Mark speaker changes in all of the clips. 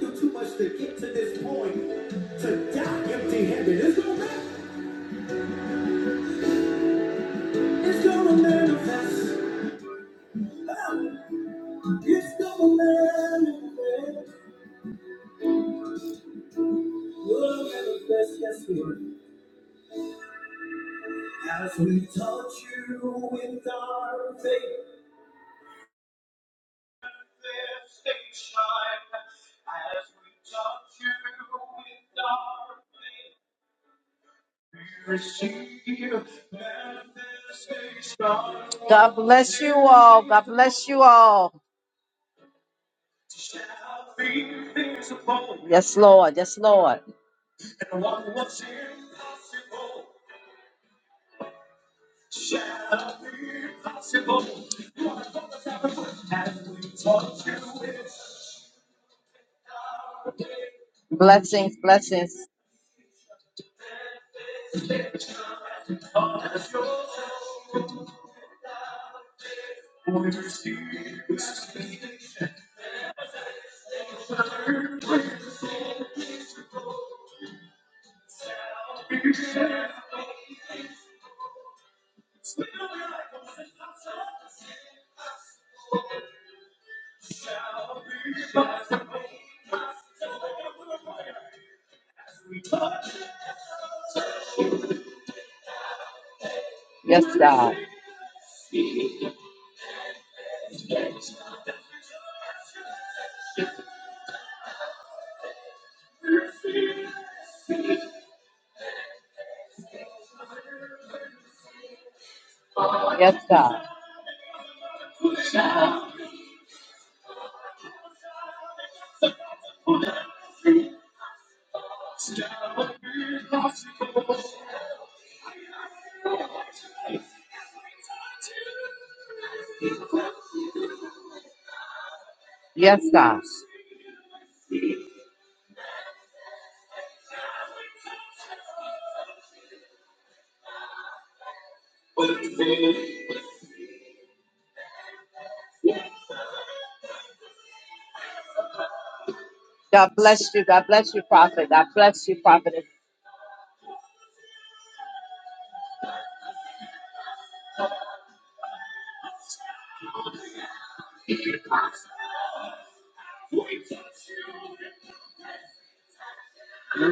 Speaker 1: do too much to get to this point. To die empty-handed, it's gonna manifest. It's gonna manifest. Ah, It's gonna manifest. Will manifest, yes, Lord. As we touch you with our faith. bless you all. Yes, Lord. Yes, Lord. Blessings, blessings. Yes, God. Yes, God. Yes, God. God bless you. God bless you, prophet. God bless you, prophet.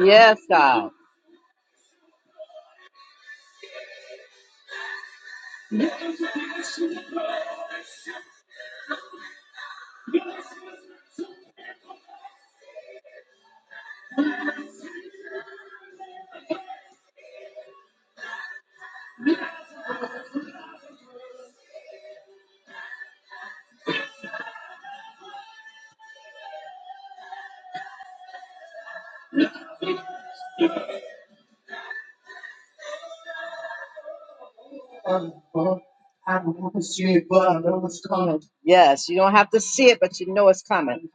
Speaker 1: Yes, God. Yes, you don't have to see it, but you know it's coming.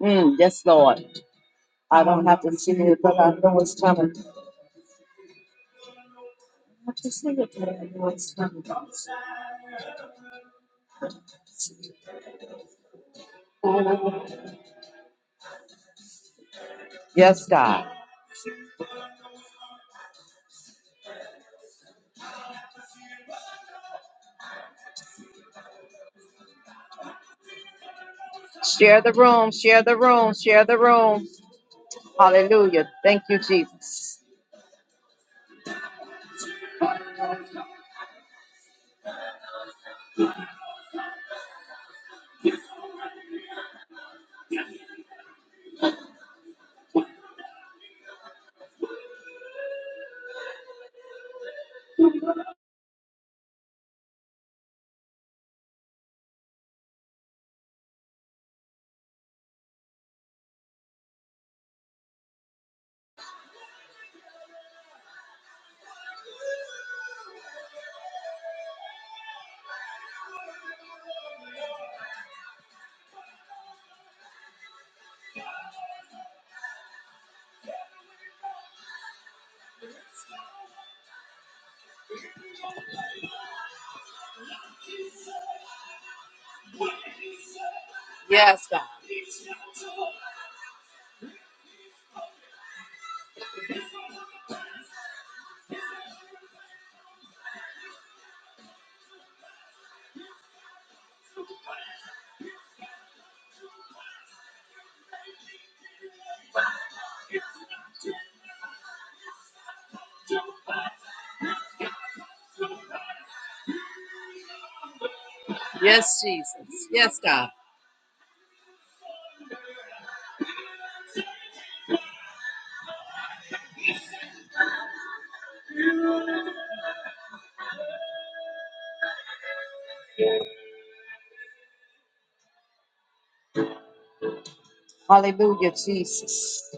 Speaker 1: Mm, yes, Lord. I don't have to see it, but I know it's coming. Yes, God. Share the room. Share the room. Share the room. Hallelujah. Thank you, Jesus. Yes, God. Yes, Jesus. Yes, God. Hallelujah, Jesus.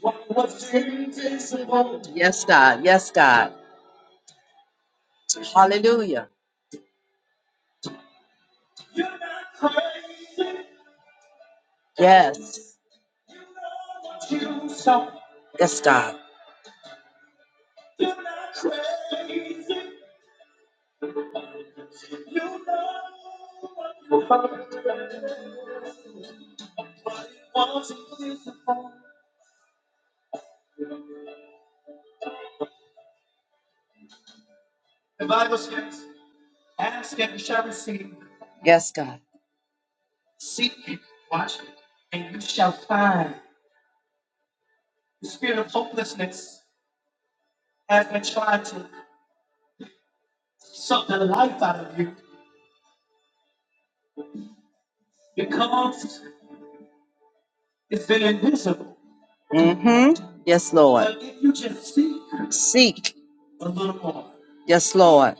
Speaker 1: What was invisible. Yes, God. Yes, God. Hallelujah. Yes. Yes, God. Yes, God. Mm-hmm. Yes, Lord. But if you just Seek. seek. Yes, Lord.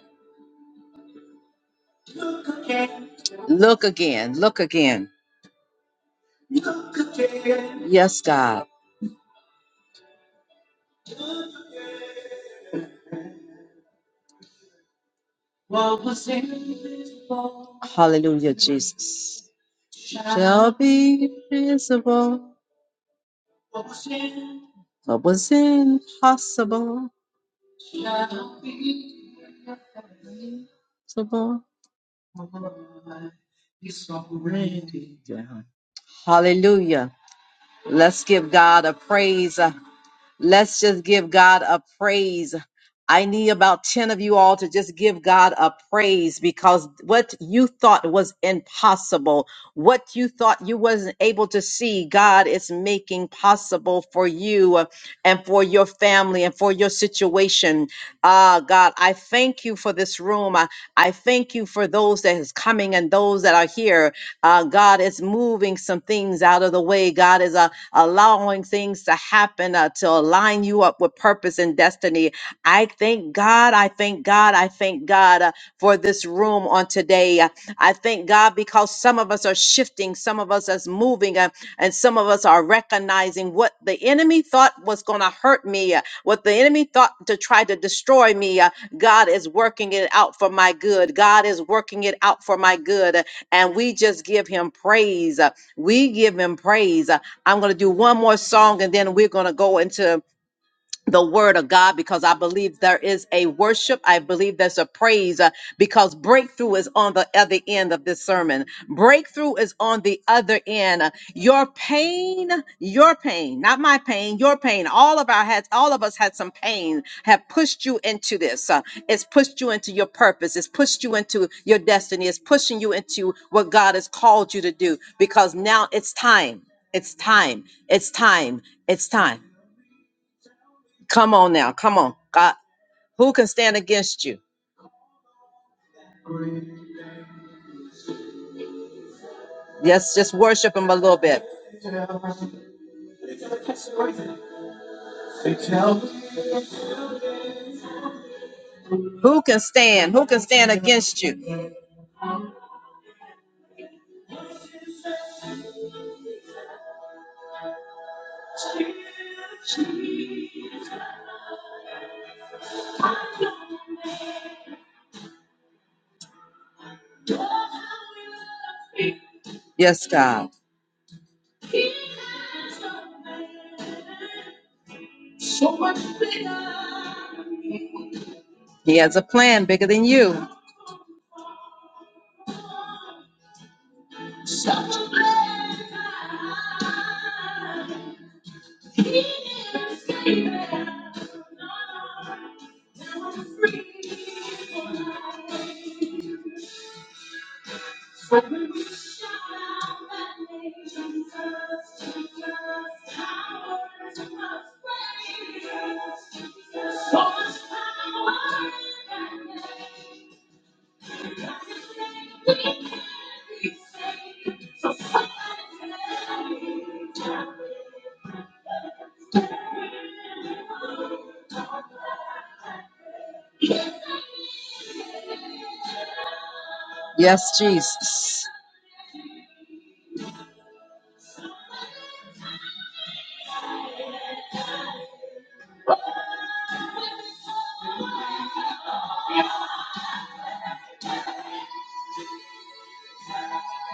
Speaker 1: Look again. Look again. Look again. Yes, God. Hallelujah, Jesus. Shall be visible. What was impossible. possible. Hallelujah. Let's give God a praise. Let's just give God a praise. I need about 10 of you all to just give God a praise because what you thought was impossible, what you thought you wasn't able to see, God is making possible for you and for your family and for your situation. Ah, God, I thank you for this room. I, I thank you for those that is coming and those that are here. Uh, God is moving some things out of the way. God is uh, allowing things to happen uh, to align you up with purpose and destiny. I thank God. I thank God. I thank God uh, for this room on today. Uh, I thank God because some of us are shifting, some of us is moving, uh, and some of us are recognizing what the enemy thought was going to hurt me, uh, what the enemy thought to try to destroy me. uh, God is working it out for my good. God is working it out for my good and we just give him praise. Uh, We give him praise. Uh, I'm going to do one more song and then we're going to go into the word of God because I believe there is a worship. I believe there's a praise uh, because breakthrough is on the other end of this sermon. Breakthrough is on the other end. Your pain, your pain, not my pain, your pain. All of our had, all of us had some pain. Have pushed you into this. Uh, it's pushed you into your purpose. It's pushed you into your destiny. It's pushing you into what God has called you to do because now it's time. It's time. It's time. It's time Come on now. Come on. God, who can stand against you? Yes, just worship him a little bit. Who can stand? Who can stand against you? Yes, God. He has a plan bigger than you. Yes, Jesus.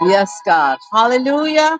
Speaker 1: Yes, God. Hallelujah.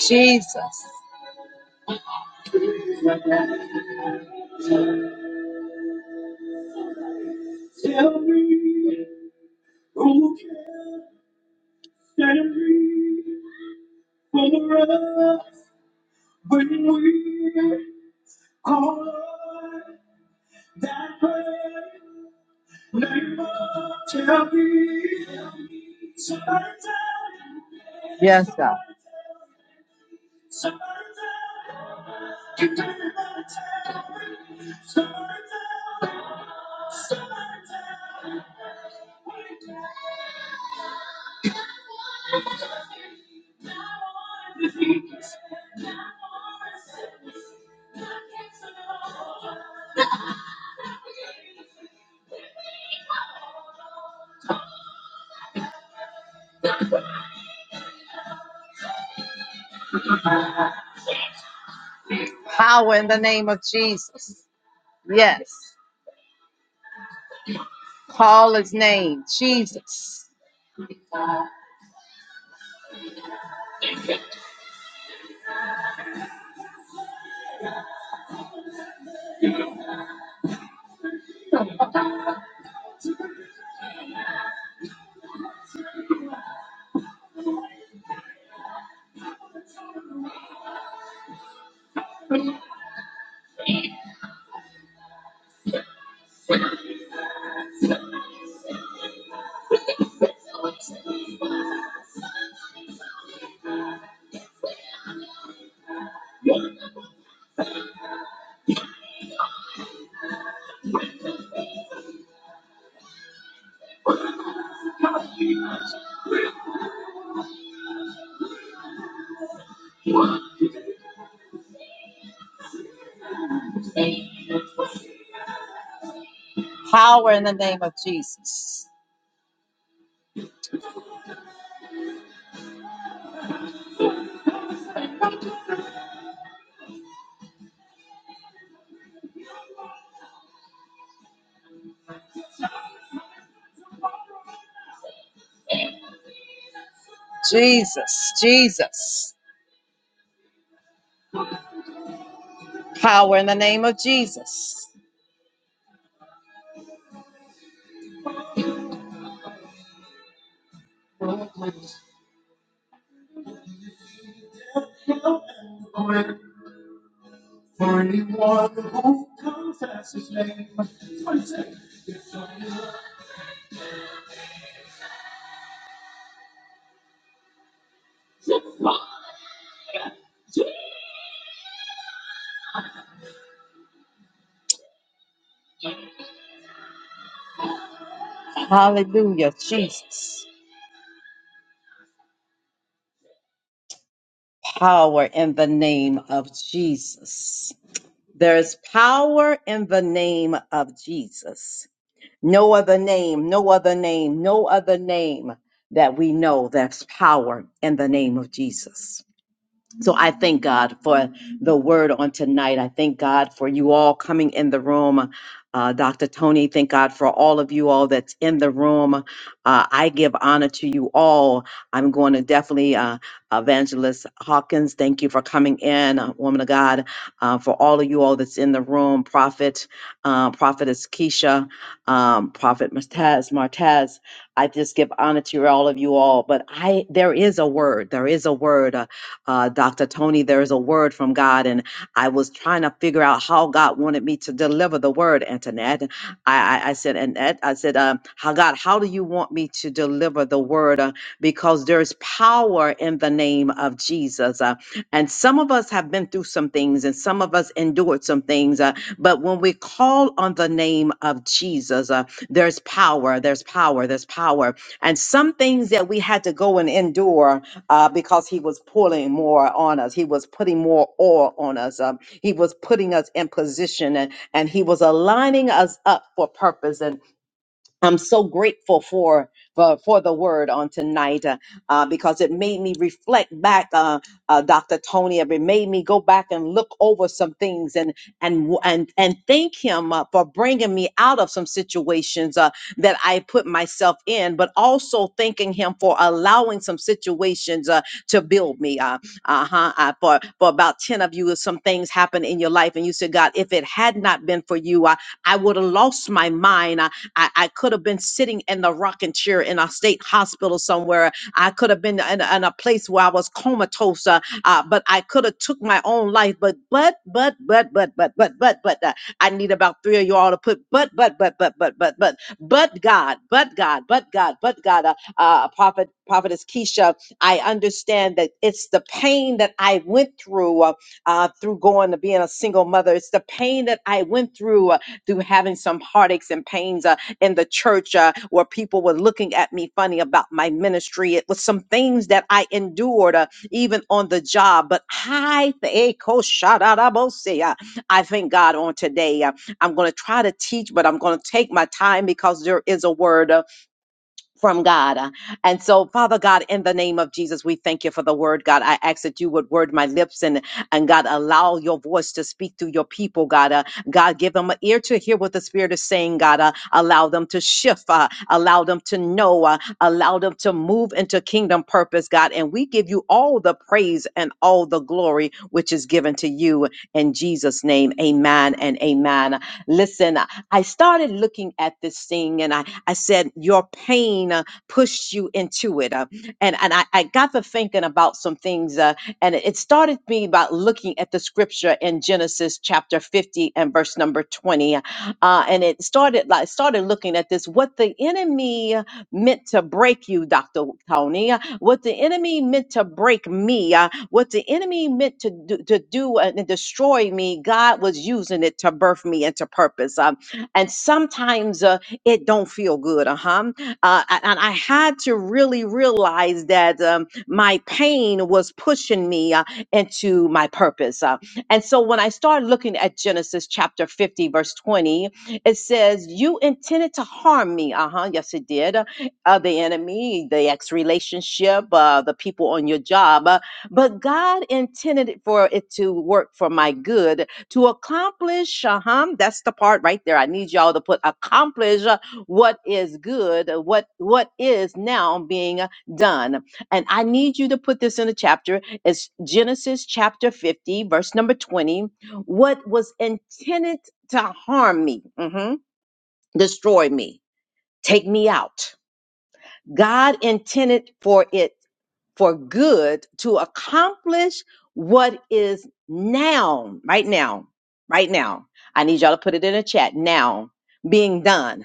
Speaker 1: Jesus. Tell me who can stand for us when we call Yes, God. Power in the name of Jesus. Yes. Call his name, Jesus. Power in the name of Jesus. Jesus, Jesus. Power in the name of Jesus. Hallelujah, Jesus. Power in the name of Jesus. There is power in the name of Jesus. No other name, no other name, no other name that we know that's power in the name of Jesus. So I thank God for the word on tonight. I thank God for you all coming in the room. Uh, Dr. Tony, thank God for all of you all that's in the room. Uh, I give honor to you all. I'm going to definitely, uh, Evangelist Hawkins, thank you for coming in, uh, woman of God, uh, for all of you all that's in the room. Prophet, uh, Prophetess Keisha, um, Prophet Martez, Martez. I just give honor to all of you all. But I, there is a word. There is a word. uh, uh, Dr. Tony, there is a word from God, and I was trying to figure out how God wanted me to deliver the word, Antoinette. I, I, I said, Annette, I said, um, how God, how do you want me to deliver the word? Uh, because there's power in the name of Jesus. Uh, and some of us have been through some things, and some of us endured some things. Uh, but when we call on the name of Jesus, uh, there's power, there's power, there's power. And some things that we had to go and endure uh, because he was pulling more on us. He was putting more oil on us. Um, he was putting us in position and, and he was aligning us up for purpose. And. I'm so grateful for for, for the word on tonight uh, uh, because it made me reflect back, uh, uh, Dr. Tony. It made me go back and look over some things and and and and thank him uh, for bringing me out of some situations uh, that I put myself in, but also thanking him for allowing some situations uh, to build me. Uh, uh-huh, uh, for for about ten of you, some things happened in your life, and you said, God, if it had not been for you, I, I would have lost my mind. I, I could have been sitting in the rocking chair in a state hospital somewhere. I could have been in, in a place where I was comatose, uh, uh, but I could have took my own life. But but but but but but but but but uh, I need about three of y'all to put but but but but but but but but God, but God, but God, but God. Uh, uh, prophet prophetess Keisha, I understand that it's the pain that I went through uh, uh, through going to being a single mother. It's the pain that I went through uh, through having some heartaches and pains. uh, in the church uh, where people were looking at me funny about my ministry. It was some things that I endured uh, even on the job. But I, th- I thank God on today. uh, I'm going to try to teach, but I'm going to take my time because there is a word. uh, from God. And so, Father God, in the name of Jesus, we thank you for the word, God. I ask that you would word my lips and, and God, allow your voice to speak through your people, God. Uh, God, give them an ear to hear what the Spirit is saying, God. Uh, allow them to shift, uh, allow them to know, uh, allow them to move into kingdom purpose, God. And we give you all the praise and all the glory which is given to you in Jesus' name. Amen and amen. Listen, I started looking at this thing and I I said, Your pain uh, pushed you into it. Uh, and and I, I got to thinking about some things, uh, and it started me about looking at the scripture in Genesis chapter 50 and verse number 20. Uh, and it started like started looking at this what the enemy meant to break you, Dr. Tony, uh, what the enemy meant to break me, uh, what the enemy meant to do, to do and and destroy me, God was using it to birth me into purpose. Um, and sometimes uh, it don't feel good uh-huh uh, a- and i had to really realize that um, my pain was pushing me uh, into my purpose uh, and so when i started looking at genesis chapter 50 verse 20 it says you intended to harm me uh-huh yes it did uh, the enemy the ex relationship uh, the people on your job uh, but god intended it for it to work for my good to accomplish, uh-huh, that's the part right there. I need y'all to put accomplish uh, what is good, uh, what what is now being uh, done. And I need you to put this in a chapter. It's Genesis chapter 50, verse number 20. What was intended to harm me, mhm, destroy me, take me out. God intended for it for good to accomplish what is now, right now, right now. I need y'all to put it in the chat now being done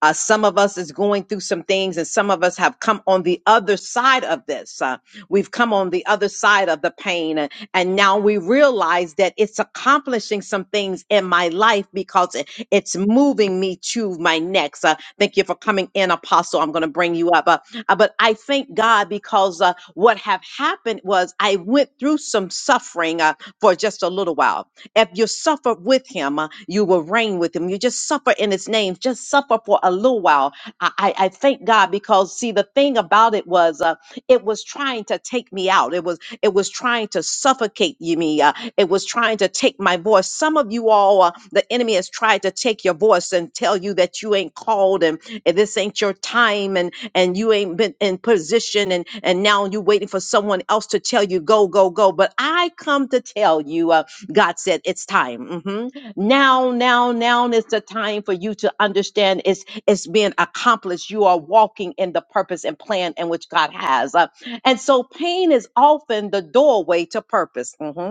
Speaker 1: uh, some of us is going through some things, and some of us have come on the other side of this. Uh, we've come on the other side of the pain, and, and now we realize that it's accomplishing some things in my life because it, it's moving me to my next. Uh, thank you for coming in, Apostle. I'm going to bring you up, uh, uh, but I thank God because uh, what have happened was I went through some suffering uh, for just a little while if you suffer with him, uh, you will reign with him. You just suffer in his name, just suffer for a little while. I, I, I thank God because see the thing about it was uh, it was trying to take me out. It was it was trying to suffocate you me. Uh, it was trying to take my voice. Some of you all, uh, the enemy has tried to take your voice and tell you that you ain't called and, and this ain't your time and and you ain't been in position and and now you're waiting for someone else to tell you go go go. But I come to tell you. uh, God said, It's time. Mhm. Now, now, now is the time for you to understand it's, it's being accomplished. You are walking in the purpose and plan in which God has. Uh, and so pain is often the doorway to purpose. Mm-hmm.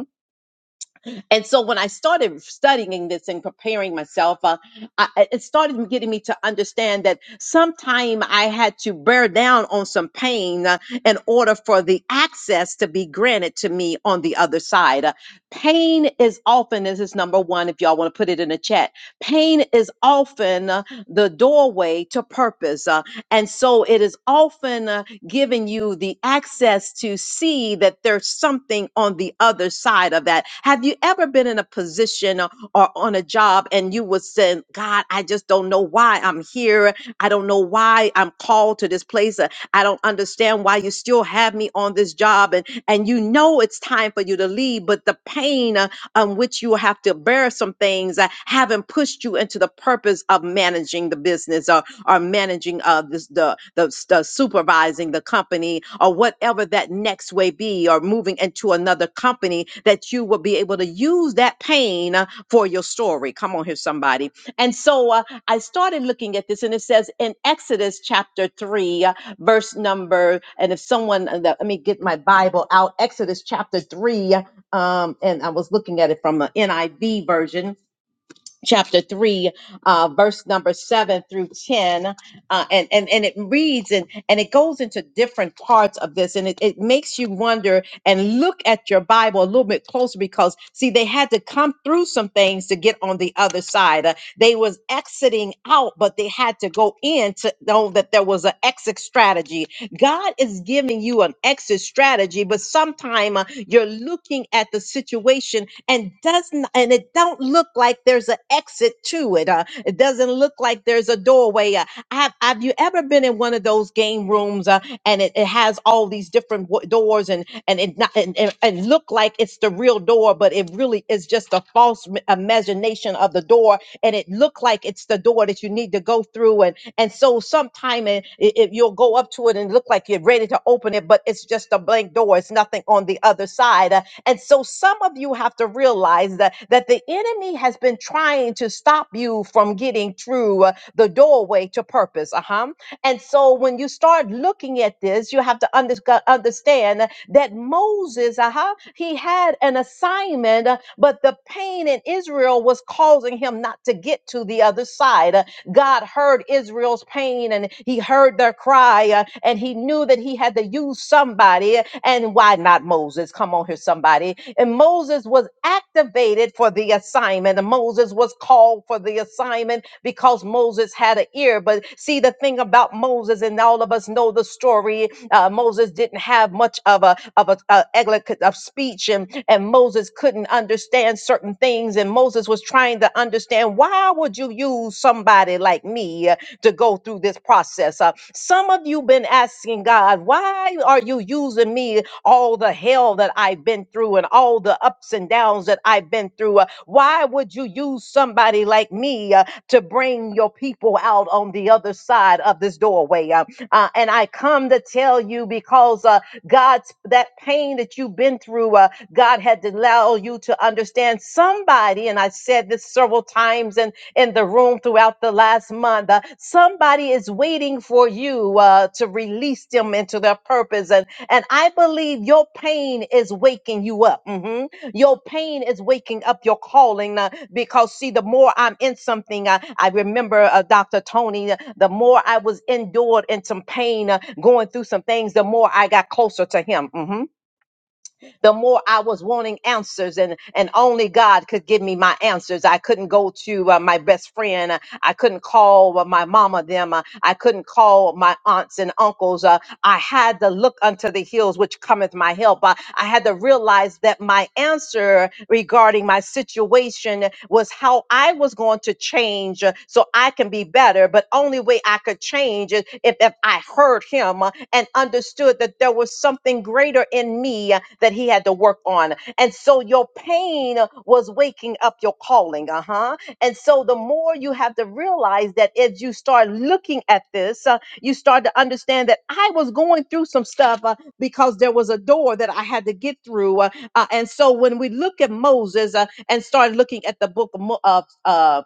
Speaker 1: And so when I started studying this and preparing myself, uh, I, I- it started getting me to understand that sometime I had to bear down on some pain uh, in order for the access to be granted to me on the other side. Uh, pain is often, this is number one, if y'all want to put it in the chat, pain is often uh, the doorway to purpose. Uh, and so it is often uh, giving you the access to see that there's something on the other side of that. Have you ever been in a position or, or on a job and you would say, God, I just don't know why I'm here. I don't know why I'm called to this place. Uh, I don't understand why you still have me on this job. And, and you know it's time for you to leave, but the pain uh, on which you will have to bear some things uh, haven't pushed you into the purpose of managing the business or or managing uh this the the, the supervising the company or whatever that next way be or moving into another company that you will be able to use that pain uh, for your story come on here somebody and so uh, i started looking at this and it says in exodus chapter 3 uh, verse number and if someone uh, let me get my bible out exodus chapter 3 um, and i was looking at it from the niv version chapter 3 uh, verse number 7 through 10 uh, and, and and it reads and and it goes into different parts of this and it, it makes you wonder and look at your bible a little bit closer because see they had to come through some things to get on the other side Uh, they was exiting out but they had to go in to know that there was an exit strategy God is giving you an exit strategy, but sometimes you're looking at the situation and doesn't and it don't look like there's an exit to it. uh, it doesn't look like there's a doorway. Uh, have Have you ever been in one of those game rooms uh, and it, it has all these different w- doors and and it not, and, and and look like it's the real door, but it really is just is just a false m- imagination of the door and it looked like it's the door that you need to go through and and so sometime it, it, it- you'll go up to it and look like you're ready to open it but it's just a blank door it's nothing on the other side Uh, and so some of you have to realize that that the enemy has been trying to stop you from getting through uh, the doorway to purpose uh-huh and so when you start looking at this, you have to under- uh, understand that Moses, uh-huh, he had an assignment, uh, but the pain in Israel was causing him not to get to the other side. Uh, God heard Israel's pain and he heard their cry uh, and he knew that he had to use somebody. And why not Moses? Come on here, somebody. And Moses was activated for the assignment. And Moses was called for the assignment because Moses had an ear. But see, the thing about Moses, and all of us know the story. Uh, Moses didn't have much of a of a, a eloquent of speech, and and Moses couldn't understand certain things. And Moses was trying to understand why would you use somebody like me uh, to go through this process? Uh, some of you been asking God, why are you using me all the hell that I've been through and all the ups and downs that I've been through? Uh, why would you use somebody like me? Uh, to bring your people out on the other side of this doorway. Uh, uh, and I come to tell you because uh, God's that pain that you've been through, uh, God had to allow you to understand somebody. And I said this several times, and in the room throughout the last month. Uh, somebody is waiting for you uh, to release them into their purpose. And, and I believe your pain is waking you up. hmm Your pain is waking up your calling uh, because, see, the more I'm in something, uh, I remember uh, Dr. Tony, uh, the more I was endured in some pain, uh, going through some things, the more I got closer to him. Mhm the more I was wanting answers, and and only God could give me my answers. I couldn't go to uh, my best friend. Uh, I couldn't call uh, my mama them. Uh, I couldn't call my aunts and uncles. Uh, I had to look unto the hills, which cometh my help. Uh, I had to realize that my answer regarding my situation was how I was going to change uh, so I can be better. But only way I could change is if, if I heard him, and understood that there was something greater in me uh, that he had to work on. And so your pain uh, was waking up your calling. Uh huh. And so the more you have to realize that as you start looking at this, uh, you start to understand that I was going through some stuff uh, because there was a door that I had to get through. Uh, uh, and so when we look at Moses uh, and start looking at the book of Mo- of, uh,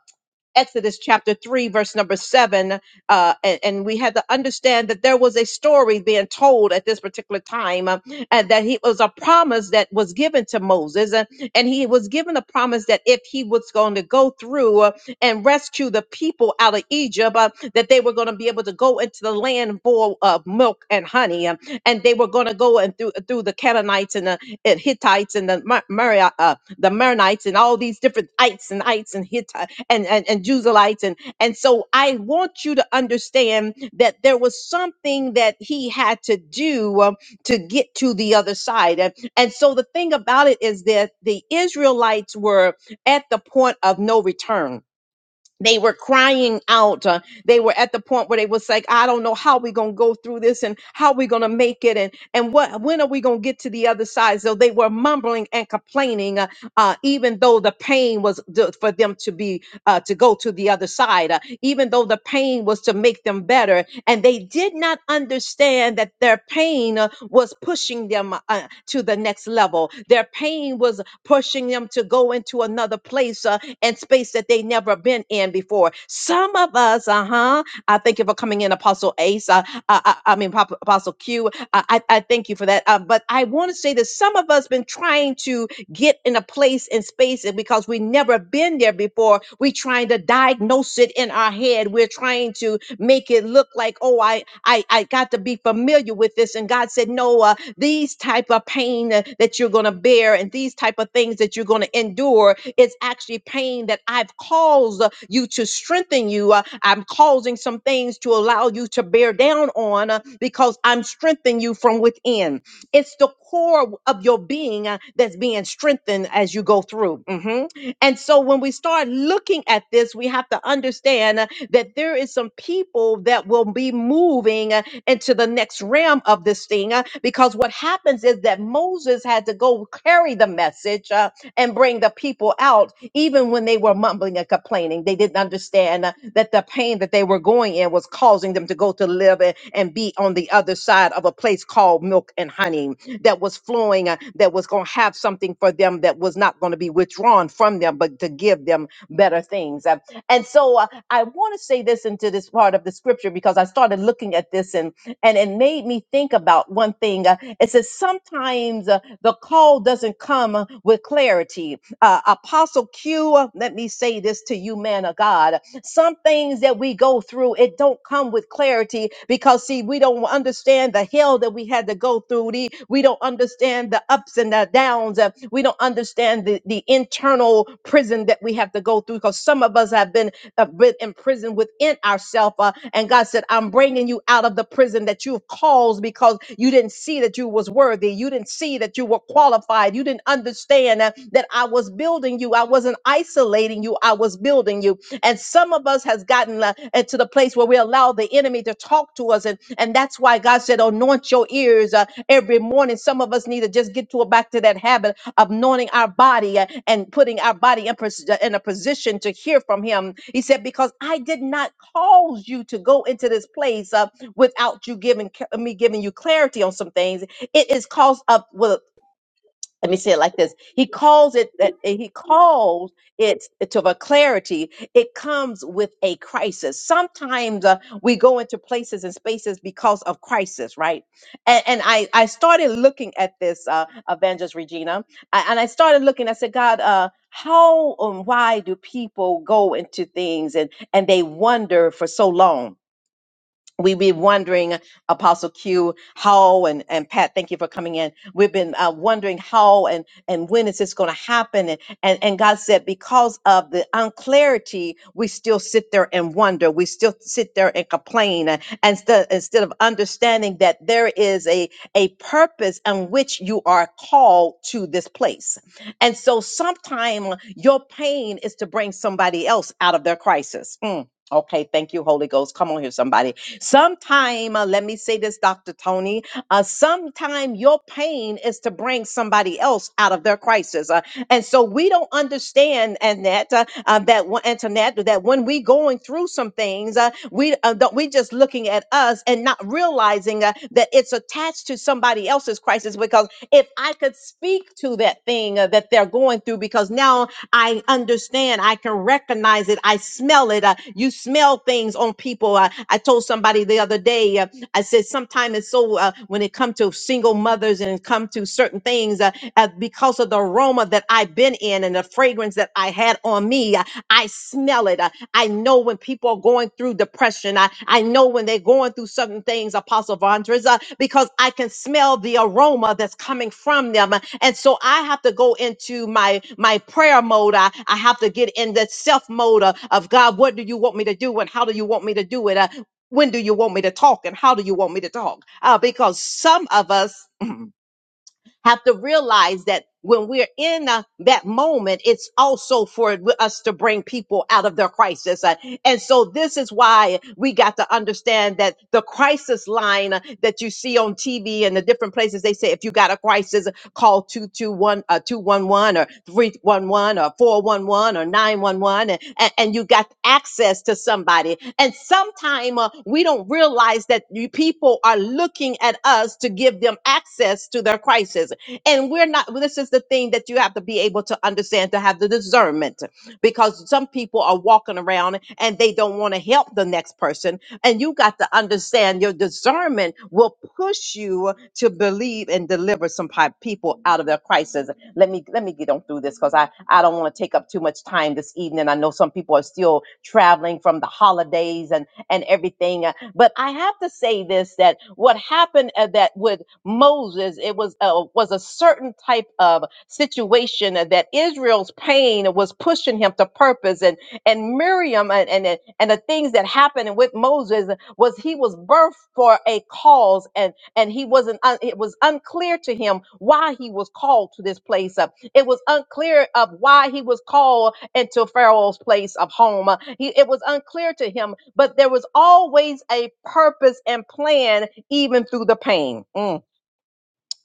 Speaker 1: Exodus chapter 3, verse number 7. Uh, and, and we had to understand that there was a story being told at this particular time, uh, and that he it was a promise that was given to Moses. uh, and he was given a promise that if he was going to go through uh, and rescue the people out of Egypt, uh, that they were going to be able to go into the land full of milk and honey. um, and they were going to go and through, through the Canaanites and the and Hittites and the Mar- Mari- uh, the Maronites and all these different ites and ites and Hittites and, and, and Juzalites. And, and so I want you to understand that there was something that he had to do um, to get to the other side. And, and so the thing about it is that the Israelites were at the point of no return they were crying out uh, they were at the point where they was like i don't know how we gonna go through this and how we gonna make it and and what when are we gonna get to the other side so they were mumbling and complaining uh, uh, even though the pain was th- for them to be uh, to go to the other side uh, even though the pain was to make them better and they did not understand that their pain uh, was pushing them uh, uh, to the next level their pain was pushing them to go into another place uh, and space that they never been in before. Some of us, uh huh. I thank you for coming in, Apostle Ace. Uh, I, I, I mean, Pop- Apostle Q. I, I I thank you for that. Uh, but I want to say that some of us been trying to get in a place and space and because we never been there before we trying to diagnose it in our head we're trying to make it look like oh i i, I got to be familiar with this and god said no uh, these type of pain uh, that you're going to bear and these type of things that you're going to endure is actually pain that i've caused uh, you to strengthen you uh, i'm causing some things to allow you to bear down on uh, because i'm strengthening you from within it's the core of your being uh, that's being strengthened as you go through. Mhm. And so when we start looking at this, we have to understand uh, that there is some people that will be moving uh, into the next realm of this thing uh, because what happens is that Moses had to go carry the message. uh, and bring the people out, even when they were mumbling and complaining. They didn't understand uh, that the pain that they were going in was causing them to go to live and, and be on the other side of a place called milk and honey that was flowing, uh, that was going to have something for them that was not going to be withdrawn from them, but to give them better things. Uh, and so uh, I want to say this into this part of the scripture because I started looking at this and and it made me think about one thing. Uh, it says sometimes uh, the call doesn't come uh, with clarity. Uh, Apostle Q, uh, let me say this to you, man of God. Some things that we go through, it don't come with clarity because see, we don't understand the hell that we had to go through. The, we don't understand the ups and the downs. Uh, we don't understand the, the internal prison that we have to go through because some of us have been uh, been imprisoned within ourselves. Uh, and God said, I'm bringing you out of the prison that you've caused because you didn't see that you was worthy. You didn't see that you were qualified. You didn't understand uh, that I was building you. I wasn't isolating you. I was building you. And some of us has gotten uh, uh, to the place where we allow the enemy to talk to us. And, and that's why God said, anoint your ears uh, every morning. Some of us need to just get to a, back to that habit anointing our body uh, and putting our body in, pos- uh, in a position to hear from him. He said, Because I did not cause you to go into this place uh, without you giving ca- me giving you clarity on some things. It is cause of well, let me say it like this he calls it that he calls it to a clarity it comes with a crisis sometimes uh, we go into places and spaces because of crisis right and, and i i started looking at this uh evangelist regina I, and i started looking i said god uh how and why do people go into things and and they wonder for so long we've been wondering, Apostle Q, how and, and Pat, thank you for coming in. We've been uh, wondering how and, and when is this going to happen? And, and, and God said, because of the unclarity, we still sit there and wonder. We still sit there and complain uh, and instead instead of understanding that there is a, a purpose in which you are called to this place. And so sometime your pain is to bring somebody else out of their crisis. Mm. Okay, thank you, Holy Ghost. Come on here, somebody Sometime, uh, let me say this, Dr. Tony, uh, sometime your pain is to bring somebody else out of their crisis. Uh, and so we don't understand, Annette, uh, uh, that, when- Antoinette, that when we going through some things, uh, we uh, don't, we just looking at us and not realizing uh, that it's attached to somebody else's crisis because if I could speak to that thing uh, that they're going through, because now I understand. I can recognize it. I smell it. Uh, you smell things on people. Uh, I told somebody the other day. uh, I said sometimes it's so uh, when it comes to single mothers and it come to certain things uh, uh, because of the aroma that I've been in and the fragrance that I had on me, uh, I smell it. Uh, I know when people are going through depression. I, I know when they're going through certain things, Apostle Vondres, uh, because I can smell the aroma that's coming from them. uh, And so I have to go into my my prayer mode. I, I have to get in that self mode uh, of God, what do you want me to do and how do you want me to do it? Uh, when do you want me to talk and how do you want me to talk? Uh, because some of us, mm, have to realize that when we're in uh, that moment, it's also for us to bring people out of their crisis. Uh, and so this is why we got to understand that the crisis line uh, that you see on TV and the different places, they say, if you got a crisis, call 221, uh, 211 or 311 or 411 or 911 and, and, and you got access to somebody. And sometimes uh, we don't realize that you people are looking at us to give them access to their crisis. And we're not, well, this is the thing that you have to be able to understand to have the discernment because some people are walking around and they don't want to help the next person. And you got to understand your discernment will push you to believe and deliver some pi- people out of their crisis. Let me, let me get on through this because I, I don't want to take up too much time this evening. I know some people are still traveling from the holidays and, and everything. But I have to say this: that what happened uh, that with Moses, it was uh, was a certain type of situation uh, that Israel's pain was pushing him to purpose, and and Miriam and and and the things that happened with Moses was he was birthed for a cause, and and he wasn't. un- it was unclear to him why he was called to this place. Uh, it was unclear of why he was called into Pharaoh's place of home. He, it was unclear to him, but there was always a purpose and plan, even through the pain. Mm.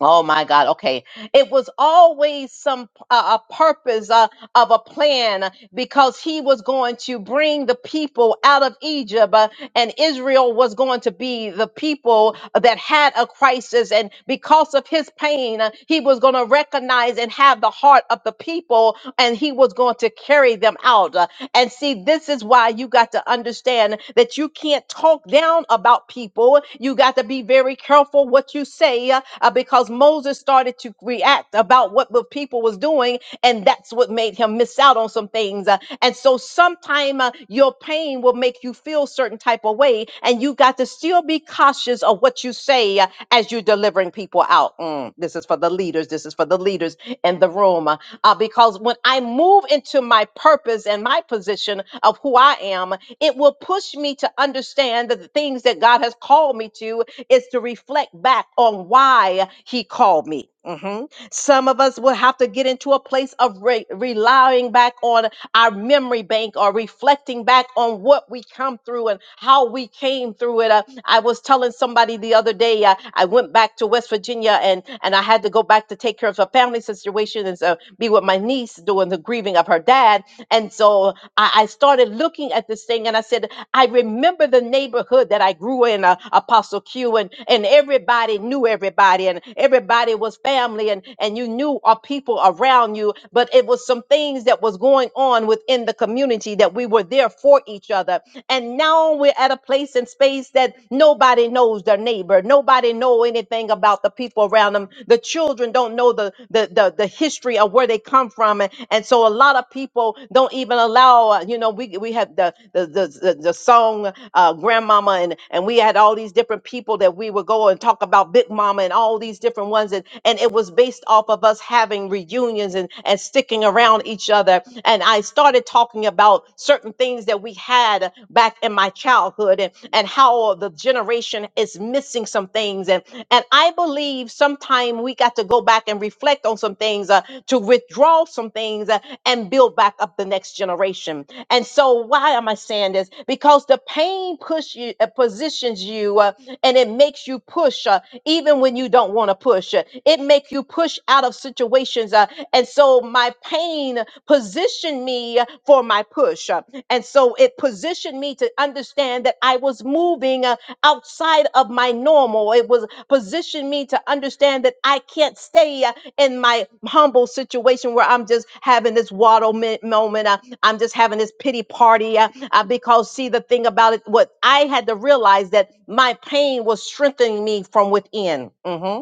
Speaker 1: Oh my God. Okay. It was always some uh, a purpose uh, of a plan because he was going to bring the people out of Egypt. Uh, and Israel was going to be the people that had a crisis. And because of his pain, uh, he was going to recognize and have the heart of the people, and he was going to carry them out. Uh, And see, this is why you got to understand that you can't talk down about people. You got to be very careful what you say uh, uh, because Moses started to react about what the people was doing, and that's what made him miss out on some things things. uh, And so sometime uh, your pain will make you feel certain type of way. And you got to still be cautious of what you say uh, as you're delivering people out. Mm, this is for the leaders. This is for the leaders in the room. Uh, uh, because when I move into my purpose and my position of who I am, it will push me to understand that the things that God has called me to is to reflect back on why He called me. Mhm. Some of us will have to get into a place of re- relying back on our memory bank or reflecting back on what we come through and how we came through it. Uh, I was telling somebody the other day, uh, I went back to West Virginia and, and I had to go back to take care of a family situation and so be with my niece doing the grieving of her dad. And so I, I started looking at this thing and I said, I remember the neighborhood that I grew in, uh, Apostle Q, and, and everybody knew everybody and everybody was family and, and you knew our people around you. But it was some things that was going on within the community that we were there for each other. And now we're at a place and space that nobody knows their neighbor. Nobody know anything about the people around them. The children don't don't know the the the, the history of where they come from and, and so a lot of people don't even allow uh, you know we we had the the the, the, the song uh, grandmama and and we had all these different people that we would go and talk about big mama and all these different ones and and it was based off of us having reunions and and sticking around each other and I started talking about certain things that we had back in my childhood and and how the generation generation is missing some things and and i believe sometime we got to go back and reflect on some things uh, to withdraw some things uh, and build back up the next generation and so why am i saying this because the pain push you uh, positions you uh, and it makes you push uh, even when you don't want to push Uh, it makes you push out of situations uh, and so my pain positioned me uh, for my push Uh, and so it positioned me to understand that i was moving uh, outside of my normal. It was positioned me to understand that I can't stay uh, in my humble situation where I'm just having this waddle mi- moment. uh, I'm just having this pity party uh, uh, because see the thing about it, what I had to realize that my pain was strengthening me from within. Mhm.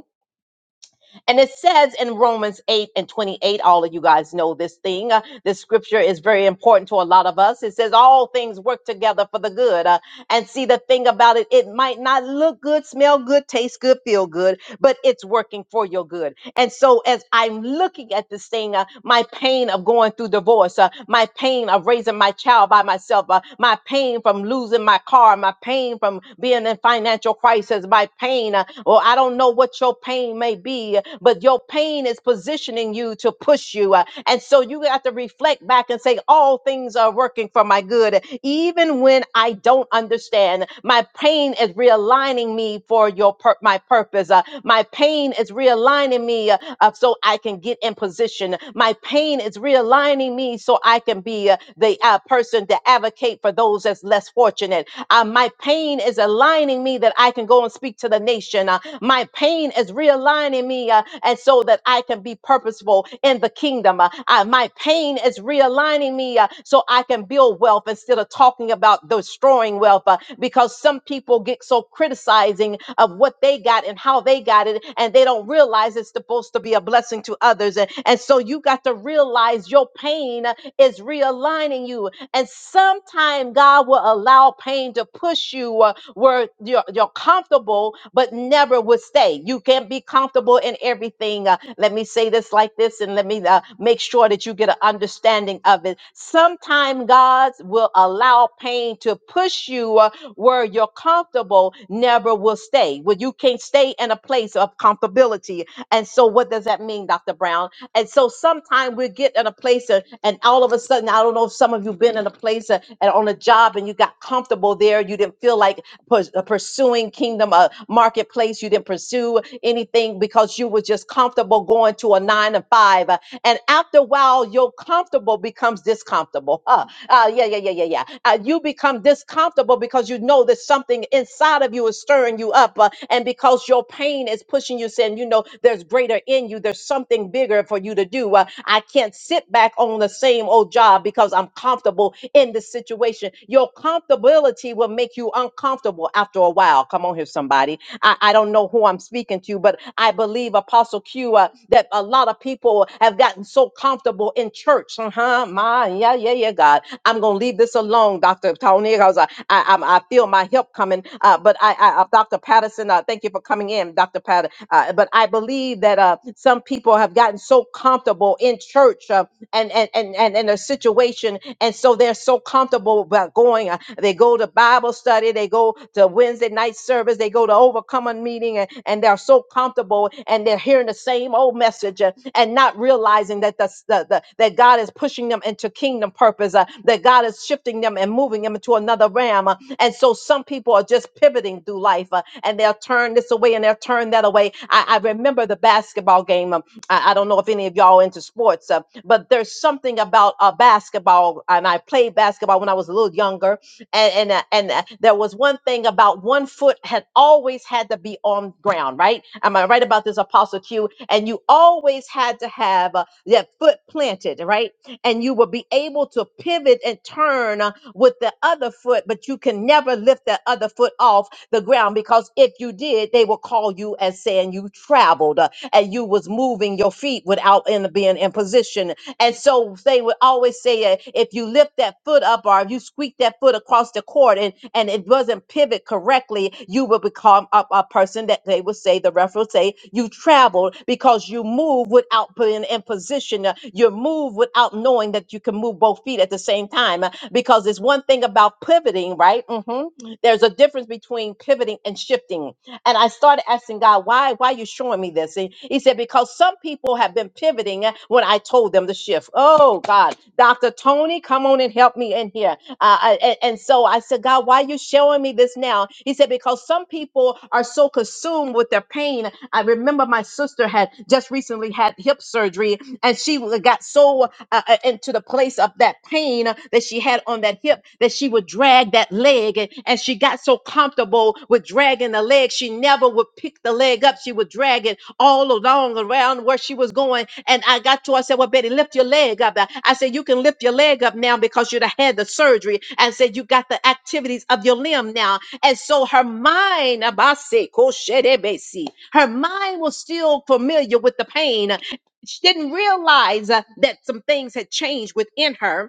Speaker 1: And it says in Romans 8 and 28, all of you guys know this thing. Uh, this scripture is very important to a lot of us. It says, All things work together for the good. Uh, and see, the thing about it, it might not look good, smell good, taste good, feel good, but it's working for your good. And so, as I'm looking at this thing, uh, my pain of going through divorce, uh, my pain of raising my child by myself, uh, my pain from losing my car, my pain from being in financial crisis, my pain pain, uh, or I don't know what your pain may be, but your pain is positioning you to push you. uh, And so you have to reflect back and say, All things are working for my good. Even when I don't understand, my pain is realigning me for your pur- my purpose. uh, My pain is realigning me uh, uh, so I can get in position. My pain is realigning me so I can be uh, the uh, person to advocate for those that's less fortunate. Uh, my pain is aligning me that I can go and speak to the nation. Uh, my pain is realigning me uh, and so that I can be purposeful in the kingdom. Uh, uh, my pain is realigning me uh, so I can build wealth instead of talking about destroying wealth uh, because some people get so criticizing of what they got and how they got it and they don't realize it's supposed to be a blessing to others. And, and so you got to realize your pain uh, is realigning you and sometime God will allow pain to push you uh, where you're, you're comfortable, but never would stay. You can't be comfortable in everything. Uh, let me say this like this, and let me uh, make sure that you get an understanding of it. Sometime God will allow pain to push you uh, where you're comfortable, never will stay. Where you can't stay in a place of comfortability. And so, what does that mean, Dr. Brown? And so sometimes we get in a place uh, and all of a sudden, I don't know if some of you been in a place uh, and on a job and you got comfortable there. You didn't feel like pers- uh, pursuing kingdom uh, marketplace. You didn't pursue anything because you were just comfortable going to a nine to five. uh, and after a while, your comfortable becomes discomfortable. Uh, uh, yeah, yeah, yeah, yeah, yeah. Uh, God, you become discomfortable because you know that something inside of you is stirring you up. uh, and because your pain is pushing you, saying, you know, there's greater in you, there's something bigger for you to do. Uh, I can't sit back on the same old job because I'm comfortable in this situation. Your comfortability will make you uncomfortable after a while. Come on here, somebody. I, I don't know who who I'm speaking to, but I believe Apostle Q uh, that a lot of people have gotten so comfortable in church. Uh-huh. My, yeah, yeah, yeah, God. I'm gonna leave this alone, Dr. Tony. because I, uh, I, I'm- I feel my help coming. Uh, but I, I uh, Dr. Patterson, uh, thank you for coming in, Dr. Patterson. Uh, but I believe that uh, some people have gotten so comfortable in church. uh, and and and and, and a situation and so they're so comfortable about going uh, they go to bible study they go to wednesday night service they go to overcoming meeting and, and they're so comfortable and they're hearing the same old message uh, and not realizing that the, the, the that god is pushing them into kingdom purpose uh, that god is shifting them and moving them into another realm uh, and so some people are just pivoting through life uh, and they'll turn this away and they'll turn that away i, I remember the basketball game um, I, I don't know if any of y'all into sports, uh, but there's something about uh, basketball, and I played basketball when I was a little younger, and and uh, and uh, there was one thing about one foot had always had to be on ground, right? Am I right about this, Apostle Q? And you always had to have uh, that foot planted, right? And you will be able to pivot and turn uh, with the other foot, but you can never lift that other foot off the ground because if you did, they will call you as saying you traveled. uh, and you was moving your feet without in being in position. And so they would always say, uh, if you lift that foot up or if you squeak that foot across the court and, and it wasn't pivot correctly, you would become a, a person that they would say, the ref would say, you traveled because you move without being in position. Uh, You move without knowing that you can move both feet at the same time. uh, Because it's one thing about pivoting, right? hmm There's a difference between pivoting and shifting and I started asking God, why, why are you showing me this? And he said, because some people have been pivoting when I told them to shift. Oh God, Dr. Tony, come on and help me in here. Uh, I- and, and so I said, God, why are you showing me this now? He said, because some people are so consumed with their pain I remember my sister had just recently had hip surgery and she w- got so uh, uh, into the place of that pain that she had on that hip that she would drag that leg and, and she got so comfortable with dragging the leg she never would pick the leg up she would drag it all along along around where she was going. And I got to her, I said, Well, Betty, lift your leg up. I said, You can lift your leg up now because you'd have had the surgery. And said, You got the activities of your limb now. And so her mind, Abase, Koshedebesi, her mind was still familiar with the pain. She didn't realize uh, that some things had changed within her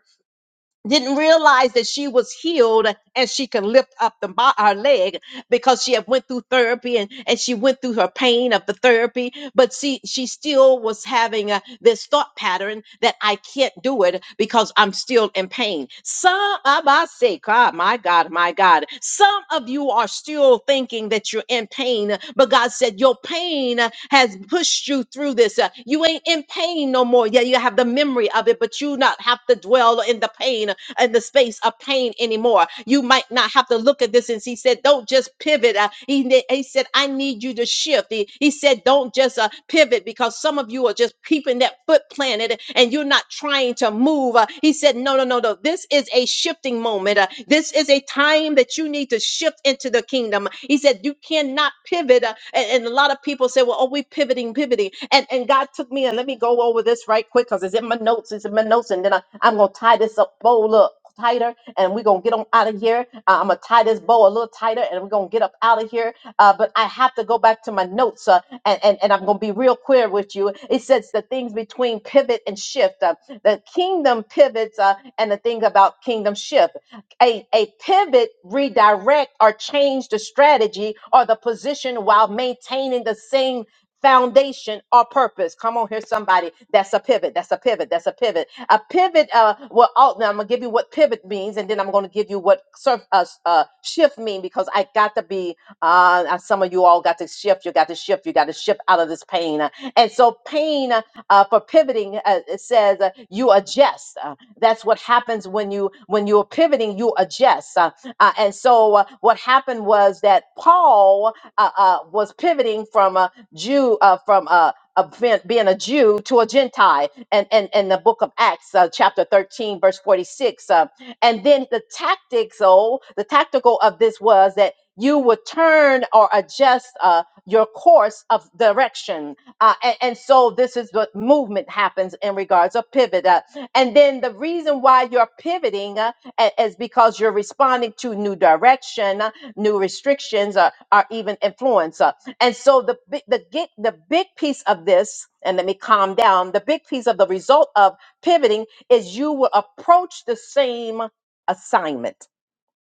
Speaker 1: didn't realize that she was healed and she could lift up the bo- her leg because she had went through therapy and, and she went through her pain of the therapy but see she still was having uh this thought pattern that i can't do it because i'm still in pain some of us say god my god my god some of you are still thinking that you're in pain but god said your pain uh, has pushed you through this Uh, you ain't in pain no more yeah you have the memory of it but you not have to dwell in the pain in the space of pain anymore. You might not have to look at this. And he said, don't just pivot. Uh, he, ne- he said, I need you to shift. He, he said, don't just uh, pivot because some of you are just keeping that foot planted and you're not trying to move. Uh, he said, no, no, no, no. This is a a shifting moment. Uh, this is a time that you need to shift into the kingdom. He said, You cannot pivot. Uh, and, and a lot of people say, Well, oh, we pivoting, pivoting. And, and God took me, and let me go over this right quick because it's in my notes. It's in my notes. And then I, I'm going to tie this up, bowl up tighter, and we're going to get on out of here. Uh, I'm going to tie this bow a little tighter, and we're going to get up out of here. Uh, but I have to go back to my notes. Uh, and, and, and I'm going to be real clear with you. It says the things between pivot and shift. Uh, the kingdom pivots, uh, and the thing about kingdom shift. A, a pivot, redirect, or change the strategy or the position while maintaining the same foundation or purpose. Come on here, somebody. That's a pivot. That's a pivot. That's a pivot. A pivot. Uh, well, all, now I'm gonna give you what pivot means, and then I'm gonna give you what surf, uh, s- uh, shift mean because I got to be. Uh, uh, some of you all got to shift. You got to shift. You got to shift out of this pain. Uh, And so, pain uh, uh, for pivoting, uh, it says uh, you adjust. Uh, that's what happens when you when you're pivoting you adjust Uh, uh, and so uh, what happened was that paul uh, uh, was pivoting from a jew uh, from a a ben- being a Jew to a Gentile, and and in the book of Acts, uh, chapter thirteen, verse forty-six, uh, and then the tactics, oh, the tactical of this was that you would turn or adjust uh, your course of direction, uh, and, and so this is what movement happens in regards of pivot. Uh, and then the reason why you're pivoting uh, a- is because you're responding to new direction, uh, new restrictions, uh, or even influence. uh. And so the bi- the get, the big piece of this, and let me calm down. The big piece of the result of pivoting is you will approach the same assignment.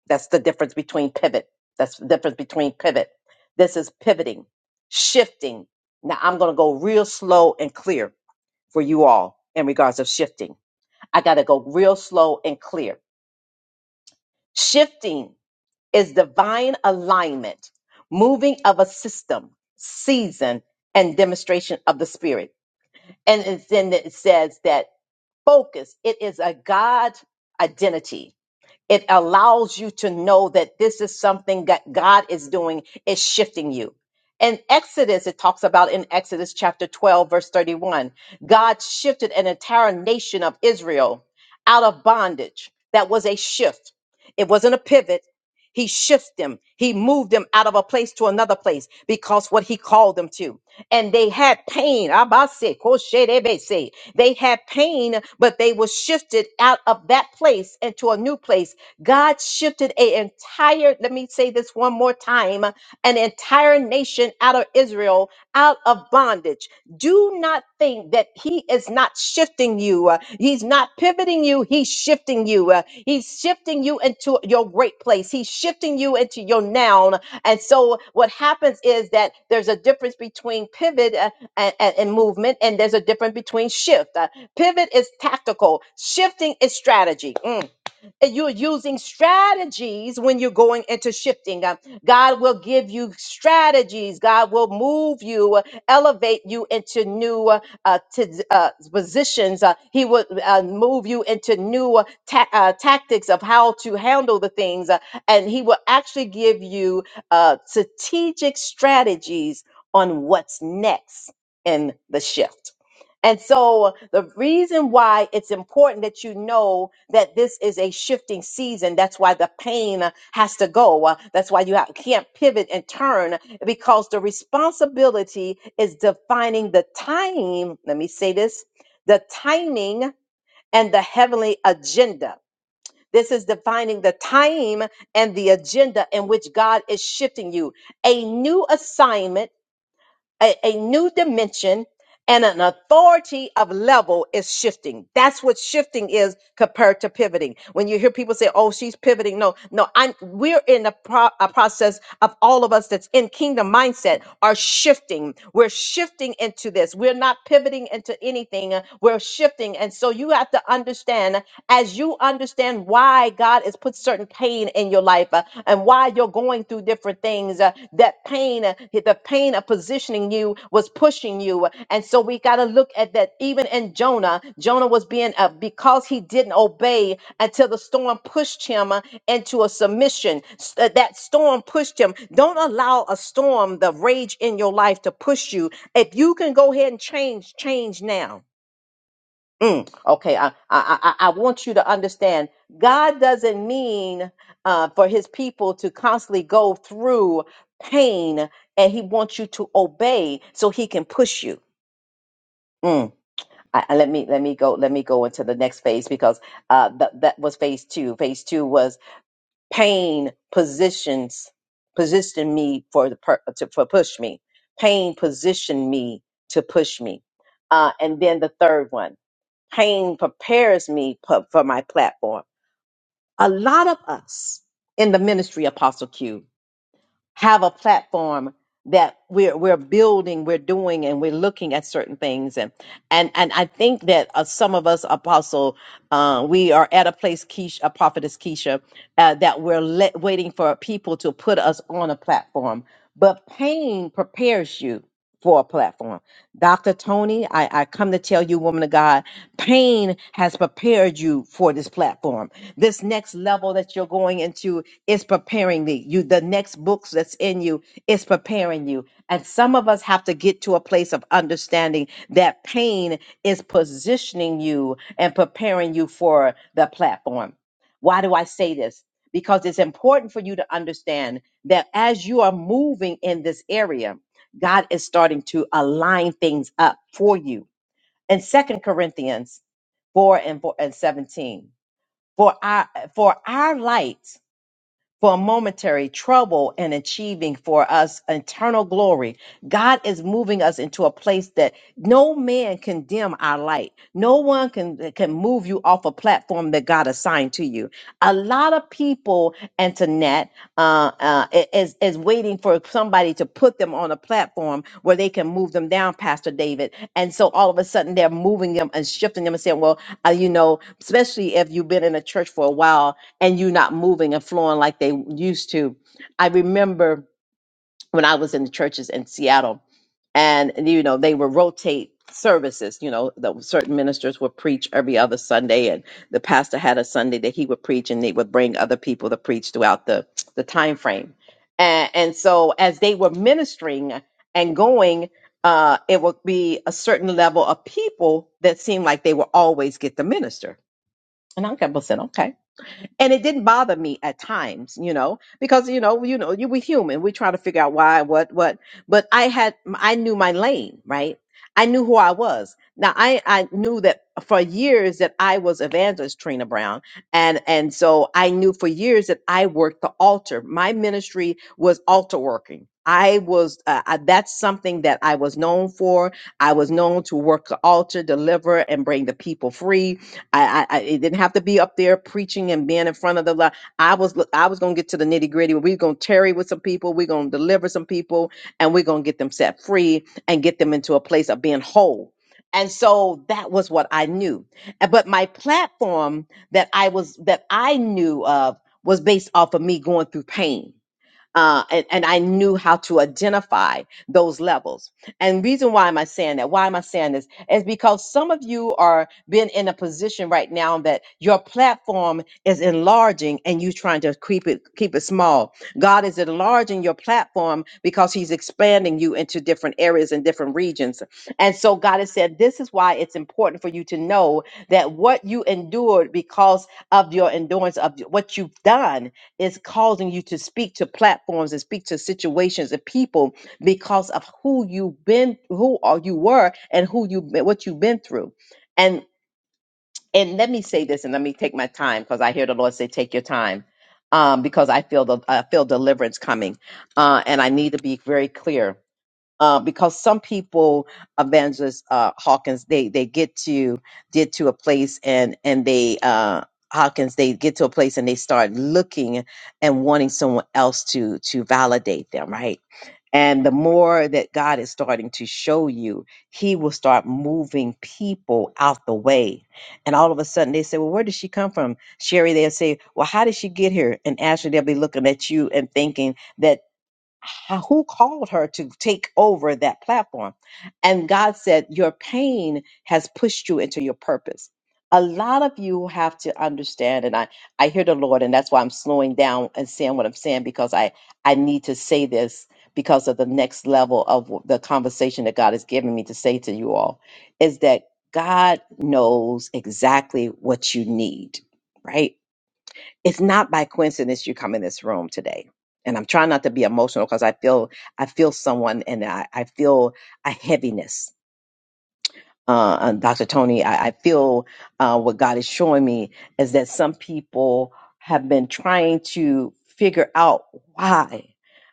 Speaker 1: That's the difference between pivot. That's the difference between pivot. This is pivoting, shifting. Now I'm going to go real slow and clear for you all in regards of shifting I got to go real slow and clear. Shifting is divine alignment, moving of a system, season, and demonstration of the spirit. And it's- then it says that focus, it is a God identity it allows you to know that this is something that God is doing, is shifting you. In Exodus, it talks about in Exodus chapter 12, verse 31, God shifted an entire nation of Israel out of bondage. That was a shift, it wasn't a pivot. He shifted them. He moved them out of a place to another place because what he called them to. And they had pain. Abase, koshe, debese. They had pain, but they were shifted out of that place into a new place God shifted a entire, let me say this one more time, an entire nation out of Israel, out of bondage. Do not think that he is not shifting you. Uh, He's not pivoting you. He's shifting you. Uh, He's shifting you into your great place. He's shifting you into your noun. And so what happens is that there's a difference between pivot uh, and, and, and movement, and there's a difference between shift. Uh, Pivot is tactical. Shifting is strategy. Mm and you're using strategies when you're going into shifting. Um, God will give you strategies. God will move you, uh, elevate you into new uh, uh, to, uh, positions. Uh, he will uh, move you into new uh, ta- uh, tactics of how to handle the things, uh, and He will actually give you uh, strategic strategies on what's next in the shift. And so the reason why it's important that you know that this is a shifting season, that's why the pain has to go. Uh, That's why you have, can't pivot and turn because the responsibility is defining the time. Let me say this, the timing and the heavenly agenda. This is defining the time and the agenda in which God is shifting you. A new assignment a, a new dimension and an authority of level is shifting. That's what shifting is compared to pivoting. When you hear people say, "Oh, she's pivoting," no, no, I'm. We're in a, pro- a process of all of us that's in kingdom mindset are shifting. We're shifting into this. We're not pivoting into anything. uh, We're shifting, and so you have to understand as you understand why why God has put certain pain in your life uh, and why you're going through different things. uh, that pain, uh, the pain of positioning you was pushing you. And so we got to look at that. Even in Jonah, Jonah was being, uh, because he didn't obey until the storm pushed him uh, into a submission. S- uh, That storm pushed him. Don't allow a storm, the rage in your life to push you. If you can go ahead and change, change now Mm, okay, I, I I I want you to understand. God doesn't mean uh, for His people to constantly go through pain, and He wants you to obey so He can push you. Mm. I, I- let me let me go let me go into the next phase because uh, that that was phase two. Phase two was pain positions positioned me for the per, to for push me. Pain positioned me to push me, uh, and then the third one pain prepares me pu- for my platform. A lot of us in the ministry, Apostle Q, have a platform that we're we're building, we're doing, and we're looking at certain things, and and and I think that uh, some of us, Apostle, uh, we are at a place, Keisha, uh, Prophetess Keisha, uh, that we're let, waiting for people to put us on a platform. But pain prepares you for a platform Dr. Tony, I, I come to tell you, woman of God, pain has prepared you for this platform. This next level that you're going into is preparing thee. You, the next books that's in you is preparing you. And some of us have to get to a place of understanding that pain is positioning you and preparing you for the platform. Why do I say this? Because it's important for you to understand that as you are moving in this area, God is starting to align things up for you. In Second Corinthians 4 and 4 and 17, for our for our light for momentary trouble and achieving for us eternal glory. God is moving us into a place that no man can dim our light. No one can can move you off a platform that God assigned to you. A lot of people, Antoinette, uh, uh, i- is is waiting for somebody to put them on a platform where they can move them down, Pastor David. And so all of a sudden they're moving them and shifting them and saying, "Well, uh, you know, especially if you've been in a church for a while." and you not moving and flowing like they used to. I remember when I was in the churches in Seattle, and you know they would rotate services. You know, the certain ministers would preach every other Sunday, and the pastor had a Sunday that he would preach, and they would bring other people to preach throughout the the time frame. And, and so as they were ministering and going. Uh, it would be a certain level of people that seemed like they would always get the minister. And I kept saying, okay and it didn't bother me at times you know because you know you know you we human we try to figure out why what what but i had i knew my lane right i knew who i was now i i knew that for years that i was evangelist trina brown and and so i knew for years that i worked the altar my ministry was altar working I was, uh, I, that's something that I was known for. I was known to work the altar, deliver, and bring the people free I, I, I it didn't have to be up there preaching and being in front of the lot. I was look, I was gonna get to the nitty gritty. We're gonna tarry with some people. We're gonna deliver some people, and we're gonna get them set free and get them into a place of being whole. And so that was what I knew. And- But my platform that I was that I knew of was based off of me going through pain uh, and, and I knew how to identify those levels. And reason why am I saying that? Why am I saying this? Is because some of you are being in a position right now that your platform is enlarging and you trying to keep it keep it small. God is enlarging your platform because He's expanding you into different areas and different regions. And so God has said, this is why it's important for you to know that what you endured because of your endurance of what you've done is causing you to speak to platforms and speak to situations and people because of who you've been, who are you were, and who you what you've been through. And and let me say this, and let me take my time because I hear the Lord say, "Take your time," um, because I feel the I feel deliverance coming, uh, and I need to be very clear uh, because some people, Evangelist uh, Hawkins, they they get to get to a place and and they uh, Hawkins they get to a place and they start looking and wanting someone else to to validate them, right? And the more that God is starting to show you, He will start moving people out the way. And all of a sudden, they say, "Well, where did she come from?" Sherry, they'll say, "Well, how did she get here?" And Ashley, they'll be looking at you and thinking, that h- who called her to take over that platform? And God said, Your pain has pushed you into your purpose. A lot of you have to understand, and I, I hear the Lord, and that's why I'm slowing down and saying what I'm saying because I, I need to say this because of the next level of w- the conversation that God has given me to say to you all is that God knows exactly what you need, right? it's not by coincidence you come in this room today and i'm trying not to be emotional because i feel i feel someone and I, I feel a heaviness uh, uh, Dr. Tony, I, I feel uh, what God is showing me is that some people have been trying to figure out why.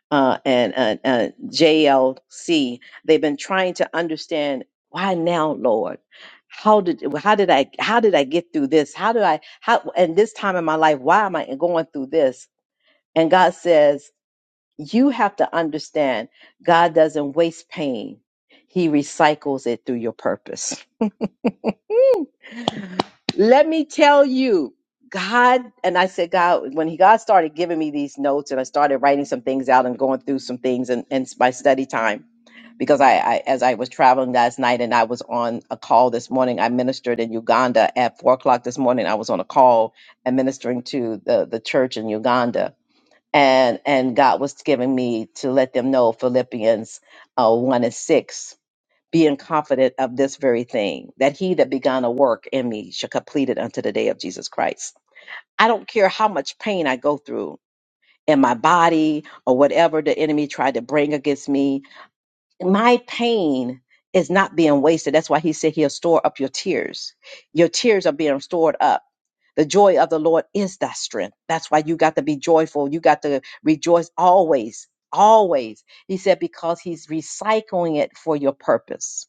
Speaker 1: Uh, and uh, uh, JLC, they've been trying to understand why now, Lord. How did how did I how did I get through this? How do I how and this time in my life? Why am I going through this? And God says you have to understand. God doesn't waste pain; He recycles it through your purpose. Let me tell you, God, and I said, God, when he God started giving me these notes and I started writing some things out and going through some things and and my study time, because I, I as I was traveling last night and I was on a call this morning, I ministered in Uganda at four o'clock this morning. I was on a call administering to the, the church in Uganda. And and God was giving me to let them know Philippians uh, one and six being confident of this very thing, that he that began a work in me shall complete it unto the day of Jesus Christ. I don't care how much pain I go through in my body or whatever the enemy tried to bring against me. My pain is not being wasted. That's why he said he'll store up your tears. Your tears are being stored up. The joy of the Lord is thy strength. That's why you got to be joyful. You got to rejoice always, always. He said, because he's recycling it for your purpose.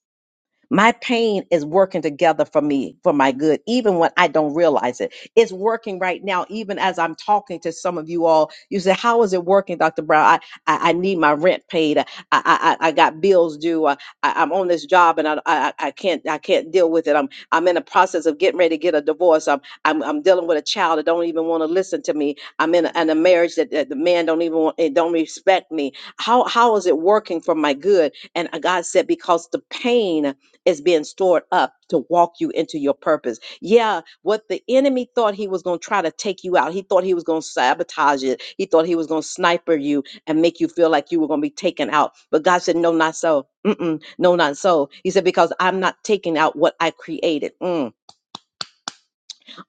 Speaker 1: My pain is working together for me, for my good, even when I don't realize it. It's working right now, even as I'm talking to some of you all. You say, How is it working, Dr. Brown? I, I, I need my rent paid. I, I, I I got bills due. I, I, I'm on this job and I, I, I can't I can't deal with it. I'm I'm in the process of getting ready to get a divorce. I'm I'm, I'm dealing with a child that don't even want to listen to me. I'm in a, in a marriage that, that the man don't even want, eh, don't respect me. How how is it working for my good? And uh, God said, Because the pain is being stored up to walk you into your purpose. Yeah, what the enemy thought he was going to try to take you out. He thought he was going to sabotage it. He thought he was going to sniper you and make you feel like you were going to be taken out. But God said, No, not so. Mm-mm, no, not so. He said, Because I'm not taking out what I created. Mm.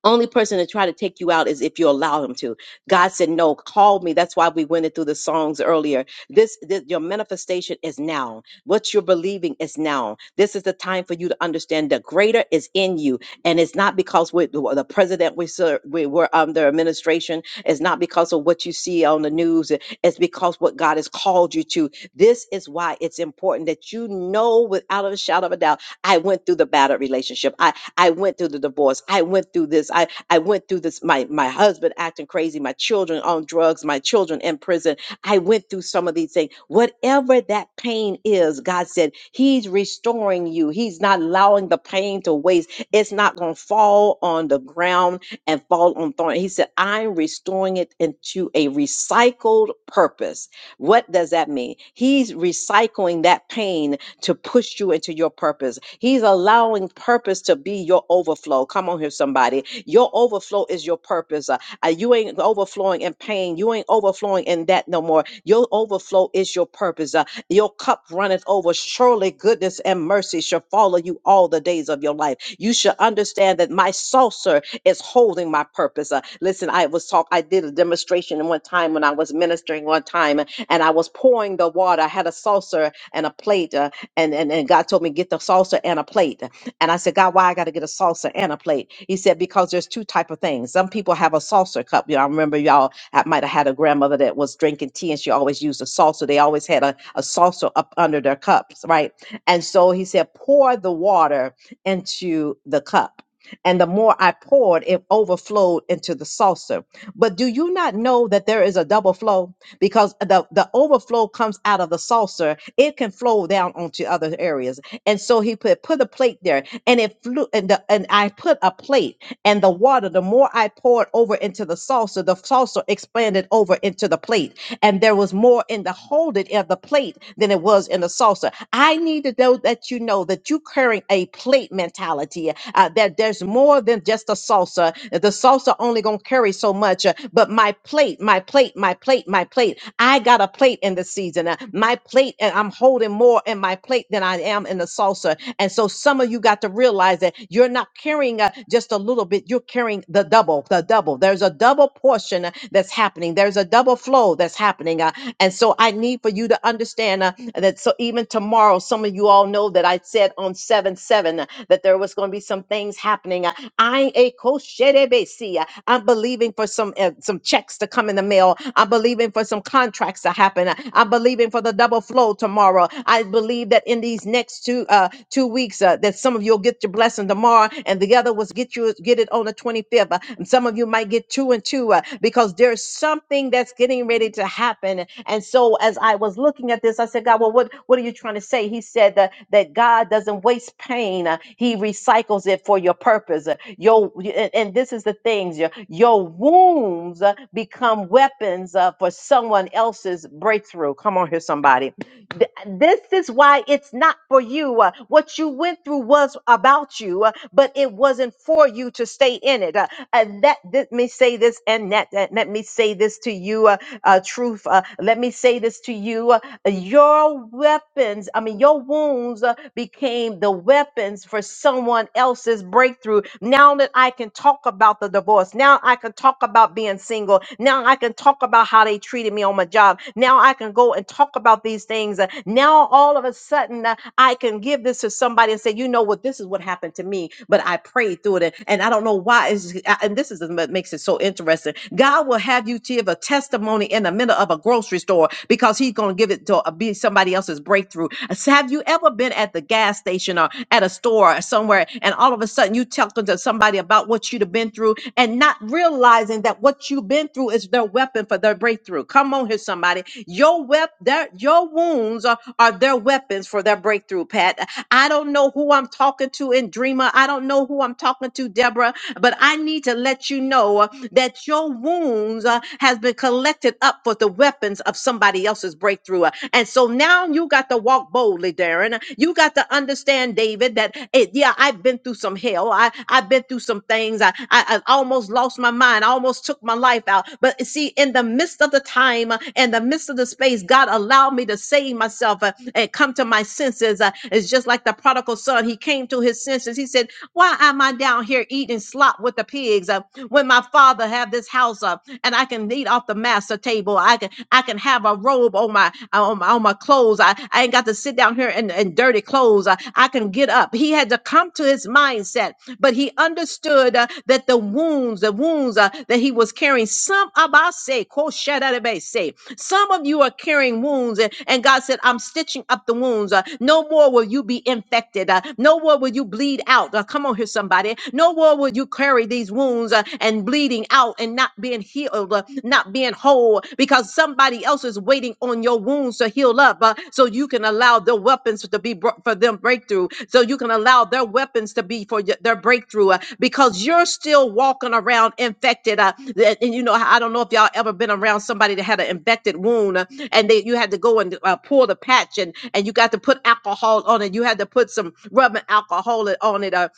Speaker 1: Only person to try to take you out is if you allow him to. God said, No, call me. That's why we went through the songs earlier. This, this your manifestation is now. What you're believing is now. This is the time for you to understand the greater is in you. And it's not because we're the the president we serve, we were under administration. It's not because of what you see on the news. It's because what God has called you to. This is why it's important that you know without a shadow of a doubt. I went through the battered relationship. I went through the divorce. I went through this. I, I went through this. My, my husband acting crazy, my children on drugs, my children in prison. I went through some of these things. Whatever that pain is, God said, He's restoring you. He's not allowing the pain to waste. It's not going to fall on the ground and fall on thorn. He said, I'm restoring it into a recycled purpose. What does that mean? He's recycling that pain to push you into your purpose. He's allowing purpose to be your overflow. Come on here, somebody. Your overflow is your purpose. Uh, uh, you ain't overflowing in pain. You ain't overflowing in that no more. Your overflow is your purpose. Uh, your cup runneth over. Surely goodness and mercy shall follow you all the days of your life. You should understand that my saucer is holding my purpose. Uh, listen, I was talk. I did a demonstration in one time when I was ministering one time, and I was pouring the water. I had a saucer and a plate, uh, and, and and God told me get the salsa and a plate. And I said, God, why I got to get a salsa and a plate? He said, because there's two type of things. Some people have a salsa cup. You know, I remember y'all I might have had a grandmother that was drinking tea and she always used a salsa. They always had a, a salsa up under their cups, right? And so he said, pour the water into the cup. And the more I poured, it overflowed into the saucer. But do you not know that there is a double flow? because the, the overflow comes out of the saucer. It can flow down onto other areas. And so he put put a plate there and it flew and, the, and I put a plate and the water, the more I poured over into the saucer, the saucer expanded over into the plate. And there was more in the holding of the plate than it was in the saucer. I need to know that you know that you're carrying a plate mentality, uh, that there's more than just a saucer. The saucer only going to carry so much, uh, but my plate, my plate, my plate, my plate. I got a plate in the season. uh, my plate, and I'm holding more in my plate than I am in the saucer. And so some of you got to realize realize that you're not carrying uh, just a little bit, you're carrying the double, the double. There's a double portion uh, that's happening, there's a double flow that's happening. Uh, and so I need for you to understand uh, that. So even tomorrow, some of you all know that I said on 7 7 uh, that there was going to be some things happening. Uh, I a kosherebesi, uh, I'm believing for some uh, some checks to come in the mail. I'm believing for some contracts to happen. Uh, I'm believing for the double flow tomorrow. I believe that in these next next two uh two weeks uh, that some of you'll get your blessing tomorrow and the other was get you get it on the 25th uh, and some of you might get two and two uh, because there's something that's getting ready to happen and so as i was looking at this i said god well what what are you trying to say he said that that god doesn't waste pain uh, he recycles it for your purpose Uh, your and, and this is the things your, your wounds uh, become weapons uh, for someone else's breakthrough come on here somebody Th- This is why it's not for you. Uh, What you went through was about you, uh, but it wasn't for you to stay in it. Uh, And that, let me say this, and that, that- let me say this to you, uh, uh, truth. Uh, let me say this to you. uh, your weapons, I mean, your wounds uh, became the weapons for someone else's breakthrough. Now that I can talk about the divorce, now I can talk about being single, now I can talk about how they treated me on my job, now I can go and talk about these things. Uh, Now all of a sudden, uh, I can give this to somebody and say, you know what, this is what happened to me, but I prayed through it, and I don't know why. It's, I- and this is what makes it so interesting. God will have you you give a testimony in the middle of a grocery store because he's going to give it to uh, be somebody else's breakthrough. S- Have you ever been at the gas station or at a store or somewhere and all of a sudden you talking to somebody about what you've been through and not realizing that what you've been through is their weapon for their breakthrough? Come on here, somebody. Your wep- their, your wounds are, are their weapons for their breakthrough, Pat. I don't know who I'm talking to in Dreamer. I don't know who I'm talking to, Deborah, but I need to let you know that your wounds uh, has been collected up for the weapons of somebody else's breakthrough. Uh, And so now you got to walk boldly, Darren. You got to understand, David, that it, yeah, I've been through some hell. I, I've been through some things. I, I, I almost lost my mind. I almost took my life out. But see, in the midst of the time, uh, in the midst of the space, God allowed me to save myself uh, and come to my senses. Uh, it's just like the prodigal son. He came to his senses. He said, why am I down here eating slop with the pigs uh, when my father have this house up uh, and I can eat off the master table? I can I can have a robe on my uh, on my, on my clothes. I, I ain't got to sit down here in, in dirty clothes. I, I can get up. He had to come to his mindset but he understood uh, that the wounds, the wounds uh, that he was carrying, some of us say, "Koshadadabe," say, some of you are carrying wounds, and, and God said, I'm stitching up the wounds. Uh, no more will you be infected. Uh, no more will you bleed out. Uh, come on here, somebody. No more will you carry these wounds uh, and bleeding out and not being healed, uh, not being whole, because somebody else is waiting on your wounds to heal up uh, so you can allow their weapons to be bro- for them breakthrough so you can allow their weapons to be for y- their breakthrough uh, because you're still walking around infected uh, th- and you know i don't know if y'all ever been around somebody that had an infected wound uh, and they you had to go and uh, pull the patch and and you got to put alcohol on it you had to put some rubbing alcohol it- on it uh,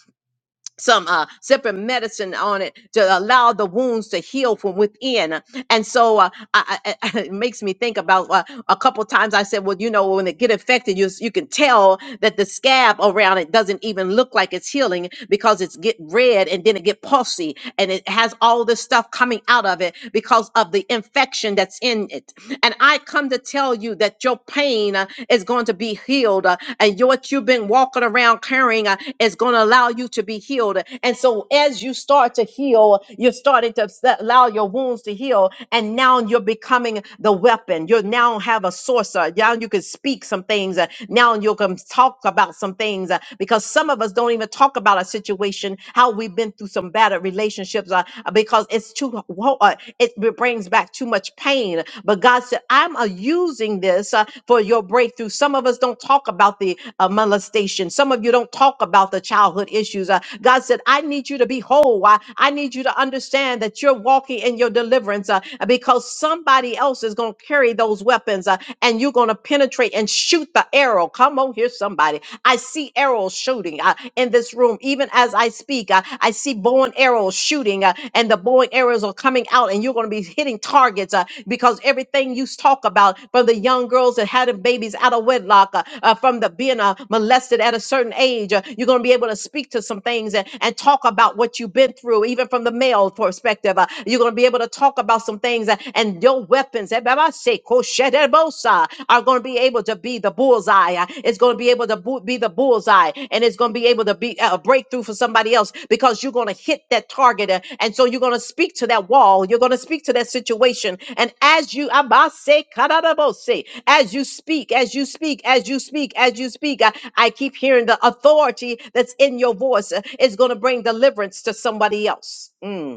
Speaker 1: some uh, different medicine on it to allow the wounds to heal from within and so uh, I, I, I- it makes me think about uh, a couple times I said, well, you know, when it get affected, you s- you can tell that the scab around it doesn't even look like it's healing because it's get red and then it get pulsy and it has all this stuff coming out of it because of the infection that's in it. And I come to tell you that your pain uh, is going to be healed uh, and your- what you've been walking around carrying uh, is going to allow you to be healed. And so as you start to heal, you're starting to s- allow your wounds wounds to heal. And now you're becoming the weapon. You now have a sorcerer. Now you can speak some things. uh, Now you can talk about some things uh, because some of us don't even talk about our situation, how we've been through some bad relationships uh, uh, because it's too, wo- uh, it brings back too much pain. But God said, I'm uh, using this uh, for your breakthrough. Some of us don't talk about the uh, molestation. Some of you don't talk about the childhood issues. Uh, God said, I need you to be whole. I, I need you to understand that you're walking walking in your deliverance uh, because somebody else is going to carry those weapons uh, and you're going to penetrate and shoot the arrow. Come on here, somebody. I see arrows shooting uh, in this room. Even as I speak, uh, I see bow and arrows shooting, uh, and the bow and arrows are coming out, and you're going to be hitting targets uh, because everything you talk about from the young girls that had babies out of wedlock, uh, uh, from the being uh, molested at a certain age, uh, you're going to be able to speak to some things and, and talk about what you've been through, even from the male perspective perspective. Uh, You're going to be able to talk about some things, uh, and your weapons eh, Baba say, "Koshedebosa," are going to be able to be the bullseye. Uh, It's going to be able to bu- be the bullseye, and it's going to be able to be uh, a breakthrough for somebody else because you're going to hit that target. uh, And so you're going to speak to that wall, you're going to speak to that situation. And as you, Abase, Kadadabose, as you speak, as you speak, as you speak, as you speak, I, I keep hearing the authority that's in your voice uh, is going to bring deliverance to somebody else. Mm.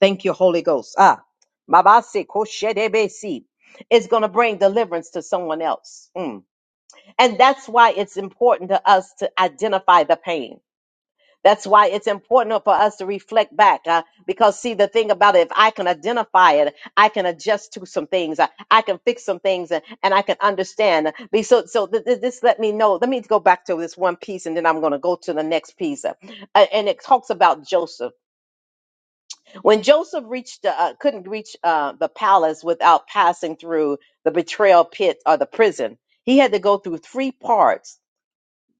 Speaker 1: Thank you, Holy Ghost. Ah, Mabase Koshedebesi. It's going to bring deliverance to someone else. Mm. And that's why it's important to us to identify the pain. That's why it's important for us to reflect back. uh, because, see, the thing about it, if I can identify it, I can adjust to some things. I, I can fix some things and, and I can understand. Be- So, so th- th- this let me know. Let me go back to this one piece and then I'm going to go to the next piece. Uh, and it talks about Joseph. When Joseph reached uh, couldn't reach uh, the palace without passing through the betrayal pit or the prison, he had to go through three parts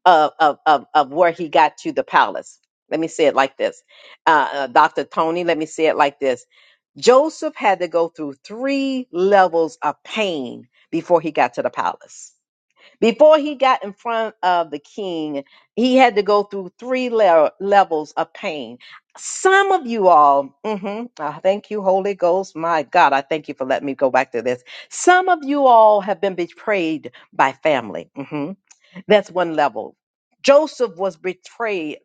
Speaker 1: of, of, of, of where he got to the palace. Let me say it like this. Uh, uh, Dr. Tony, let me say it like this. Joseph had to go through three levels of pain before he got to the palace. Before he got in front of the king, he had to go through three le- levels of pain. Some of you all, mhm, I thank you, Holy Ghost. My God, I thank you for letting me go back to this. Some of you all have been betrayed by family. mm-hmm. That's one level. Joseph was betrayed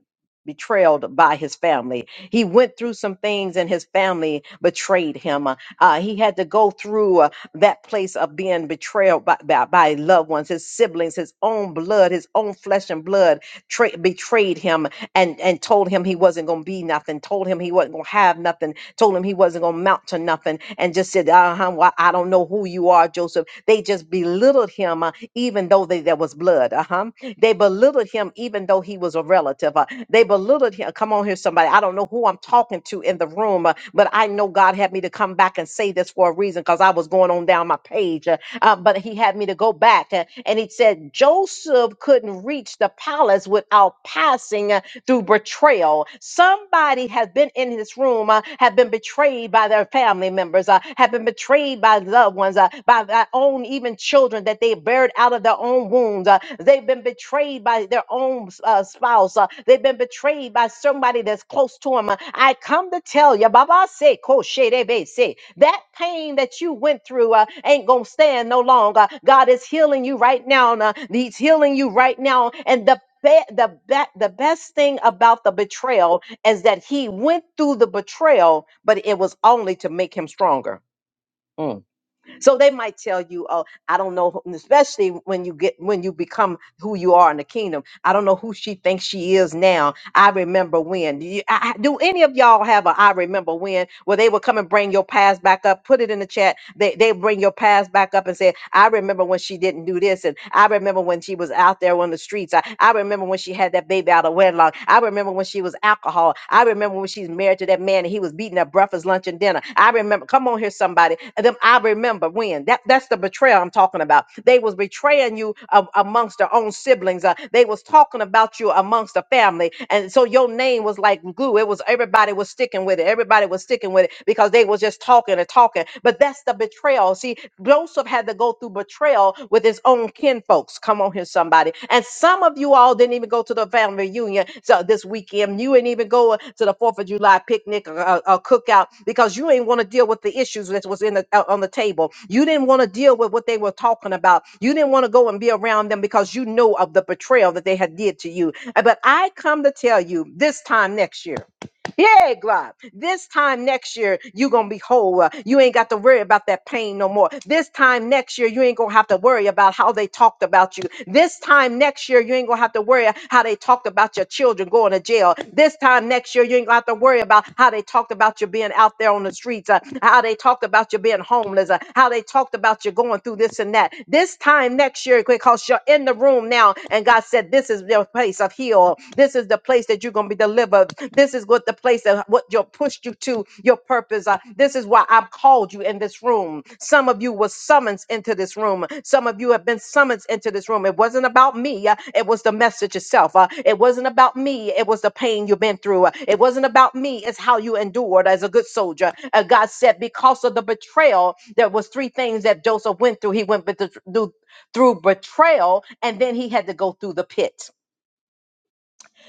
Speaker 1: betrayed by his family. He went through some things and his family betrayed him. Uh, he had to go through uh, that place of being betrayed by, by, by loved ones, his siblings, his own blood, his own flesh and blood tra- betrayed him and, and told him he wasn't going to be nothing, told him he wasn't going to have nothing, told him he wasn't going to mount to nothing and just said, uh-huh, well, I don't know who you are, Joseph. They just belittled him uh, even though they, there was blood. Uh-huh. They belittled him even though he was a relative. Uh, they belittled him. Come on here, somebody. I don't know who I'm talking to in the room, uh, but I know God had me to come back and say this for a reason because I was going on down my page. uh, uh, but he had me to go back uh, and he said, Joseph couldn't reach the palace without passing. uh, through betrayal. Somebody has been in this room, uh, have been betrayed by their family members, uh, have been betrayed by loved ones, uh, by their own even children that they buried out of their own wounds. Uh, they've been betrayed by their own uh, spouse. Uh, they've been betrayed by somebody that's close to them. Uh, I come to tell you, Baba say, Koshedebe say, that pain that you went through uh, ain't gonna stand no longer. God is healing you right now. Uh, he's healing you right now, and the be- the be- the best thing about the betrayal is that he went through the betrayal, but it was only to make him stronger. Mm. So they might tell you, "Oh, I don't know," who- especially when you get when you become who you are in the kingdom. I don't know who she thinks she is now. I remember when. Do, you, I, I- do any of y'all have a I remember when? Where they would come and bring your past back up, put it in the chat. They they bring your past back up and say, "I remember when she didn't do this," and "I remember when she was out there on the streets." I, I remember when she had that baby out of wedlock. I remember when she was alcohol. I remember when she's married to that man and he was beating her breakfast, lunch, and dinner. I remember. Come on. Come on here, somebody. And then I remember when that that's the betrayal I'm talking about. They was betraying you a- amongst their own siblings. Uh, they was talking about you amongst the family, and so your name was like glue. It was everybody was sticking with it. Everybody was sticking with it because they was just talking and talking. But that's the betrayal. See, Joseph had to go through betrayal with his own kinfolks. Come on. Come on here, somebody. And some of you all didn't even go to the family reunion so this weekend. You ain't even go uh, to the Fourth of July picnic or, or, or cookout because you ain't want to deal with the issues that was in the uh, on the table. You didn't want to deal with what they were talking about. You didn't want to go and be around them because you know of the betrayal that they had did to you. Uh, But I come to tell you this time next year. Yeah, God. This time next year, you going to be whole. Uh, You ain't got to worry about that pain no more. This time next year, you ain't going to have to worry about how they talked about you. This time next year, you ain't going to have to worry how they talked about your children going to jail. This time next year, you ain't going to have to worry about how they talked about you being out there on the streets, uh, how they talked about you being homeless, uh, how they talked about you going through this and that. This time next year, because you're in the room now, and God said, This is place of heal. This is the place that you're going to be delivered. This is what the place that what you pushed you to your purpose. Uh, this is why I've called you in this room. Some of you were summoned into this room. Some of you have been summoned into this room. It wasn't about me. uh, it was the message itself. Uh, it wasn't about me. It was the pain you've been through. Uh, it wasn't about me. It's how you endured as a good soldier. Uh, God said because of the betrayal, there was three things that Joseph went through. He went bet- through through betrayal, and then he had to go through the pit.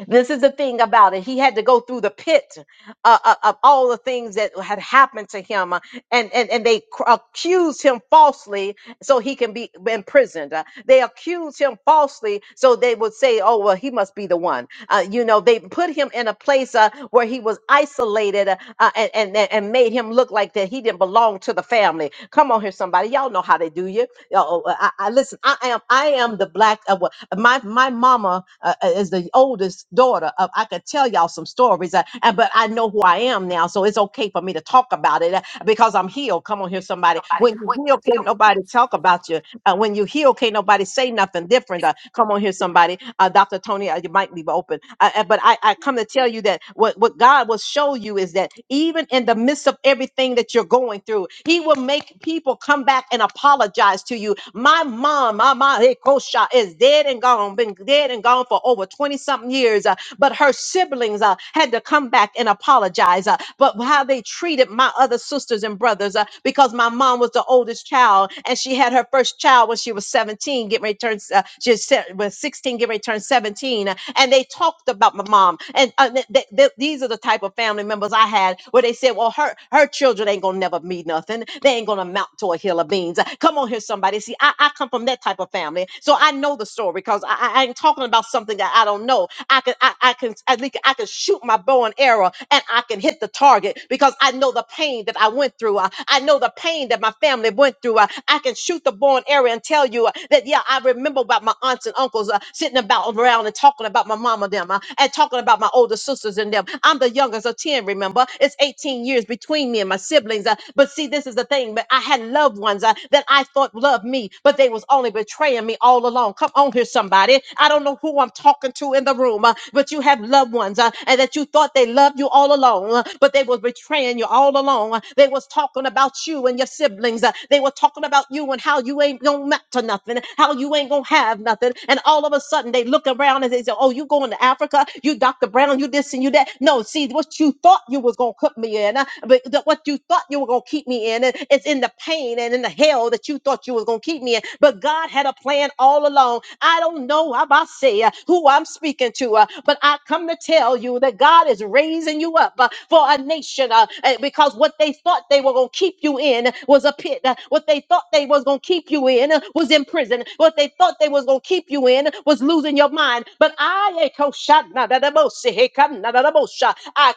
Speaker 1: This is the thing about it. He had to go through the pit uh, uh, of all the things that had happened to him, uh, and and and they cr- accused him falsely, so he can be imprisoned. Uh, they accused him falsely, so they would say, "Oh well, he must be the one." Uh, you know, they put him in a place uh, where he was isolated uh, uh, and, and and and made him look like that he didn't belong to the family. Come on here, somebody, y'all know how they do you. Y'all, uh, I, I listen. I am I am the black. Uh, well, my my mama uh, uh, is the oldest daughter of i could tell y'all some stories uh, and but i know who i am now so it's okay for me to talk about it uh, because i'm healed come on here somebody when you heal can't nobody talk about you uh, when you heal can't nobody say nothing different uh, come on here somebody uh, dr tony uh, your mic leave open uh, uh, but I, I come to tell you that what, what god will show you is that even in the midst of everything that you're going through he will make people come back and apologize to you my my mom, my mom, hey, Kosha, is dead and gone, been dead and gone for over 20 something years. uh, but her siblings uh, had to come back and apologize. uh, but how they treated my other sisters and brothers, uh, because my mom was the oldest child and she had her first child when she was 17, getting ready to turn, uh, she was se- was 16, getting ready to turn 17. uh, and they talked about my mom. And uh, th- th- th- these are the type of family members I had where they said, well, her, her children ain't going to never be nothing. They ain't going to amount amount To a Hill of Beans. Come on here, somebody. See, I, I come from that type of family, so I know the story because I, I I ain't talking about something that I don't know. I can I, I can I think I can shoot my bow and arrow and I can hit the target because I know the pain that I went through. Uh, I know the pain that my family went through. Uh, I can shoot the bow and arrow and tell you uh, that yeah, I remember about my aunts and uncles uh, sitting about around and talking about my mama them uh, and talking about my older sisters and them. I'm the youngest of 10, remember? It's 18 years between between me and my siblings. uh, but see, this is the thing. But I had loved ones uh, that I thought loved me, but they was only betraying me all along. Come on here, somebody. I don't know who I'm talking to in the room, uh, but you have loved ones uh, and that you thought they loved you all along, uh, but they was betraying you all along. Uh, They was talking about you and your siblings. uh, They were talking about you and how you ain't gonna amount to nothing, how you ain't gonna have nothing. And all of a sudden they look around and they say, "Oh, you going to Africa? You Dr. Brown? You this and you that?" No, see See, what you thought you was gonna put me in, uh, but the, what you thought you were gonna keep me in, it- it's in the pain and in the hell that you thought you was gonna keep me in. But God had a plan all along. I don't know how I say uh, who I'm speaking to, uh, but I come to tell you that God is raising you up uh, for a nation uh, eh, because what they thought they were gonna keep you in was a pit. uh, What they thought they was gonna keep you in uh, was in prison. What they thought they was gonna keep you in was losing your mind. But I, ain't I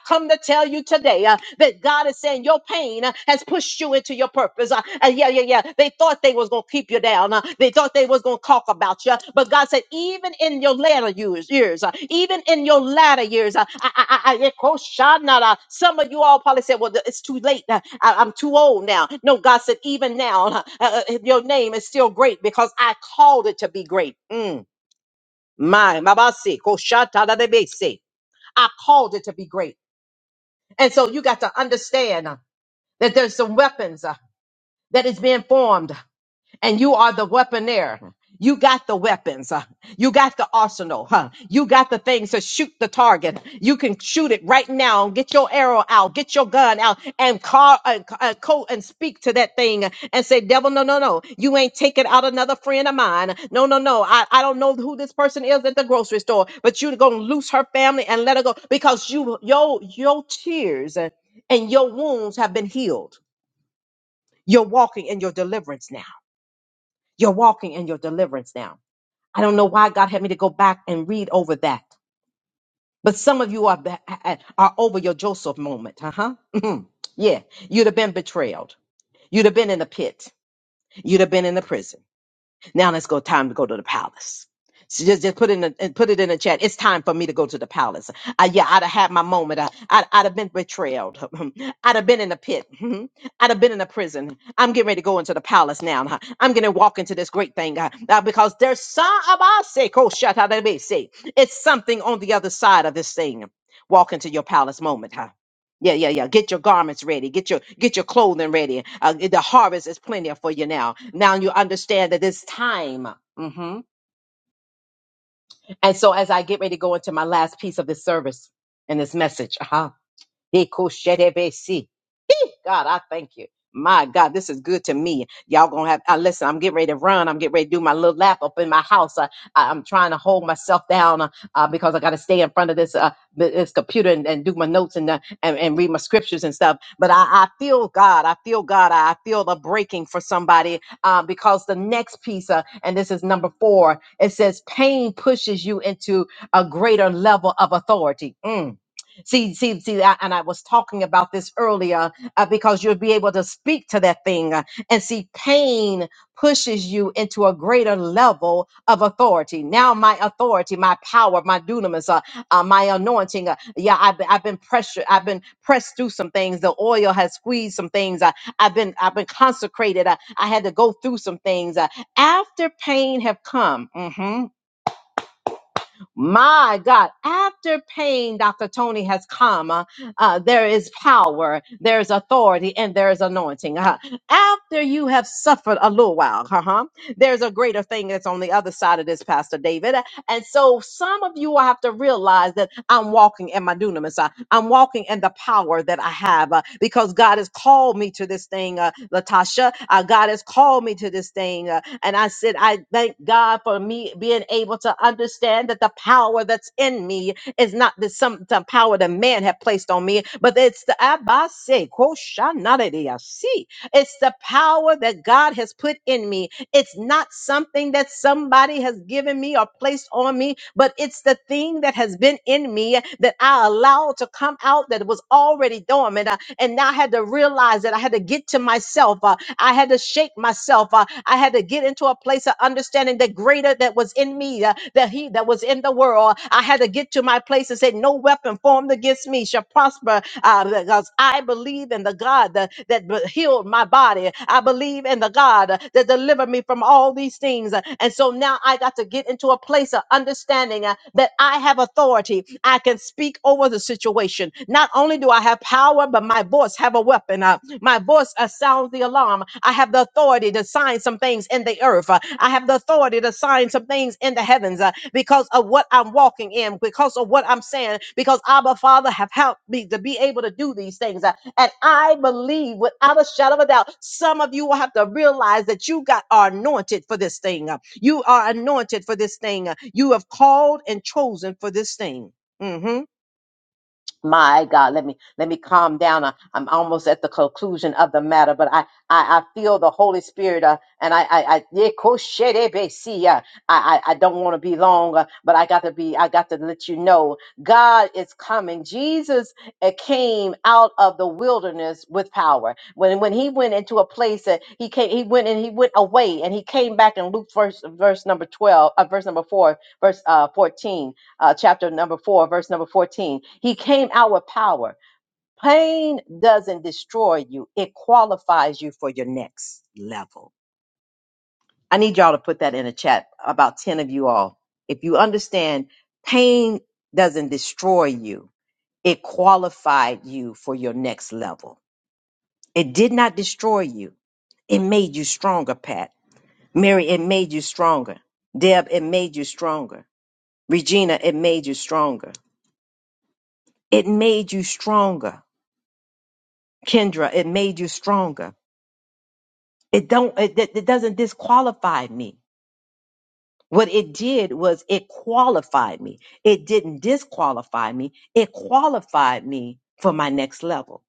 Speaker 1: come to tell you today uh, that God is saying your pain uh, has pushed you into your purpose. Uh, and yeah, yeah, yeah. They thought they was gonna keep you down. Uh, they thought they was gonna talk about you. But God said, even in your latter years, years, uh, even in your latter years, uh, I, I, I, I, yeah, ko shanada. some of you all probably said, well, th- it's too late. Uh, I, I'm too old now. No, God said, even now, uh, uh, your name is still great because I called it to be great. Mm. My mabase koshata da debese. I called it to be great. And so you got to understand uh, that there's some weapons uh, that is being formed and you are the weaponaire. You got the weapons. uh, You got the arsenal. huh? You got the things to shoot the target. You can shoot it right now. Get your arrow out. Get your gun out and call uh, uh, co- and speak to that thing and say, devil, no, no, no. You ain't taking out another friend of mine. No, no, no. I, I don't know who this person is at the grocery store, but you're going to lose her family and let her go because you, your, your tears and your wounds have been healed. You're walking in your deliverance now. You're walking in your deliverance now. I don't know why God had me to go back and read over that. But some of you are ba- are over your Joseph moment, huh? yeah, you'd have been betrayed. You'd have been in the pit. You'd have been in the prison. Now let's go. Time to go to the palace. So just, just put it in the, and put it in the chat. It's time for me to go to the palace. I, yeah, I'd have had my moment. I, I'd, I'd have been betrayed. I'd have been in the pit. I'd have been in a prison. I'm getting ready to go into the palace now. huh. I'm going to walk into this great thing uh, uh, because there's some of our sake. Oh, shut up. Let me see. It's something on the other side of this thing. Walk into your palace moment. huh? Yeah, yeah, yeah. Get your garments ready. Get your get your clothing ready. Uh, the harvest is plenty for you now. Now you understand that it's time. hmm And so, as I get ready to go into my last piece of this service and this message, uh-huh. God, I thank you. My God, this is good to me. Y'all gonna have, I listen, I'm getting ready to run. I'm getting ready to do my little lap up in my house. I, I, am trying to hold myself down uh, uh, because I got to stay in front of this uh, th- this computer and, and do my notes and, uh, and and read my scriptures and stuff. But I, I feel God. I feel God. I feel the breaking for somebody uh, because the next piece, uh, and this is number four, it says pain pushes you into a greater level of authority. Mm. See, see, see, I, and I was talking about this earlier uh, because you'll be able to speak to that thing. uh, and see, pain pushes you into a greater level of authority. Now, my authority, my power, my dunamis, uh, uh, my anointing. Uh, yeah, I've been, I've been pressured. I've been pressed through some things. The oil has squeezed some things. Uh, I've been I've been consecrated. Uh, I had to go through some things. Uh, after pain have come. mhm, my God, after pain, Dr. Tony has come, uh, uh, there is power, there is authority, and there is anointing. Uh, after you have suffered a little while, uh-huh, there's a greater thing that's on the other side of this, Pastor David. And so some of you will have to realize that I'm walking in my dunamis. I- I'm walking in the power that I have uh, because God has called me to this thing, uh, Latasha. Uh, God has called me to this thing. uh, and I said, I thank God for me being able to understand that the power that's in me is not the some the power that man had placed on me, but it's the Abase see. It's the power that God has put in me. It's not something that somebody has given me or placed on me, but it's the thing that has been in me that I allowed to come out that was already dormant and now I had to realize that I had to get to myself. uh, I had to shake myself. uh, I had to get into a place of understanding the greater that was in me, uh, that he that was in the world. I had to get to my place and say, No weapon formed against me shall prosper uh, because I believe in the God that, that healed my body. I believe in the God that delivered me from all these things. And so now I got to get into a place of understanding uh, that I have authority. I can speak over the situation salvation. Not only do I have power, but my voice have a weapon. Uh, my voice uh, sounds the alarm. I have the authority to sign some things in the earth. Uh, I have the authority to sign some things in the heavens uh, because of what I'm walking in, because of what I'm saying, because Abba Father have helped me to be able to do these things. Uh, and I believe without a shadow of a doubt, some of you will have to realize that you got are anointed for this thing. Uh, You are anointed for this thing. Uh, You have called and chosen for this thing. Mm-hmm my God, let me let me calm down. I, I'm almost at the conclusion of the matter, but I I, I feel the Holy Spirit, uh, and I I I yeah, kosherebesi, uh, I I, I don't want to be long, uh, but I got to be. I got to let you know God is coming. Jesus uh, came out of the wilderness with power. When when he went into a place that he came, he went and he went away, and he came back in Luke verse verse number twelve, uh, verse number four, verse uh, fourteen uh, chapter number four, verse number 14. He came out with power. Pain doesn't destroy you, it qualifies you for your next level. I need y'all to put that in a chat, about 10 of you all. If you understand, pain doesn't destroy you, it qualified you for your next level. It did not destroy you, it made you stronger, Pat. Mary, it made you stronger. Deb, it made you stronger. Regina, it made you stronger. It made you stronger Kendra, it made you stronger. It don't it, it it doesn't disqualify me. What it did was it qualified me. It didn't disqualify me. It qualified me for my next level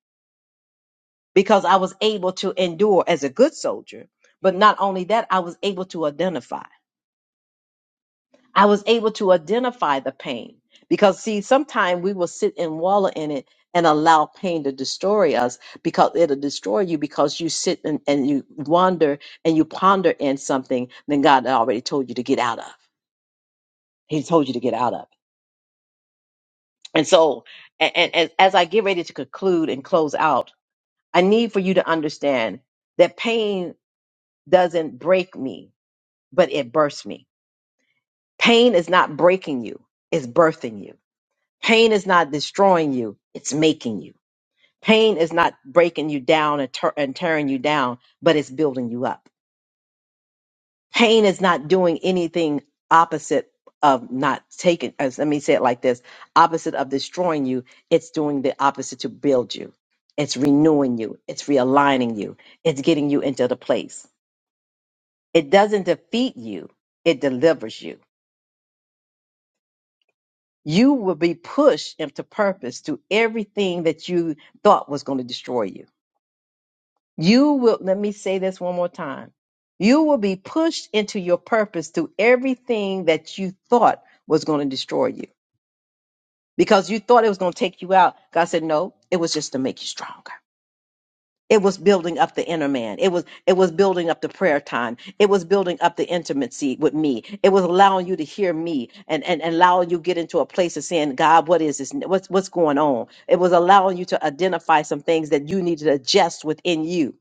Speaker 1: because I was able to endure as a good soldier. But not only that, I was able to identify. I was able to identify the pain because see, sometimes we will sit and wallow in it and allow pain to destroy us because it'll destroy you because you sit and, and you wander and you ponder in something that God already told you to get out of. He told you to get out of. And so, and, and, and as I get ready to conclude and close out, I need for you to understand that pain doesn't break me, but it births me. Pain is not breaking you, it's birthing you Pain is not destroying you, it's making you. Pain is not breaking you down and, tur- and tearing you down, but it's building you up. Pain is not doing anything opposite of not taking, as let me say it like this opposite of destroying you, it's doing the opposite to build you. It's renewing you, it's realigning you, it's getting you into the place. It doesn't defeat you, it delivers you. You will be pushed into purpose to everything that you thought was going to destroy you You will, let me say this one more time. You will be pushed into your purpose through everything that you thought was going to destroy you because you thought it was going to take you out. God said, no, it was just to make you stronger it was building up the inner man it was it was building up the prayer time it was building up the intimacy with me it was allowing you to hear me and and, and allowing you get into a place of saying god what is this what's what's going on it was allowing you to identify some things that you need to adjust within you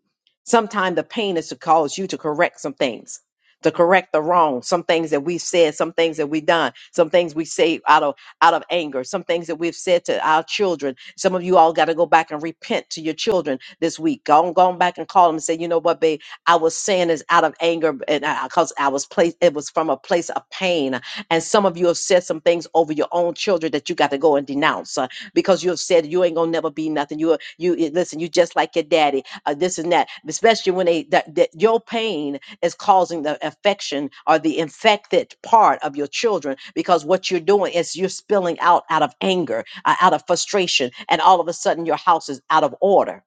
Speaker 1: sometimes the pain is to cause you to correct some things to correct the wrong some things that we've said some things that we've done some things we say out of out of anger, some things that we've said to our children. Some of you all got to go back and repent to your children this week. Go on, go on back and call them and say, you know what, babe, I was saying this out of anger and because I, 'cause I was placed, it was from a place of pain. And some of you have said some things over your own children that you got to go and denounce uh, because you have said you ain't gonna never be nothing. You, you you- listen, you just like your daddy. Uh, this and that, especially when they that, that your pain is causing the affection or the infected part of your children because what you're doing is you're spilling out out of anger, uh, out of frustration, and all of a sudden your house is out of order.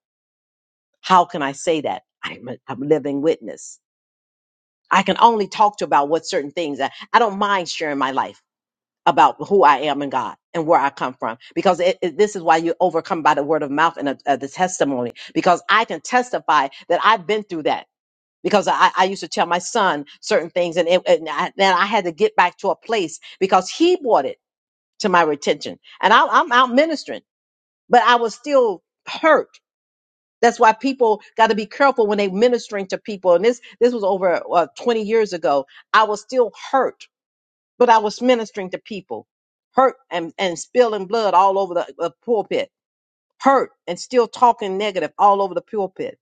Speaker 1: How can I say that? I'm a, I'm a living witness. I can only talk to about what certain things. I, I don't mind sharing my life about who I am in God and where I come from because it, it- this is why you overcome by the word of mouth and uh, uh, the testimony because I can testify that I've been through that because I, I used to tell my son certain things, and it, and I, then I had to get back to a place because he brought it to my attention, and I, I'm out ministering, but I was still hurt. That's why people got to be careful when they ministering to people. And this this was over uh, 20 years ago. I was still hurt, but I was ministering to people, hurt and and spilling blood all over the, the pulpit, hurt and still talking negative all over the pulpit.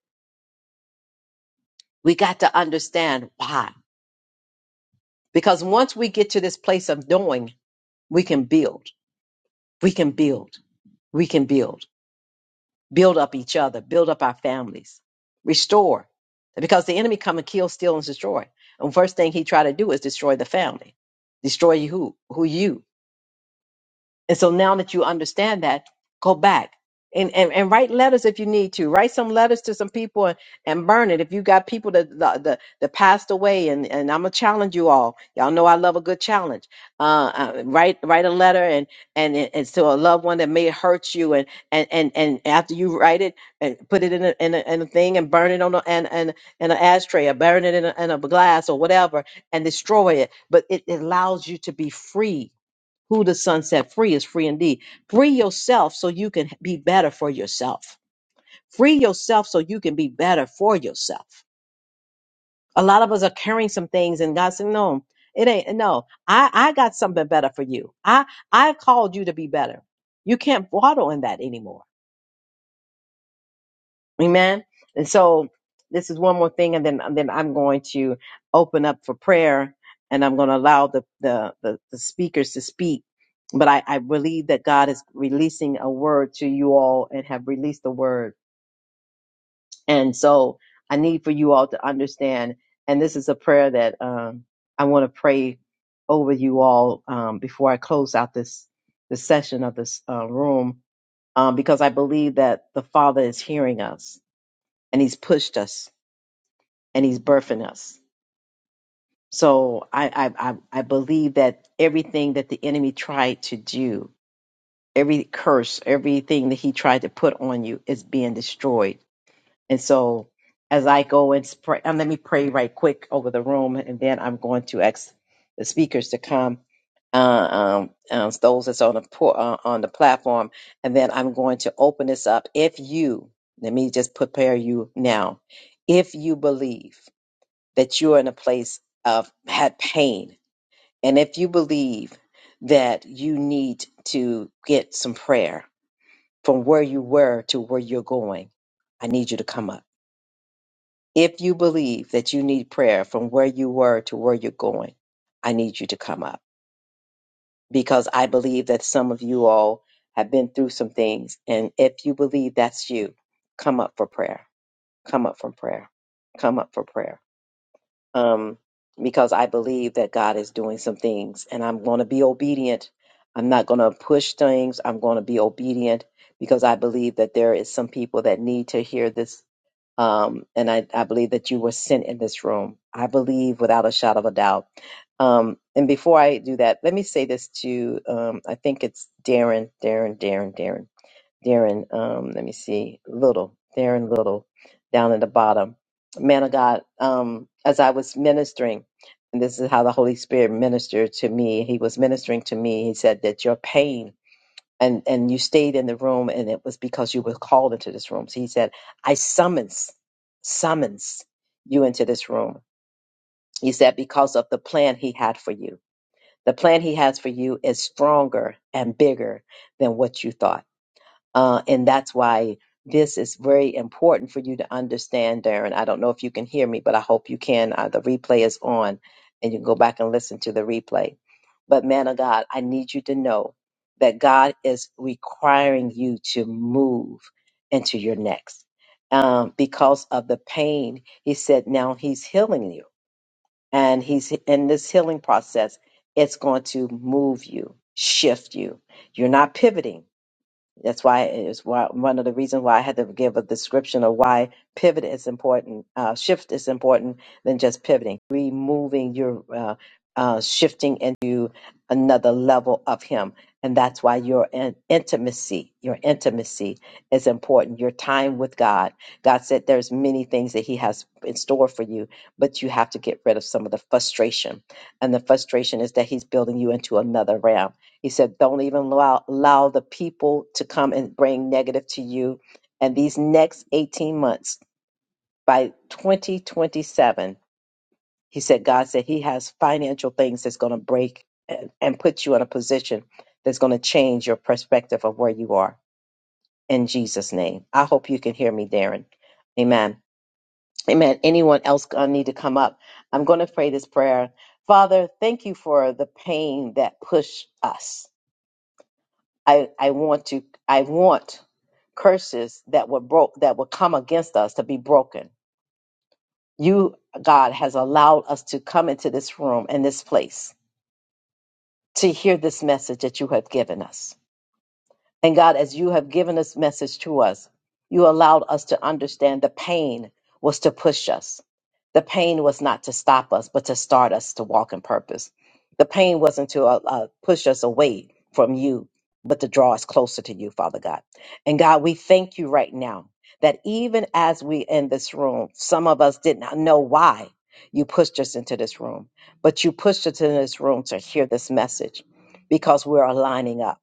Speaker 1: We got to understand why. Because once we get to this place of knowing, we can build, we can build, we can build, build up each other, build up our families, restore. Because the enemy come and kill, steal, and destroy. And first thing he try to do is destroy the family, destroy you who, who you. And so now that you understand that, go back and, and, and write letters if you need to. Write some letters to some people and, and burn it. If you got people that that, that, that passed away, and, and I'm gonna challenge you all. Y'all know I love a good challenge. Uh, uh, write write a letter and and and to a loved one that may hurt you, and and and, and after you write it, and put it in a, in a in a thing and burn it on a, and and in an ashtray or burn it in a, in a glass or whatever and destroy it. But it allows you to be free who the Son set free is free indeed. Free yourself so you can be better for yourself. Free yourself so you can be better for yourself. A lot of us are carrying some things, and God said, "No, it ain't. No, I I got something better for you. I I called you to be better. You can't waddle in that anymore." Amen. And so this is one more thing, and then and then I'm going to open up for prayer, and I'm going to allow the the the, the speakers to speak. But I, I believe that God is releasing a word to you all, and have released the word. And so I need for you all to understand. And this is a prayer that um, I want to pray over you all um, before I close out this this session of this uh, room, um, because I believe that the Father is hearing us and He's pushed us and he's birthing us. So I, I, I, I believe that everything that the enemy tried to do, every curse, everything that he tried to put on you is being destroyed. And so as I go and pray, and let me pray right quick over the room, and then I'm going to ask the speakers to come. Uh, um, um, those that's on the po- uh, on the platform, and then I'm going to open this up. If you, let me just prepare you now. If you believe that you are in a place of had pain. And if you believe that you need to get some prayer from where you were to where you're going, I need you to come up. If you believe that you need prayer from where you were to where you're going, I need you to come up because I believe that some of you all have been through some things. And if you believe that's you, come up for prayer. Come up for prayer. Come up for prayer um, because I believe that God is doing some things and I'm going to be obedient. I'm not going to push things. I'm going to be obedient because I believe that there is some people that need to hear this. Um, and I, I believe that you were sent in this room. I believe without a shadow of a doubt. Um, and before I do that, let me say this to, um, I think it's Darren, Darren, Darren, Darren. Darren, um, let me see, Little, Darren Little, down at the bottom. Man of God, um, as I was ministering, and this is how the Holy Spirit ministered to me. He was ministering to me. He said that your pain and and you stayed in the room, and it was because you were called into this room. So he said, I summons, summons you into this room. He said because of the plan he had for you. The plan he has for you is stronger and bigger than what you thought uh, and that's why this is very important for you to understand, Darren. I don't know if you can hear me, but I hope you can. Uh, the replay is on, and you can go back and listen to the replay. But, man of God, I need you to know that God is requiring you to move into your next. Um, because of the pain, he said, now he's healing you. And he's in this healing process, it's going to move you, shift you. You're not pivoting that's why it is why, one of the reasons why I had to give a description of why pivot is important, uh, shift is important than just pivoting. Removing your uh, uh, shifting into another level of Him, and that's why your in- intimacy, your intimacy is important. Your time with God. God said there's many things that He has in store for you, but you have to get rid of some of the frustration, and the frustration is that He's building you into another realm he said, Don't even allow, allow the people to come and bring negative to you. And these next 18 months, by 2027, he said, God said he has financial things that's going to break and, and put you in a position that's going to change your perspective of where you are in Jesus' name. I hope you can hear me, Darren. Amen. Amen. Anyone else going to need to come up? I'm going to pray this prayer. Father, thank you for the pain that pushed us. I, I want to I want curses that were broke that will come against us to be broken. You, God, has allowed us to come into this room and this place to hear this message that you have given us. And God, as you have given this message to us, you allowed us to understand the pain was to push us. The pain was not to stop us, but to start us to walk in purpose. The pain wasn't to uh, uh, push us away from you, but to draw us closer to you, Father God. And God, we thank you right now that even as we in this room, some of us did not know why you pushed us into this room, but you pushed us into this room to hear this message because we're aligning up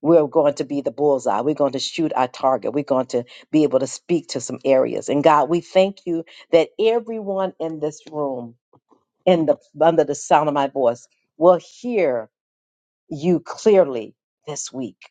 Speaker 1: we're going to be the bullseye. We're going to shoot our target. We're going to be able to speak to some areas. And God, we thank you that everyone in this room, in the under the sound of my voice, will hear you clearly this week.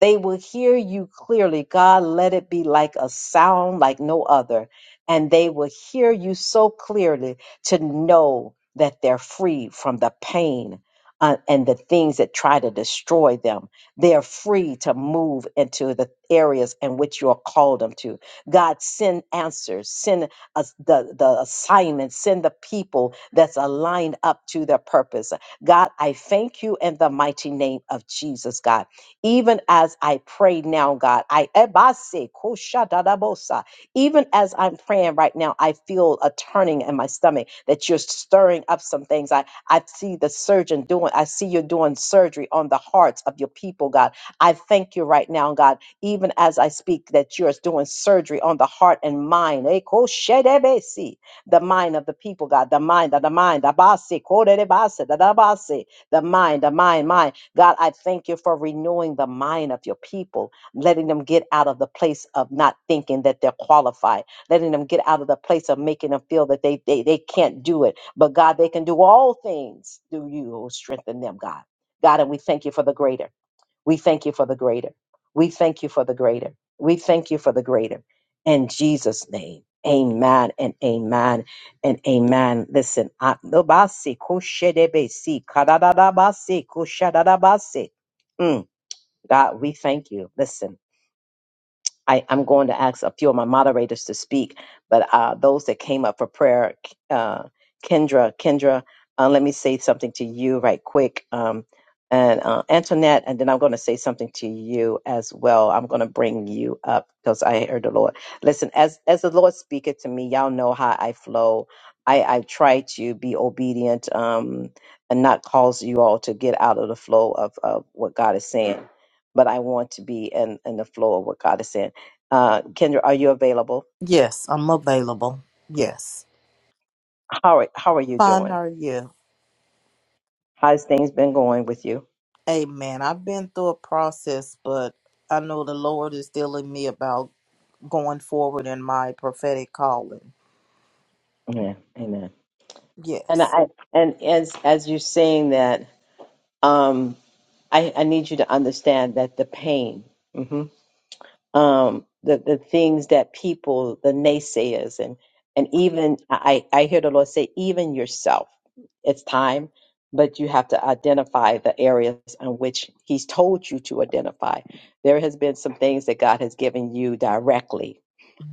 Speaker 1: They will hear you clearly. God, let it be like a sound like no other. And they will hear you so clearly to know that they're free from the pain uh, and the things that try to destroy them. They're free to move into the areas in which you are called them to. God, send answers, send us the, the assignments, send the people that's aligned up to their purpose. God, I thank you in the mighty name of Jesus, God. Even as I pray now, God, I ebase, koshadadabosa. even as I'm praying right now, I feel a turning in my stomach that you're stirring up some things. I, I see the surgeon doing, I see you doing surgery on the hearts of your people, God. I thank you right now, God, even as I speak, that you're doing surgery on the heart and mind. eh, koshedebesi, The mind of the people, God, the mind, the the mind, the basi, koderebasi, dadabasi, the mind, the mind, mind. God, I thank you for renewing the mind of your people, letting them get out of the place of not thinking that they're qualified, letting them get out of the place of making them feel that they, they, they can't do it. But God, they can do all things through you who strengthen them, God. God, and we thank you for the greater. We thank you for the greater. We thank you for the greater. We thank you for the greater. In Jesus' name. Amen and amen and amen. Listen, I- Nobasi kushedebesi, kadadadabasi, kushadadabasi. Mm, God, we thank you. Listen. I, I'm going to ask a few of my moderators to speak, but uh, those that came up for prayer, uh, Kendra, Kendra, uh, let me say something to you right quick. Um, and uh, Antoinette, and then I'm going to say something to you as well. I'm going to bring you up because I heard the Lord. Listen, as as the Lord speaketh to me, y'all know how I flow. I, I try to be obedient um, and not cause you all to get out of the flow of, of what God is saying, but I want to be in, in the flow of what God is saying. Uh, Kendra, are you available?
Speaker 2: Yes, I'm available. Yes.
Speaker 1: How are, how are you
Speaker 2: Find
Speaker 1: doing?
Speaker 2: her, yeah.
Speaker 1: How's things been going with you?
Speaker 2: Amen. I've been through a process, but I know the Lord is dealing me about going forward in my prophetic calling.
Speaker 1: Yeah, amen. And
Speaker 2: Yes.
Speaker 1: I and as as you're saying that, um, I I need you to understand that the pain, hmm um, the the things that people, the naysayers, and and even I I hear the Lord say, even yourself, it's time, but you have to identify the areas in which He's told you to identify. There has been some things that God has given you directly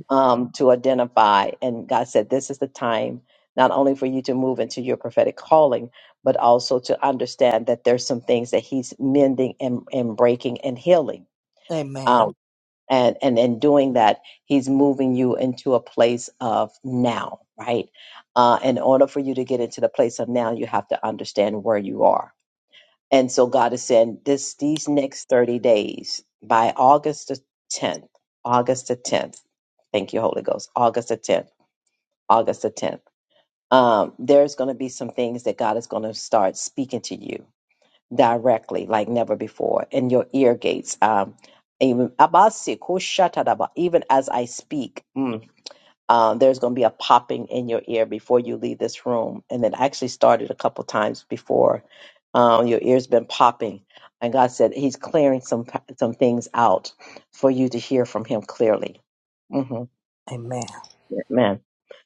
Speaker 1: um, to identify. And God said, This is the time not only for you to move into your prophetic calling, but also to understand that there's some things that He's mending and, and breaking and healing.
Speaker 2: Amen.
Speaker 1: Um, and, and in doing that, he's moving you into a place of now, right? Uh, in order for you to get into the place of now, you have to understand where you are and so God is saying this these next 30 days by August the 10th, August the 10th. Thank you, Holy Ghost. August the 10th, August the 10th. Um, there's going to be some things that God is going to start speaking to you directly, like never before, in your ear gates. Um, even, even as I speak. Mm um, there's going to be a popping in your ear before you leave this room. And it actually started a couple times before. Um, your ear's been popping, and God said He's clearing some some things out for you to hear from Him clearly. hmm
Speaker 2: Amen.
Speaker 1: Man,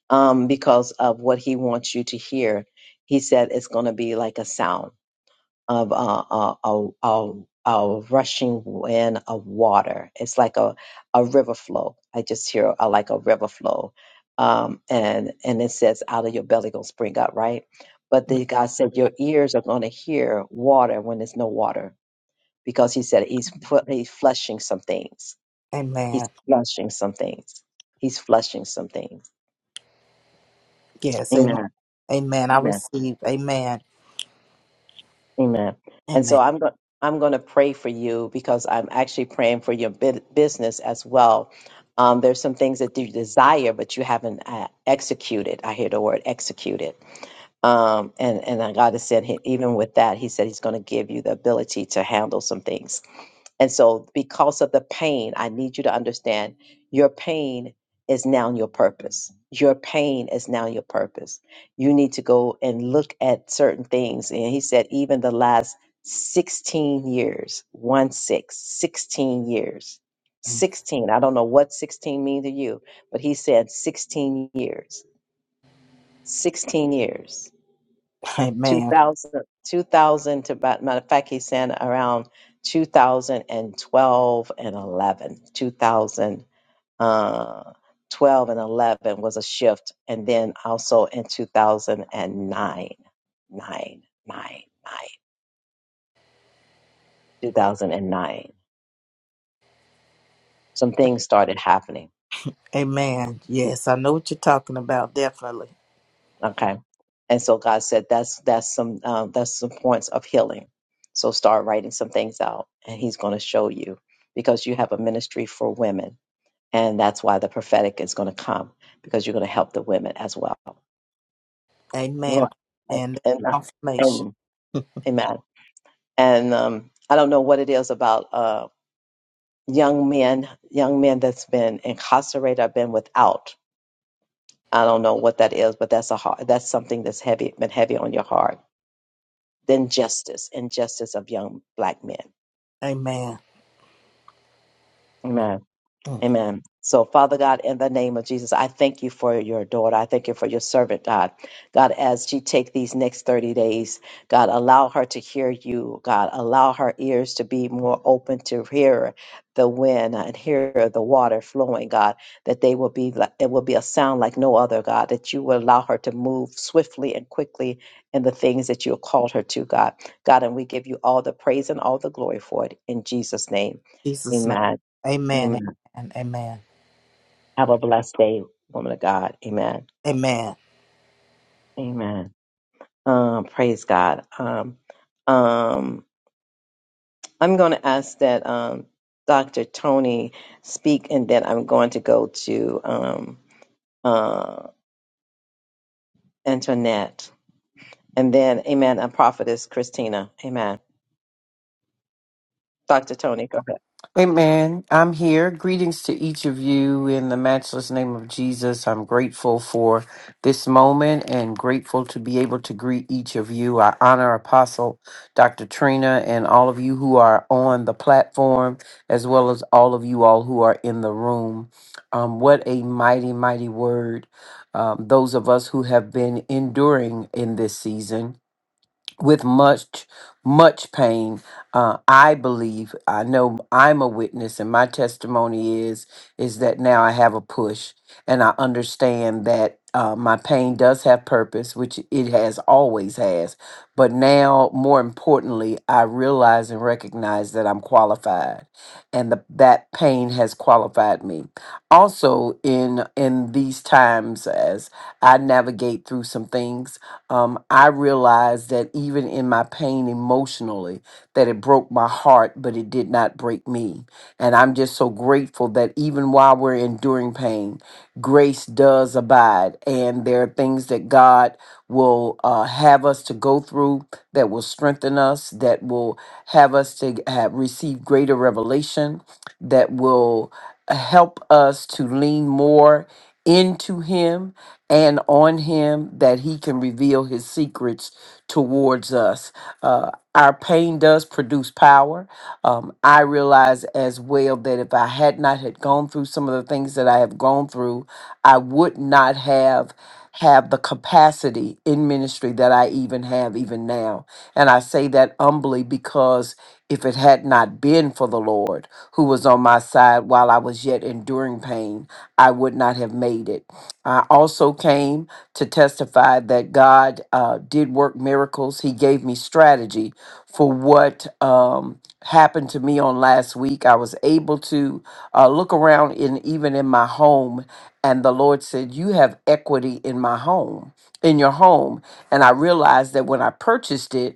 Speaker 1: um, because of what He wants you to hear, He said it's going to be like a sound of uh, uh, a, a, a rushing wind of water. It's like a, a river flow. I just hear uh like a river flow. Um, and, and it says, out of your belly going to spring up, right? But then God said, your ears are going to hear water when there's no water because he said he's, put, he's flushing some things. He's
Speaker 2: Amen.
Speaker 1: flushing some things. He's flushing some things.
Speaker 2: Yes. Amen.
Speaker 1: Amen.
Speaker 2: Amen. I
Speaker 1: Amen.
Speaker 2: receive. Amen.
Speaker 1: Amen. And so
Speaker 2: Amen.
Speaker 1: I'm going I'm going to pray for you because I'm actually praying for your bu- business as well. Um, there's some things that you desire, but you haven't uh, executed. I hear the word executed. Um, and and then God has said, he, even with that, He said He's going to give you the ability to handle some things. And so, because of the pain, I need you to understand your pain is now your purpose. Your pain is now your purpose. You need to go and look at certain things. And he said, even the last 16 years, one 616 years, 16. I don't know what 16 means to you, but he said 16 years, 16 years.
Speaker 2: Amen.
Speaker 1: 2000, 2000 to about, matter of fact, he sent around 2012 and twelve and 11. 2012 and 11 was a shift. And then also in 2009, 9, 2009, some things started happening.
Speaker 2: Amen. Yes, I know what you're talking about, definitely.
Speaker 1: Okay. And so God said, that's, that's some, uh, that's some points of healing. So start writing some things out and he's going to show you because you have a ministry for women And that's why the prophetic is going to come because you're going to help the women as well.
Speaker 2: Amen.
Speaker 1: Lord, And,
Speaker 2: And
Speaker 1: and,
Speaker 2: confirmation.
Speaker 1: and amen. And um, I don't know what it is about uh, young men, young men that's been incarcerated or been without. I don't know what that is, but that's a hard, that's something that's heavy, been heavy on your heart. Then justice, injustice of young black men.
Speaker 2: Amen.
Speaker 1: Amen.
Speaker 2: Mm.
Speaker 1: Amen. So, Father God, in the name of Jesus, I thank you for your daughter. I thank you for your servant, God. God, as she take these next 30 days, God, allow her to hear you. God, allow her ears to be more open to hear the wind and hear the water flowing, God, that they will be, like it will be a sound like no other, God, that you will allow her to move swiftly and quickly in the things that you have called her to, God. God, and we give you all the praise and all the glory for it in Jesus' name.
Speaker 2: Jesus' name.
Speaker 1: Amen.
Speaker 2: Amen.
Speaker 1: Amen.
Speaker 2: Amen. Amen.
Speaker 1: Have a blessed day, woman of God. Amen.
Speaker 2: Amen.
Speaker 1: Amen. Um, praise God. Um, um, I'm going to ask that um, Dr. Tony speak, and then I'm going to go to um, uh, Antoinette, and then Amen. And Prophetess Christina. Amen. Dr. Tony, go ahead.
Speaker 3: Amen. I'm here. Greetings to each of you in the matchless name of Jesus. I'm grateful for this moment and grateful to be able to greet each of you. I honor Apostle Dr. Trina and all of you who are on the platform, as well as all of you all who are in the room. Um, what a mighty, mighty word. Um, those of us who have been enduring in this season with much much pain uh, i believe i know i'm a witness and my testimony is is that now i have a push and i understand that uh, my pain does have purpose which it has always has but now more importantly i realize and recognize that i'm qualified and the, that pain has qualified me also in in these times as i navigate through some things um, I realized that even in my pain emotionally, that it broke my heart, but it did not break me. And I'm just so grateful that even while we're enduring pain, grace does abide. And there are things that God will uh, have us to go through that will strengthen us, that will have us to have receive greater revelation, that will uh, help us to lean more into Him and on him that he can reveal his secrets towards us. Uh, our pain does produce power. Um, I realize as well that if I had not had gone through some of the things that I have gone through, I would not have have the capacity in ministry that I even have even now. And I say that humbly because if it had not been for the Lord who was on my side while I was yet enduring pain, I would not have made it. I also came to testify that God uh, did work miracles. He gave me strategy for what um, happened to me on last week. I was able to uh, look around in even in my home, and the Lord said, "You have equity in my home, in your home." And I realized that when I purchased it.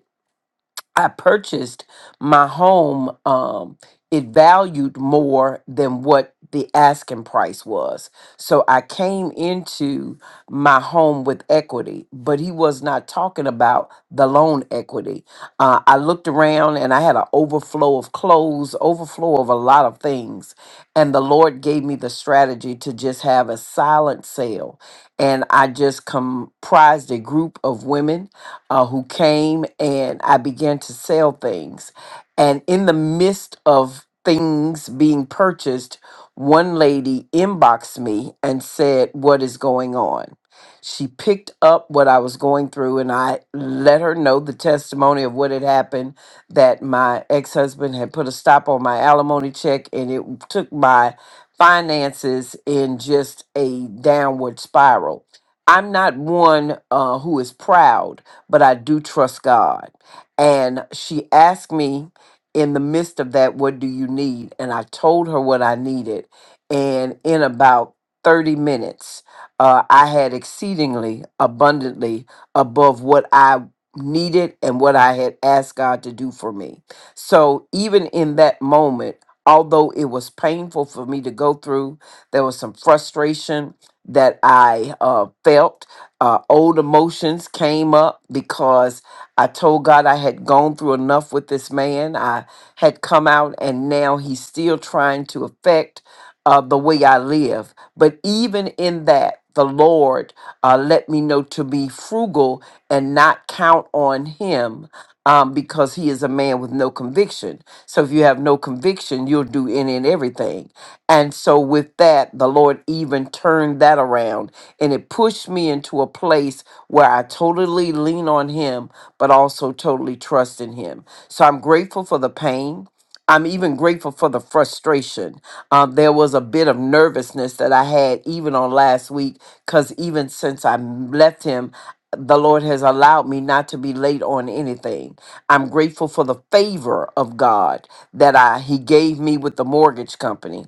Speaker 3: I purchased my home, um, it valued more than what the asking price was. So I came into my home with equity, but he was not talking about the loan equity. Uh, I looked around and I had an overflow of clothes, overflow of a lot of things. And the Lord gave me the strategy to just have a silent sale. And I just comprised a group of women uh, who came and I began to sell things. And in the midst of things being purchased, one lady inboxed me and said, What is going on? She picked up what I was going through, and I let her know the testimony of what had happened that my ex husband had put a stop on my alimony check, and it took my finances in just a downward spiral. I'm not one uh, who is proud but I do trust God. And she asked me in the midst of that, What do you need? And I told her what I needed. And in about 30 minutes, uh, I had exceedingly abundantly above what I needed and what I had asked God to do for me. So even in that moment, although it was painful for me to go through, there was some frustration that I uh, felt uh, old emotions came up because I told God I had gone through enough with this man. I had come out, and now he's still trying to affect uh, the way I live. But even in that, the Lord uh, let me know to be frugal and not count on him um, because he is a man with no conviction. So if you have no conviction, you'll do any and everything. And so with that, the Lord even turned that around and it pushed me into a place where I totally lean on Him, but also totally trust in Him. So I'm grateful for the pain. I'm even grateful for the frustration. Um, there was a bit of nervousness that I had even on last week, because even since I m- left Him, the Lord has allowed me not to be late on anything. I'm grateful for the favor of God that I He gave me with the mortgage company.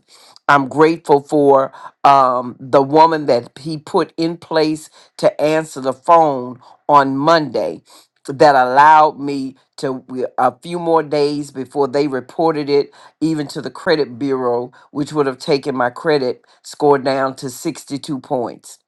Speaker 3: I'm grateful for um, the woman that he put in place to answer the phone on Monday that allowed me to a few more days before they reported it even to the credit bureau which would have taken my credit score down to 62 points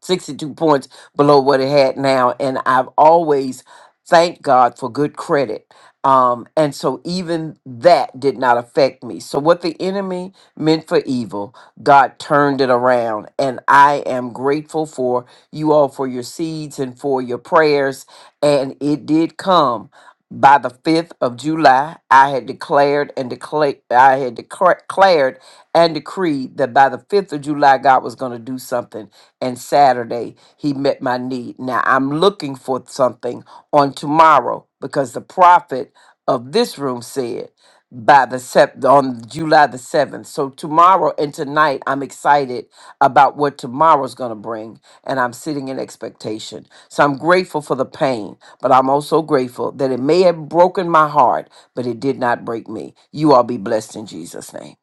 Speaker 3: 62 points below what it had now. And I've always thanked God for good credit. Um, and so even that did not affect me. So what the enemy meant for evil, God turned it around. And I am grateful for you all for your seeds and for your prayers. And it did come. By the 5th of July, I had declared and declared, I had declared and decreed that by the 5th of July, God was going to do something and Saturday he met my need. Now I'm looking for something on tomorrow because the prophet of this room said by the sep- on July the 7th. So tomorrow and tonight I'm excited about what tomorrow's going to bring and I'm sitting in expectation. So I'm grateful for the pain, but I'm also grateful that it may have broken my heart, but it did not break me. You all be blessed in Jesus name.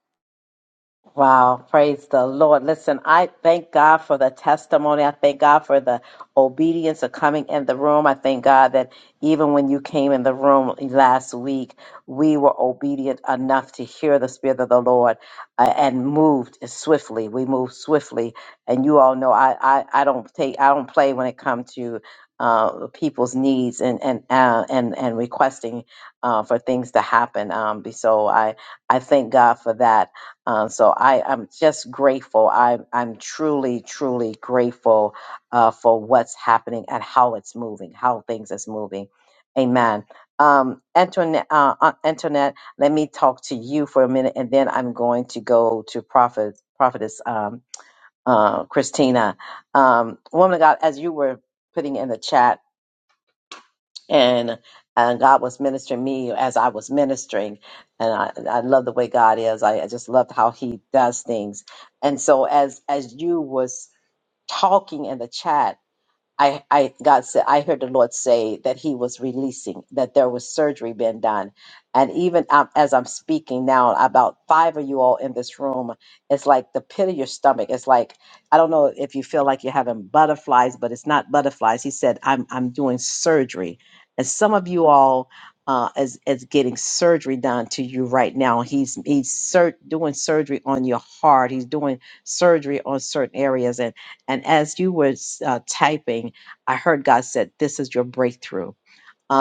Speaker 1: Wow, praise the Lord. Listen, I thank God for the testimony. I thank God for the obedience of coming in the room. I thank God that even when you came in the room last week, we were obedient enough to hear the Spirit of the Lord uh, and moved swiftly. We moved swiftly. And you all know I, I, I don't take I don't play when it comes to uh, people's needs and and uh, and and requesting uh, for things to happen. Um, so I I thank God for that. Uh, so I, I'm just grateful. I'm, I'm truly, truly grateful uh, for what's happening and how it's moving, how things is moving. Amen. Um, Antoinette, uh, uh, Antoinette, let me talk to you for a minute, and then I'm going to go to Prophet, Prophetess um, uh, Christina. Um, woman of God, as you were putting in the chat, and and God was ministering me as I was ministering, and I, I love the way God is. I, I just love how He does things. And so as as you was talking in the chat, I, I God said I heard the Lord say that He was releasing that there was surgery being done, and even um, as I'm speaking now, about five of you all in this room, it's like the pit of your stomach. It's like I don't know if you feel like you're having butterflies, but it's not butterflies. He said I'm I'm doing surgery, and some of you all uh, is is getting surgery done to you right now. He's he's sur- doing surgery on your heart. He's doing surgery on certain areas, and and as you were uh, typing, I heard God said, "This is your breakthrough.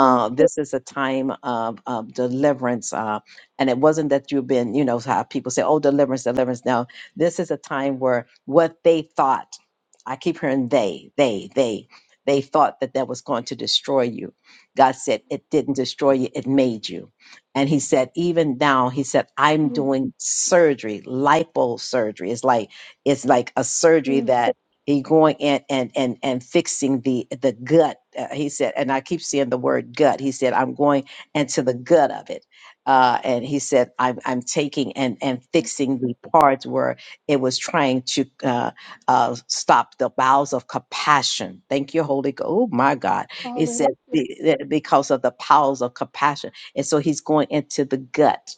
Speaker 4: Mm,
Speaker 1: this is a time of, of deliverance." Uh, and it wasn't that you've been, you know, how people say, "Oh, deliverance, deliverance." No, this is a time where what they thought. I keep hearing they, they, they. They thought that that was going to destroy you. God said, It didn't destroy you, it made you. And He said, Even now, He said, I'm
Speaker 4: mm,
Speaker 1: doing surgery, liposurgery. It's like, it's like a surgery
Speaker 4: mm,
Speaker 1: that he going in and and and fixing the the gut uh, he said and i keep seeing the word gut he said i'm going into the gut of it uh, and he said i'm i'm taking and and
Speaker 4: mm.
Speaker 1: fixing the parts where it was trying to uh, uh, stop the bowels of compassion thank you holy ghost oh my god it said
Speaker 4: Hallelujah.
Speaker 1: be- that because of the bowels of compassion and so he's going into the gut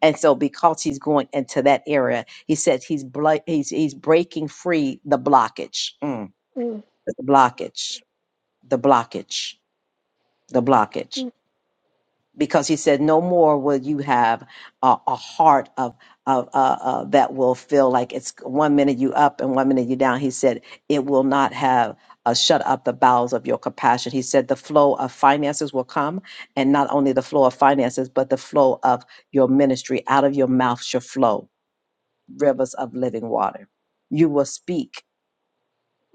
Speaker 1: and so, because he's going into that area, he says he's blo- he's he's breaking free the blockage, Mm.
Speaker 4: Mm,
Speaker 1: the blockage, the blockage, the blockage.
Speaker 4: mm,
Speaker 1: Because he said, no more will you have a, a heart of of uh, uh, that will feel like it's one minute you up and one minute you down. He said it will not have uh, shut up the bowels of your compassion. He said the flow of finances will come, and not only the flow of finances, but the flow of your ministry out of your mouth shall flow rivers of living water. You will speak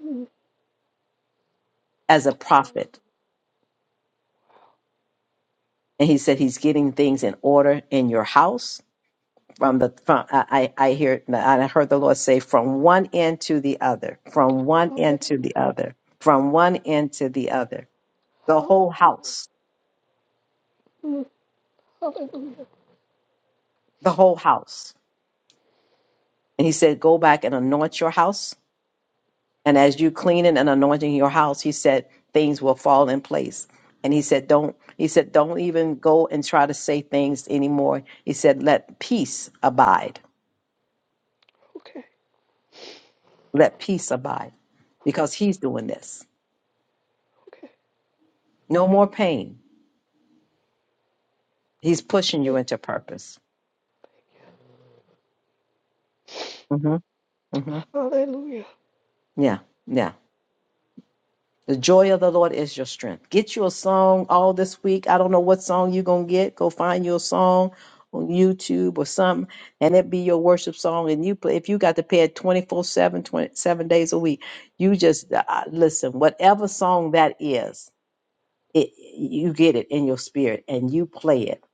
Speaker 4: mm.
Speaker 1: as a prophet. And he said he's getting things in order in your house from the from I, I I hear and I heard the Lord say from one end to the other, from one
Speaker 4: Hallelujah.
Speaker 1: end to the other, from one end to the other. The whole house.
Speaker 4: Hallelujah. Hallelujah.
Speaker 1: The whole house. And he said, Go back and anoint your house And as you cleaning and anointing your house, he said things will fall in place. And he said, don't, he said, don't even go and try to say things anymore. He said, let peace abide.
Speaker 4: Okay.
Speaker 1: Let peace abide
Speaker 4: Hallelujah.
Speaker 1: because he's doing this.
Speaker 4: Okay.
Speaker 1: No more pain. He's pushing
Speaker 4: Hey,
Speaker 1: you into purpose. hmm hmm
Speaker 4: Hallelujah.
Speaker 1: Yeah. Yeah. The joy of the Lord is your strength. Get you a song all this week. I don't know what song you're going to get. Go find you a song on YouTube or something, and it be your worship song. And you play, if you got to pay it 24 7, 27 days a week, you just uh, uh, listen, whatever song that is, it, you get it in your spirit and you play it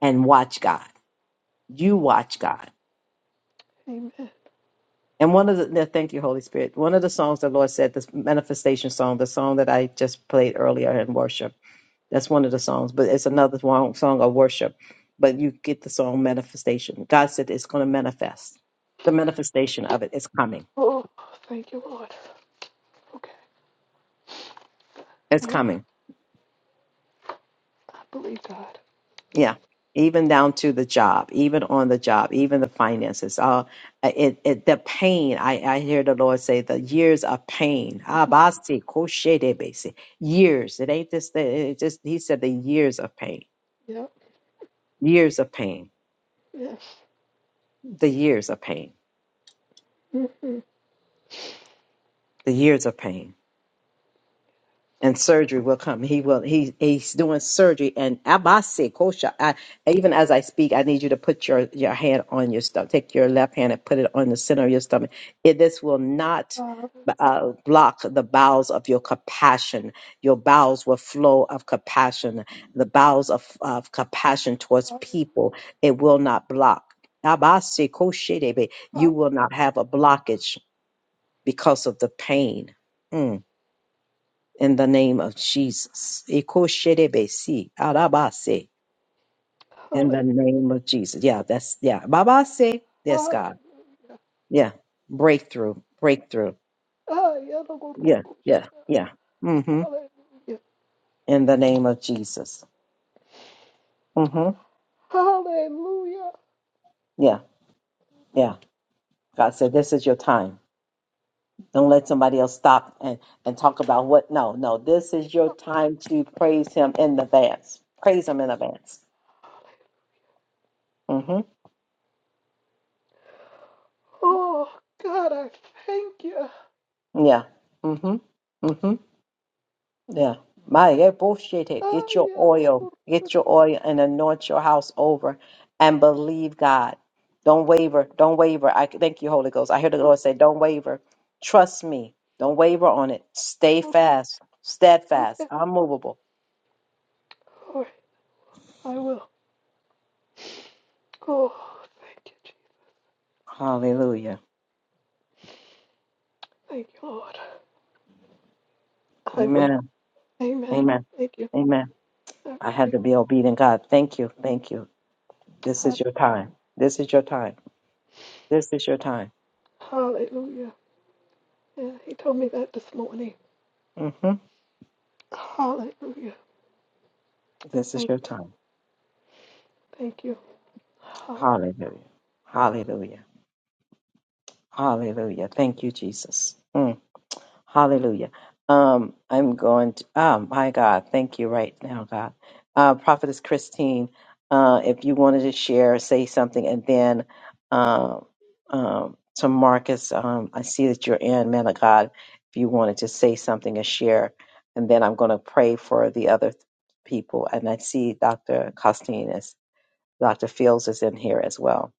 Speaker 1: and watch God. You watch God.
Speaker 4: Amen.
Speaker 1: And one of the, no, thank you, Holy Spirit. One of the songs the Lord said, this manifestation song, the song that I just played earlier in worship That's one of the songs, but it's another song, song of worship. But you get the song manifestation. God said it's going to manifest. The manifestation of it is coming.
Speaker 4: Oh, thank you, Lord. Okay.
Speaker 1: It's
Speaker 4: Well,
Speaker 1: coming.
Speaker 4: I believe God.
Speaker 1: Yeah. Even down to the job, even on the job, even the finances. Uh, it, it the pain. I, I hear the Lord say the years of pain. Abasi koshedebesi. Years. It ain't just. It just. He said the years of pain.
Speaker 4: Yep.
Speaker 1: Years of pain.
Speaker 4: Yes.
Speaker 1: The years of pain.
Speaker 4: Mm-hmm.
Speaker 1: The years of pain and surgery will come. He will. He he's doing surgery, and Abase Kosha. I, even as I speak, I need you to put your your hand on your stomach. Take your left hand and put it on the center of your stomach. It, this will not
Speaker 4: Hallelujah.
Speaker 1: uh, block the bowels of your compassion. Your bowels will flow of compassion. The bowels of, of compassion towards people. It will not block. Abase Kosha, baby.
Speaker 4: Hallelujah.
Speaker 1: You will not have a blockage because of the pain. Mm in the name of Jesus. Ikosherebesi, arabase, In
Speaker 4: Hallelujah.
Speaker 1: the name of Jesus. Yeah, that's yeah. Babase, yes,
Speaker 4: Hallelujah.
Speaker 1: God. Yeah. Breakthrough. Breakthrough. Yeah, yeah, yeah. Mm-hmm. In the name of Jesus. Mm-hmm.
Speaker 4: Hallelujah.
Speaker 1: Yeah, yeah. God said, This is your time. Don't let somebody else stop and, and talk about what no, no. This is your time to praise him in advance. Praise him in advance. Mm-hmm.
Speaker 4: Oh, God, I thank you.
Speaker 1: Yeah. Mm-hmm. Mm-hmm. Yeah. My yeah, bullshit it.
Speaker 4: Ah,
Speaker 1: Get your
Speaker 4: yeah.
Speaker 1: oil. Get your oil and anoint your house over and believe God. Don't waver. Don't waver. I thank you, Holy Ghost. I hear the
Speaker 4: Okay,
Speaker 1: Lord say, Don't waver. Trust me. Don't waver on it. Stay
Speaker 4: okay,
Speaker 1: fast,
Speaker 4: okay.
Speaker 1: steadfast, unmovable.
Speaker 4: All right, I will. Oh, thank you, Jesus.
Speaker 1: Hallelujah.
Speaker 4: Thank you, Lord. I will.
Speaker 1: Amen.
Speaker 4: Amen.
Speaker 1: Amen.
Speaker 4: Thank you.
Speaker 1: Amen.
Speaker 4: I
Speaker 1: I had to be obedient, God. Thank you. Thank you. This is your time. This is your time. This is your time.
Speaker 4: Hallelujah. Yeah, he told me that this morning.
Speaker 1: hmm
Speaker 4: Hallelujah.
Speaker 1: This is
Speaker 4: Thank
Speaker 1: your
Speaker 4: you.
Speaker 1: time.
Speaker 4: Thank you.
Speaker 1: Hallelujah. Hallelujah. Hallelujah. Thank you, Jesus. Mm. Hallelujah. Um, I'm going to, oh my God, thank you right now, God. Uh, Prophetess Christine, uh, if you wanted to share, say something, and then um, um, to Marcus, um, I see that you're in, man of God, if you wanted to say something or share, and then I'm going to pray for the other people. And I see Dr. Costin Dr. Fields is in here as well.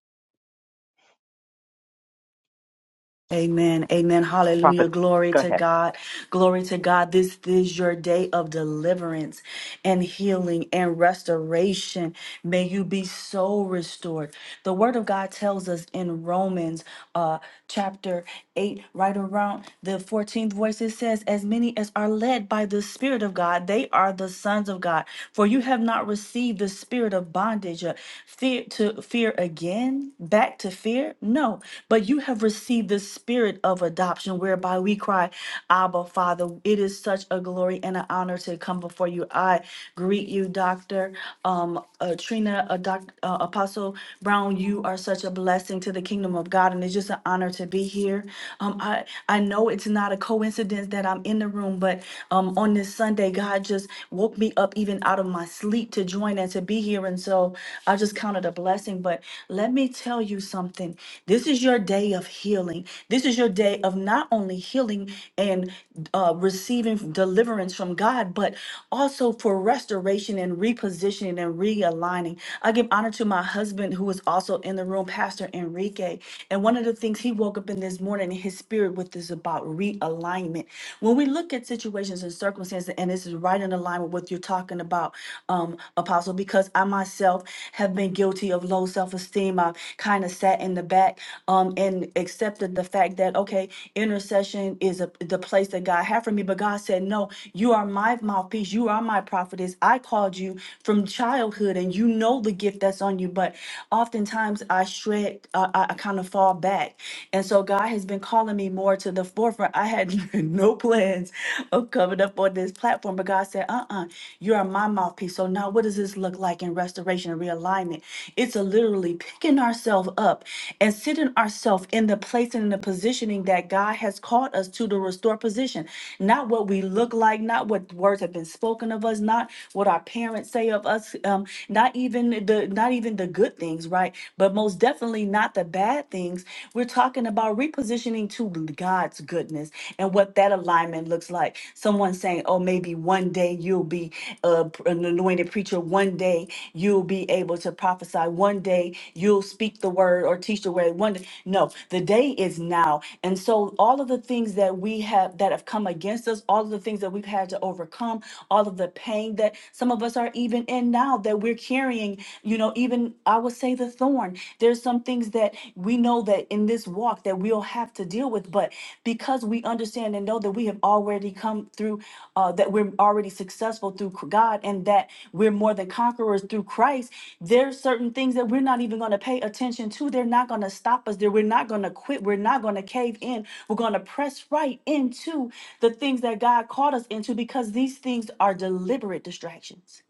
Speaker 5: Amen. Amen.
Speaker 1: Prophet,
Speaker 5: Hallelujah. Glory
Speaker 1: go
Speaker 5: to
Speaker 1: ahead.
Speaker 5: God. Glory to God. This is your day of deliverance and healing and restoration. May you be so restored. The word of God tells us in Romans uh chapter 8 right around the 14th verse it says as many as are led by the spirit of God they are the sons of God. For you have not received the spirit of bondage uh, fear to fear again again back to fear? No, but you have received the spirit of adoption whereby we cry, Abba, Father. It is such a glory and an honor to come before you. I greet you, Dr. Um, uh, Trina, uh, doc, uh, Apostle Brown. You are such a blessing to the kingdom of God, and it's just an honor to be here. Um, I, I know it's not a coincidence that I'm in the room, but um, on this Sunday, God just woke me up even out of my sleep to join and to to be here. And so I just count it a blessing. But let me tell you something. This is your day of healing. This is your day of not only healing and uh, receiving deliverance from God, but also for restoration and repositioning and realigning. I give honor to my husband, who is also in the room, Pastor Enrique. And one of the things he woke up in this morning, in his spirit with is about realignment. When we look at situations and circumstances, and this is is right in alignment with what you're talking about, um, Apostle, because I myself have been guilty of low self esteem. I've kind of sat in the back um, and accepted the fact that, okay, intercession is a, the place that God had for me. But God said, no, you are my mouthpiece. You are my prophetess. I called you from childhood and you know the gift that's on you. But oftentimes I shred, uh, I, I kind of fall back. And so God has been calling me more to the forefront. I have had no plans of coming up on this platform, but God said, uh uh you are my mouthpiece. So now what does this look like in restoration and realignment? It's a literally picking ourselves up and sitting ourselves in the place and in the positioning that God has called us to to restore position. Not what we look like, not what words have been spoken of us, not what our parents say of us, um, not even the not even the good things, right? But most definitely not the bad things we're talking about repositioning to God's goodness and what that alignment looks like. Someone saying, "Oh, maybe one day you'll be uh, an anointed preacher. One day you'll be able to prophesy. One day you'll speak the word or teach the word." One day, no, the day is now. And so, all of the things that we have that have come against us, all of the things that we've had to overcome, all of the pain that some of us are even in now that we're carrying, you know, even I would say the thorn. There's some things that we know that in this walk that we'll have to deal with, but because we understand and know that we have already come through, uh, that we're already successful through God and that we're more than conquerors through Christ, there's certain things that we're not even going to pay attention to. They're not going to stop us. There, we're not going to quit. We're not going to cave in. We're going to press right into the things that God called us into because these things are deliberate distractions.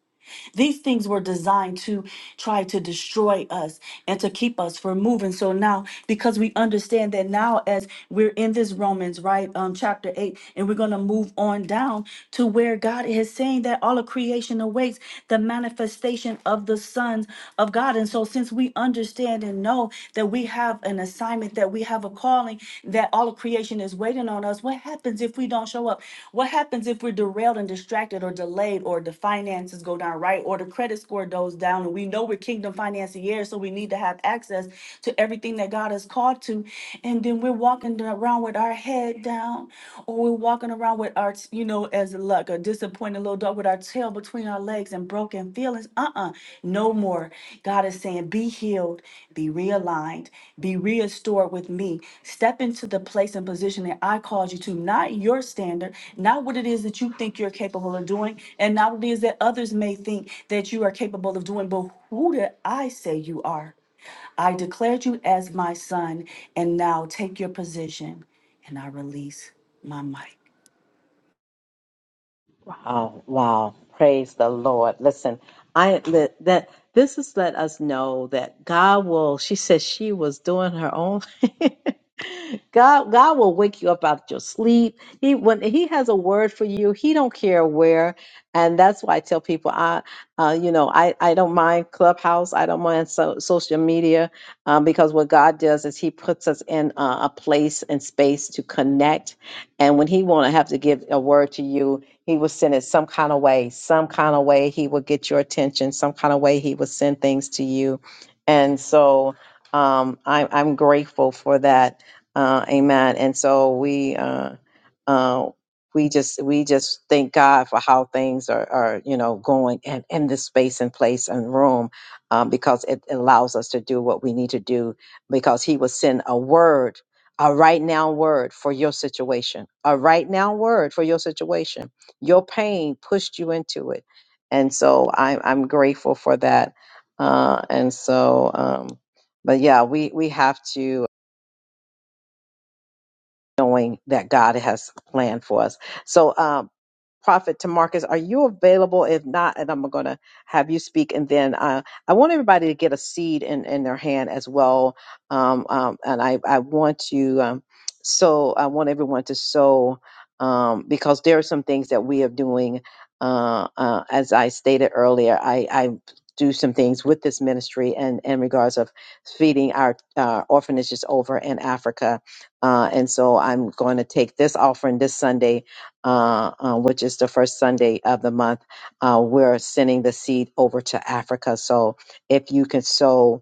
Speaker 5: These things were designed to try to destroy us and to keep us from moving. So now, because we understand that now, as we're in this Romans, right, um, chapter 8, and we're going to move on down to where God is saying that all of creation awaits the manifestation of the sons of God. And so, since we understand and know that we have an assignment that that we have a calling that all of creation is waiting on us. What happens if we don't show up? What happens if we're derailed and distracted or delayed or the finances go down right or the credit score goes down and we know we're kingdom financiers, so we need to have access to everything that God has called to. And then we're walking around with our head down or we're walking around with our, you know, as like a disability disappointed little dog with our tail between our legs and broken feelings. Uh uh No more. God is saying, be healed, be realigned, be restored with me. Step into the place and position that I called you to, not your standard, not what it is that you think you're capable of doing, and not what it is that others may think that you are capable of doing, but who did I say you are? I declared you as my son, and now take your position. And I release my mic.
Speaker 1: Wow, wow. Praise the Lord. Listen, I li- that this has let us know that God will, she says she was doing her own. God, God will wake you up out of your sleep. He when He has a word for you, He don't care where. And that's why I tell people, I, uh, you know, I, I don't mind Clubhouse, I don't mind so, social media, um, because what God does is He puts us in uh, a place and space to connect. And when He want to have to give a word to you, He will send it some kind of way, some kind of way He will get your attention, some kind of way He will send things to you. And so um, I, I'm grateful for that uh, amen. And so we uh, uh, we just we just thank God for how things are, are you know going and in in this space and place and room um, because it allows us to do what we need to do because He will send a word. A right now word for your situation. A right now word for your situation. Your pain pushed you into it, and so I'm I'm grateful for that. Uh, and so, um, but yeah, we we have to knowing that God has planned for us. So, um, Prophet Tamarcus, are you available? If not, and I'm going to have you speak, and then uh, I want everybody to get a seed in, in their hand as well. Um, um, and I, I want to um, sow. I want everyone to sow um, because there are some things that we are doing. Uh, uh, as I stated earlier, I, I do some things with this ministry and in regards of feeding our uh, orphanages over in Africa uh, and so I'm going to take this offering this Sunday, uh, uh, which is the first Sunday of the month. Uh, we're sending the seed over to Africa. So if you can sow,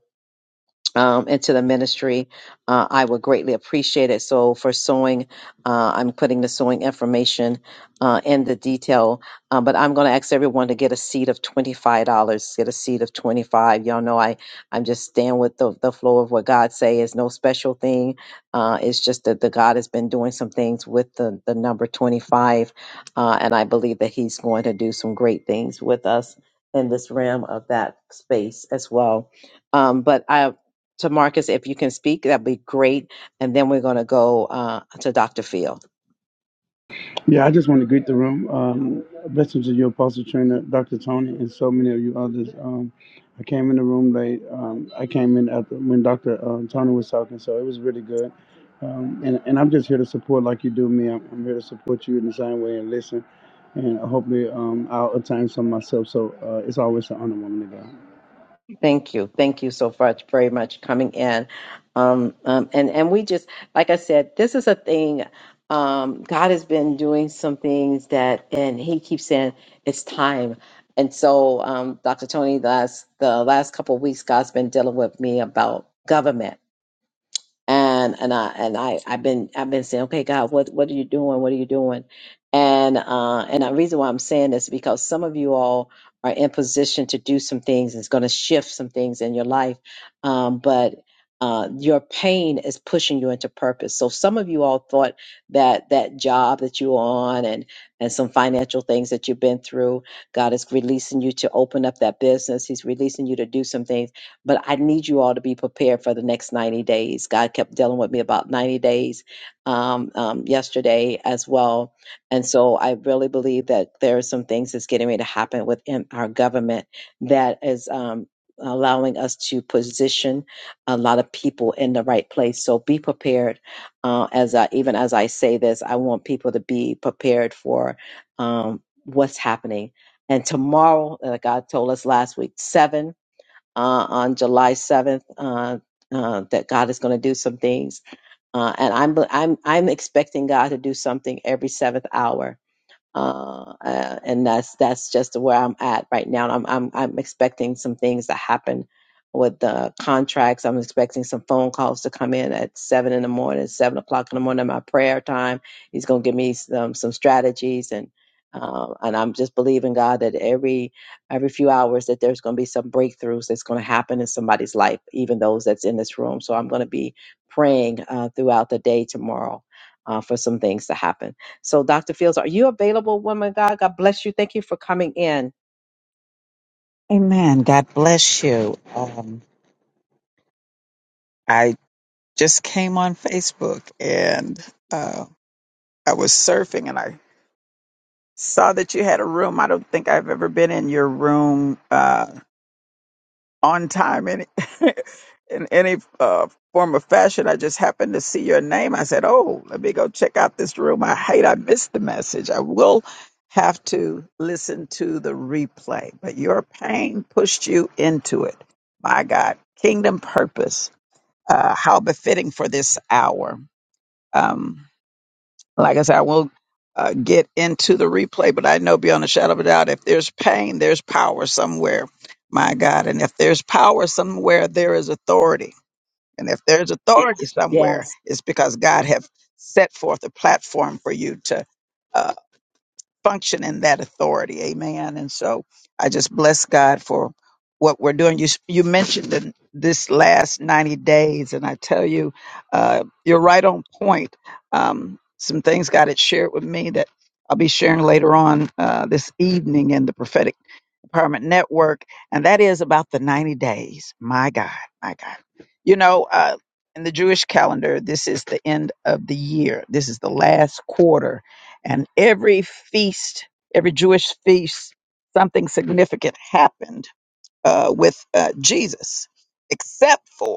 Speaker 1: um, into the ministry, uh, I would greatly appreciate it. So for sewing, uh, I'm putting the sewing information uh, in the detail, uh, but I'm going to ask everyone to get a seed of $25, get a seed of 25. Y'all know I, I'm just staying with the, the flow of what God say is no special thing. Uh, it's just that the God has been doing some things with the, the number 25. Uh, and I believe that he's going to do some great things with us in this realm of that space as well. Um, but I to Marcus, if you can speak, that'd be great. And then we're going to go uh, to Dr. Field.
Speaker 6: Yeah, I just want to greet the room. Um, blessings to your apostle trainer, Dr. Tony, and so many of you others. Um, I came in the room late. Um, I came in after when Dr. Um, Tony was talking, so it was really good. Um, and, and I'm just here to support like you do me. I'm, I'm here to support you in the same way and listen. And hopefully, um, I'll attain some myself. So uh, it's always an honor, woman of God.
Speaker 1: Thank you. Thank you so much, very much coming in. Um, um, and, and we just, like I said, this is a thing. Um, God has been doing some things that, and he keeps saying it's time. And so, um, Dr. Tony, last, the last couple of weeks, God's been dealing with me about government and and I and I I've been I've been saying, okay, God, what what are you doing? What are you doing? And uh, and the reason why I'm saying this is because some of you all are in position to do some things. and It's going to shift some things in your life, um, but. Uh, your pain is pushing you into purpose. So some of you all thought that that job that you're on and and some financial things that you've been through, God is releasing you to open up that business. He's releasing you to do some things but I need you all to be prepared for the next 90 days. God kept dealing with me about 90 days um, um, yesterday as well. And so I really believe that there are some things that's getting ready to happen within our government that is um, allowing us to position a lot of people in the right place. So be prepared. Uh, as I, even as I say this, I want people to be prepared for um, what's happening. And tomorrow, uh, God told us last week, seven uh, on July 7th uh, uh, that God is going to do some things, uh, and I'm I'm I'm expecting God to do something every seventh hour uh, uh, and that's that's just where I'm at right now. I'm I'm I'm expecting some things to happen with the contracts. I'm expecting some phone calls to come in at seven in the morning, seven o'clock in the morning. My prayer time. He's gonna give me some some strategies and. Uh, and I'm just believing God that every every few hours that there's going to be some breakthroughs that's going to happen in somebody's life, even those that's in this room. So I'm going to be praying uh, throughout the day tomorrow uh, for some things to happen. So, Dr. Fields, are you available, woman of God? God bless you. Thank you for coming in.
Speaker 7: Amen. God bless you. Um, I just came on Facebook and uh, I was surfing and I saw that you had a room. I don't think I've ever been in your room uh, on time in, in any uh, form or fashion. I just happened to see your name. I said, Oh, let me go check out this room. I hate I missed the message. I will have to listen to the replay, but your pain pushed you into it. My God, kingdom purpose. uh, how befitting for this hour. Um, like I said, I won't uh, get into the replay, but I know beyond a shadow of a doubt, if there's pain, there's power somewhere, my God. And if there's power somewhere, there is authority. And if there's authority
Speaker 1: Yes.
Speaker 7: somewhere, it's because God have set forth a platform for you to. uh, function in that authority. Amen. And so I just bless God for what we're doing. You you mentioned in this last 90 days, and I tell you, uh, you're right on point. Um, some things God had shared with me that I'll be sharing later on uh, this evening in the prophetic. Empowerment Network, and that is about the 90 days. My God, my God. You know, uh, in the Jewish calendar, this is the end of the year, this is the last quarter, and every feast, every Jewish feast, something significant happened uh, with uh, Jesus, except for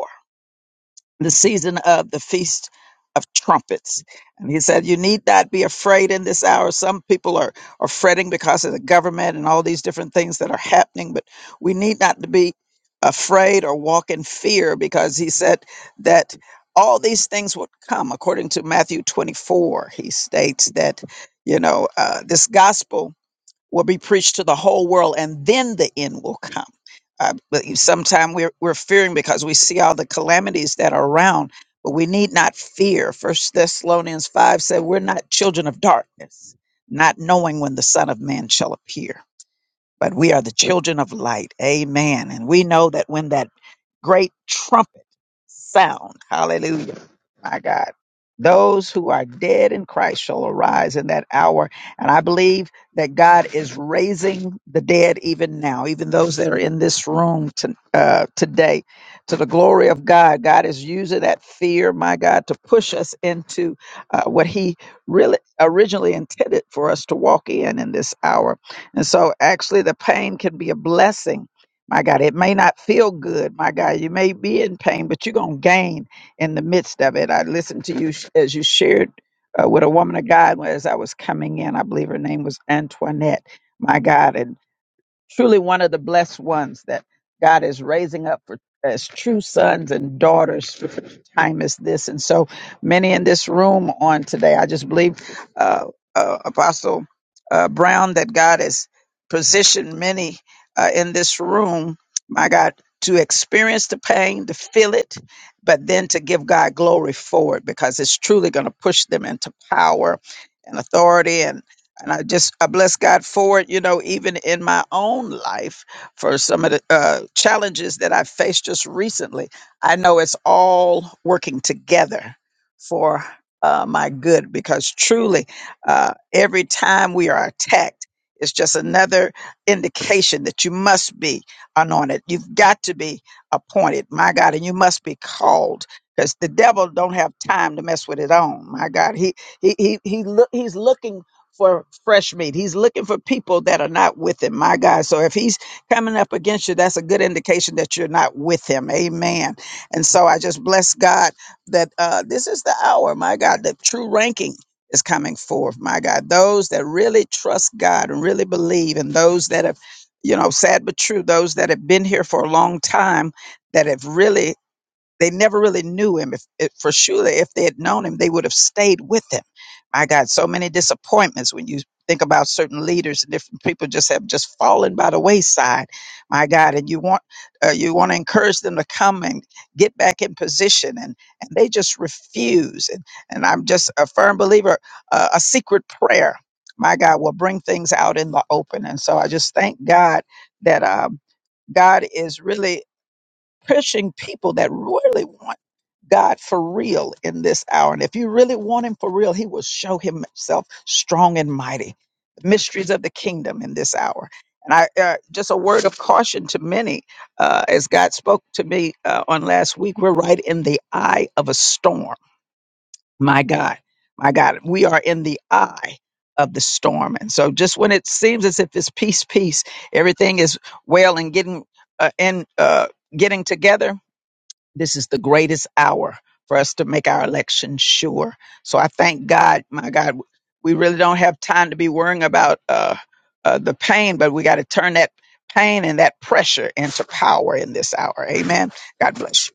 Speaker 7: the season of the Feast of Trumpets. And he said, You need not be afraid in this hour. Some people are, are fretting because of the government and all these different things that are happening, but we need not to be afraid or walk in fear because he said that all these things would come. According to Matthew 24, he states that, you know, uh, this gospel will be preached to the whole world and then the end will come. Uh, but sometimes we're, we're fearing because we see all the calamities that are around, but we need not fear. First Thessalonians 5 said, We're not children of darkness, not knowing when the Son of Man shall appear, but we are the children of light. Amen. And we know that when that great trumpet sound. Hallelujah. My God. Those who are dead in Christ shall arise in that hour. And I believe that God is raising the dead even now, even those that are in this room to, uh, today, to the glory of God. God is using that fear, my God, to push us into uh, what He really originally intended for us to walk in in this hour. And so, actually, the pain can be a blessing my God, it may not feel good. My God, you may be in pain, but you're going to gain in the midst of it. I listened to you sh- as you shared uh, with a woman of God as I was coming in. I believe her name was Antoinette. My God. and truly one of the blessed ones that God is raising up for as true sons and daughters for such a time as this. And so many in this room on today, I just believe, uh, uh, Apostle uh, Brown, that God has positioned many uh, in this room, my God, to experience the pain, to feel it, but then to give God glory for it because it's truly going to push them into power and authority and I just I bless God for it. You know, even in my own life, for some of the uh, challenges that I faced just recently, I know it's all working together for uh, my good because truly, uh, every time we are attacked. It's just another indication that you must be anointed. You've got to be appointed, my God, and you must be called because the devil don't have time to mess with his own. My God, he he he, he look he's looking for fresh meat. He's looking for people that are not with him, my God. So if he's coming up against you, that's a good indication that you're not with him. Amen. And so I just bless God that uh, this is the hour, my God, that true ranking is coming forth, my God. Those that really trust God and really believe, and those that have, you know, sad but true, those that have been here for a long time that have really they never really knew him. If, if for sure, if they had known him, they would have stayed with him. My God, so many disappointments when you think about certain leaders and different people just have just fallen by the wayside. My God, and you want uh, you want to encourage them to come and get back in position, and and they just refuse. And and I'm just a firm believer. Uh, a secret prayer, my God, will bring things out in the open. And so I just thank God that. Um, God is really pushing people that really want God for real in this hour. And if you really want Him for real, He will show Himself strong and mighty. The mysteries of the kingdom in this hour. And I uh, just a word of caution to many, uh, as God spoke to me uh, on last week, we're right in the eye of a storm. My God, my God, we are in the eye of the storm. And so, just when it seems as if it's peace, peace, everything is well and getting uh, in uh, getting together, this is the greatest hour for us to make our election sure. So I thank God, my God, we really don't have time to be worrying about uh, uh, the pain, but we got to turn that pain and that pressure into power in this hour. Amen. God bless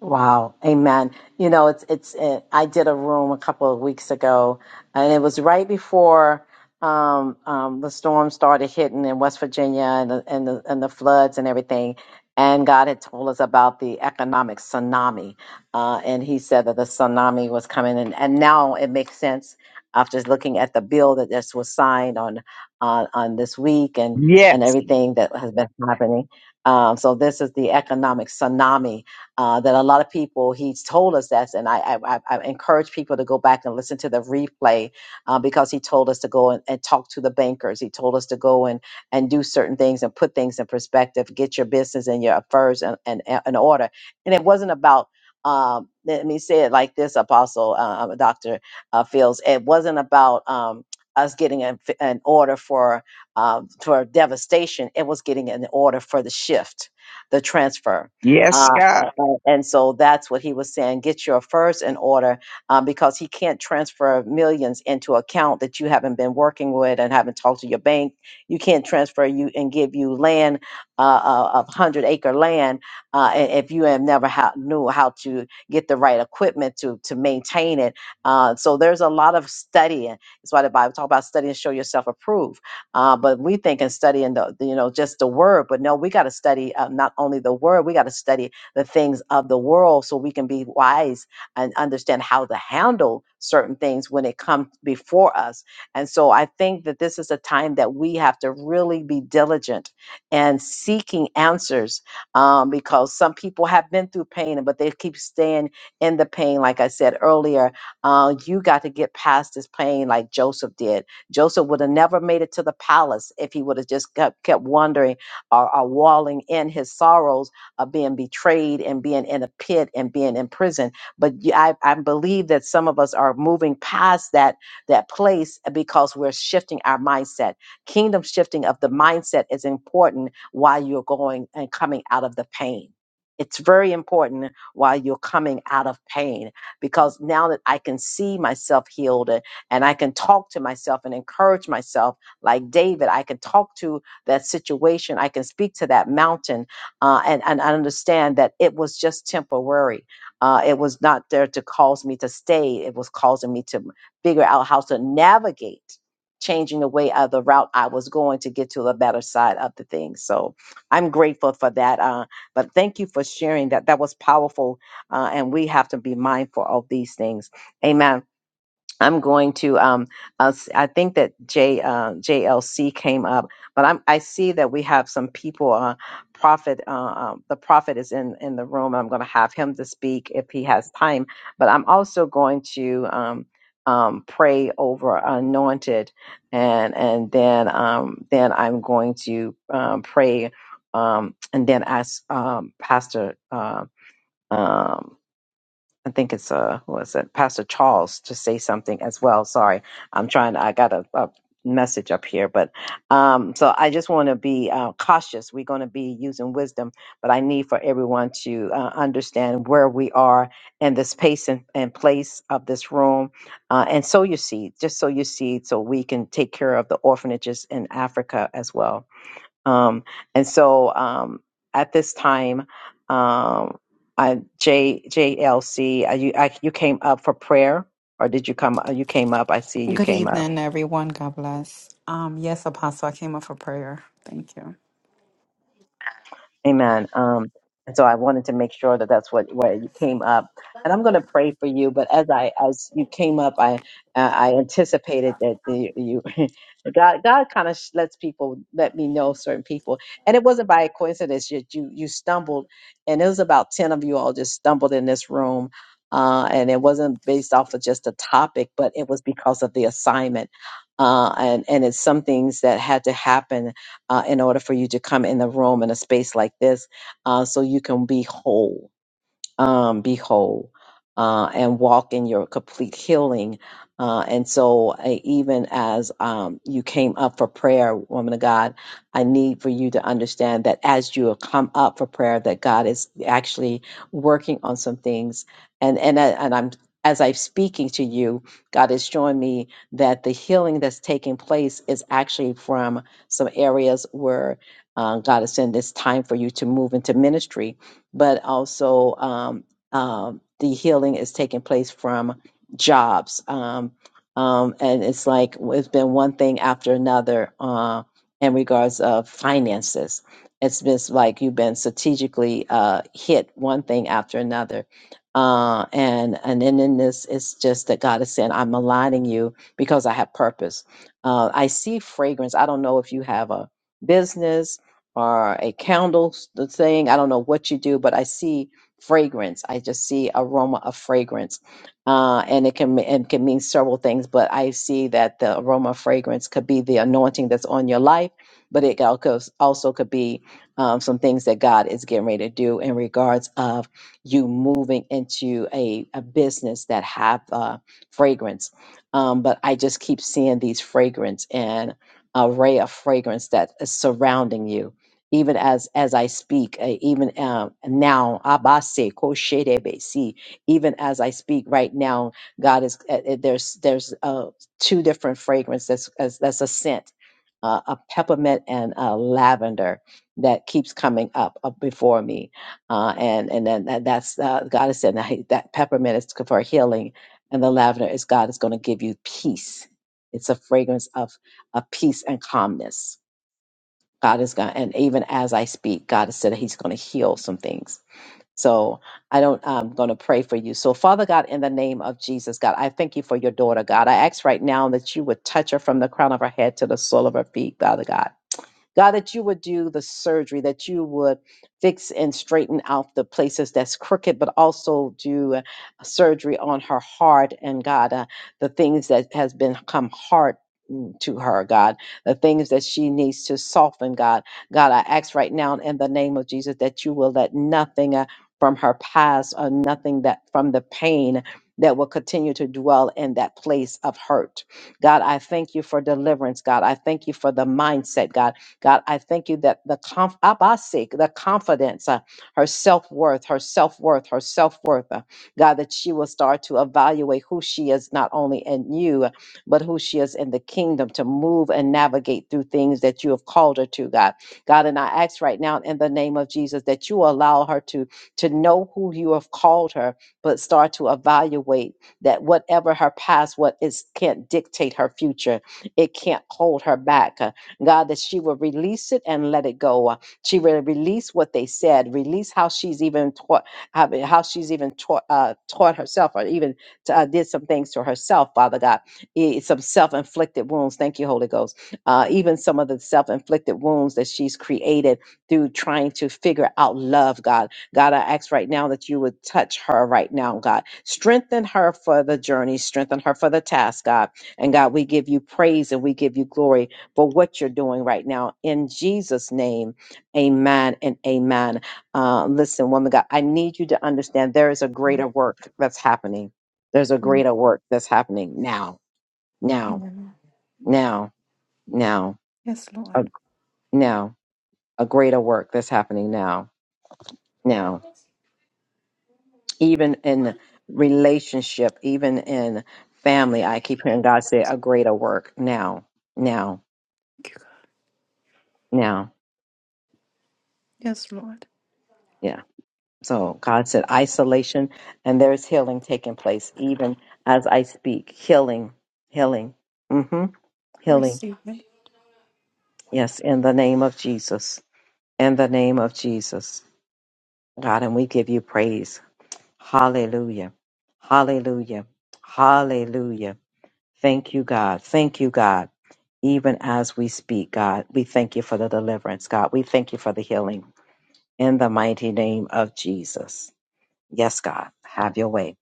Speaker 1: Wow, amen. You know, it's it's it, I did a room a couple of weeks ago, and it was right before um, um, the storm started hitting in West Virginia and the, and the and the floods and everything. And God had told us about the economic tsunami, uh, and He said that the tsunami was coming, and and now it makes sense after looking at the bill that this was signed on on on this week and
Speaker 7: you.
Speaker 1: and
Speaker 7: Yes.
Speaker 1: everything that has been happening. Um, so this is the economic tsunami uh, that a lot of people he's told us that and I, I i I encourage people to go back and listen to the replay uh, because he told us to go and, and talk to the bankers he told us to go and and do certain things and put things in perspective get your business and your affairs in, in, in order and it wasn't about um, let me say it like this apostle uh, dr uh, fields it wasn't about um, us getting an, an order for um, for devastation it was getting an order for the shift the transfer
Speaker 7: Yes,
Speaker 1: uh, a-
Speaker 7: God.
Speaker 1: a- and so that's what he was saying. Get your first in order uh, because he can't transfer millions into account that you haven't been working with and haven't talked to your bank. You can't transfer you and give you land, uh, uh, of hundred acre land, uh, a- if you have never ha- knew how to get the right equipment to to maintain it. Uh, so there's a lot of studying. That's why the Bible talk about studying, show yourself approved uh, but we think and study in the, the, you know, just the word. But no, we got to study uh, not only the word, we got to study the things of the world so we can be wise and understand how to handle certain things when it comes before us. And so I think that this is a time that we have to really be diligent and seeking answers um, because some people have been through pain, but they keep staying in the pain. Like I said earlier, uh, you got to get past this pain like Joseph did Joseph would have never made it to the palace if he would have just kept, kept wandering or, or walling in his sorrows of being betrayed and being in a pit and being in prison. But y- I, I believe that some of us are moving past that that place because we're shifting our mindset. Kingdom shifting of the mindset is important while you're going and coming out of the pain. It's very important while you're coming out of pain because now that I can see myself healed and I can talk to myself and encourage myself like David. I can talk to that situation. I can speak to that mountain uh, and, and I understand that it was just temporary. Uh, it was not there to cause me to stay. It was causing me to figure out how to navigate changing the way of the route I was going to get to the better side of the thing. So I'm grateful for that. Uh, but thank you for sharing that. That was powerful. Uh, and we have to be mindful of these things. Amen. I'm going to um uh, s- I think that J uh, JLC came up, but I'm I see that we have some people uh prophet uh, um, the prophet is in in the room. I'm going to have him to speak if he has time, but I'm also going to um um pray over anointed and and then um then I'm going to um pray um and then ask um pastor Uh, um I think it's uh was it Pastor Charles to say something as well. Sorry, I'm trying. I got a, a message up here, but um, so I just want to be uh, cautious. We're going to be using wisdom, but I need for everyone to uh, understand where we are and the space and, and place of this room, uh, and sow your seed. Just sow your seed so we can take care of the orphanages in Africa as well um, and so um, at this time, um, I, J JLC, uh, you I, you came up for prayer, or did you come? You came up. I see you
Speaker 8: Good
Speaker 1: came up.
Speaker 8: evening, everyone. God bless. Um, yes, Apostle, I came up for prayer. Thank you.
Speaker 1: Amen. Um, and so I wanted to make sure that that's what where you came up, and I'm going to pray for you. But as I as you came up, I uh, I anticipated that the, you God God kind of lets people let me know certain people, and it wasn't by coincidence that you you stumbled, and it was about ten of you all just stumbled in this room. Uh, and it wasn't based off of just a topic, but it was because of the assignment, uh, and and it's some things that had to happen uh, in order for you to come in the room in a space like this uh, so you can be whole um, be whole uh, and walk in your complete healing. Uh, and so, uh, even as um, you came up for prayer, woman of God, I need for you to understand that as you have come up for prayer, that God is actually working on some things. And and I- and I'm as I'm speaking to you, God is showing me that the healing that's taking place is actually from some areas where uh, God is saying it's time for you to move into ministry but also um, um, the healing is taking place from jobs. Um, um, and it's like it's been one thing after another uh, in regards of finances. It's been like you've been strategically uh, hit one thing after another. Uh, and and then in this, it's just that God is saying, "I'm aligning you because I have purpose." Uh, I see fragrance. I don't know if you have a business or a candle s- the thing. I don't know what you do, but I see fragrance. I just see aroma of fragrance, uh, and it can and can mean several things. But I see that the aroma of fragrance could be the anointing that's on your life, but it al- goes- also could be um, some things that God is getting ready to do in regards of you moving into a, a business that have uh, fragrance. Um, but I just keep seeing these fragrance and array of fragrance that is surrounding you even as as I speak, uh, even um, now, abase kosherebesi, even as I speak right now, God is uh, uh, there's there's uh, two different fragrances that's as- that's a scent, uh, a peppermint and a lavender that keeps coming up, up before me, uh, and and then that, that's uh, God is saying that, he- that peppermint is for healing, and the lavender is God is going to give you peace. It's a fragrance of, a peace and calmness God is going, and even as I speak, God has said that He's going to heal some things. So I don't, I'm going to pray for you. So Father God, in the name of Jesus, God, I thank you for your daughter, God. I ask right now that you would touch her from the crown of her head to the sole of her feet, Father God. God, that you would do the surgery, that you would fix and straighten out the places that's crooked, but also do uh, surgery on her heart and God, uh, the things that has been- become hard mm, to her, God, the things that she needs to soften, God. God, I ask right now in the name of Jesus that you will let nothing uh, from her past or nothing that from the pain that will continue to dwell in that place of hurt. God, I thank you for deliverance, God. I thank you for the mindset, God. God, I thank you that the conf- abasik, the confidence, uh, her self-worth, her self-worth, her self-worth, uh, God, that she will start to evaluate who she is not only in you, but who she is in the kingdom to move and navigate through things that you have called her to, God. God, and I ask right now in the name of Jesus that you allow her to to know who you have called her, but start to evaluate that whatever her past, what is can't dictate her future. It can't hold her back. Uh, God, that she will release it and let it go. Uh, She will release what they said, release how she's even taught, how how she's even taught, uh, taught herself, or even uh, did some things to herself, Father God eh, some self-inflicted wounds thank you holy ghost uh, even some of the self-inflicted wounds that she's created through trying to figure out love god god i ask right now that you would touch her right now god strengthen her for the journey strengthen her for the task god and god we give you praise and we give you glory for what you're doing right now in jesus name amen and amen uh, listen woman god i need you to understand there is a greater work that's happening there's a
Speaker 8: Amen.
Speaker 1: greater work that's happening now now,
Speaker 8: Amen.
Speaker 1: now, now,
Speaker 8: Yes, Lord.
Speaker 1: a, now, a greater work that's happening now, now, even in relationship, even in family. I keep hearing God say, a greater work now, now, now.
Speaker 8: Yes, Lord.
Speaker 1: Yeah. So God said, isolation, and there's healing taking place, even as I speak. Healing, healing, hmm
Speaker 8: I
Speaker 1: healing.
Speaker 8: receive it.
Speaker 1: Yes, in the name of Jesus. In the name of Jesus, God, and we give you praise. Hallelujah. Hallelujah. Hallelujah. Thank you, God. Thank you, God. Even as we speak, God, we thank you for the deliverance, God. We thank you for the healing in the mighty name of Jesus. Yes, God, have your way.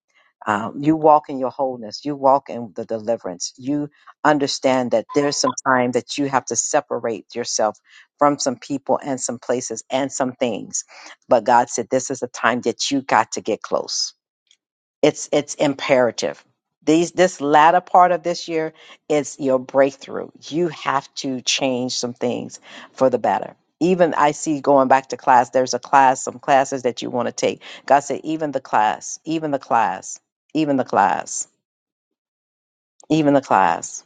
Speaker 1: Um, you walk in your wholeness. You walk in the deliverance. You understand that there's some time that you have to separate yourself from some people and some places and some things. But God said, This is the time that you got to get close it's it's imperative. These this latter part of this year is your breakthrough. You have to change some things for the better. Even I see going back to class, there's a class, some classes that you want to take. God said, even the class, even the class, even the class, even the class.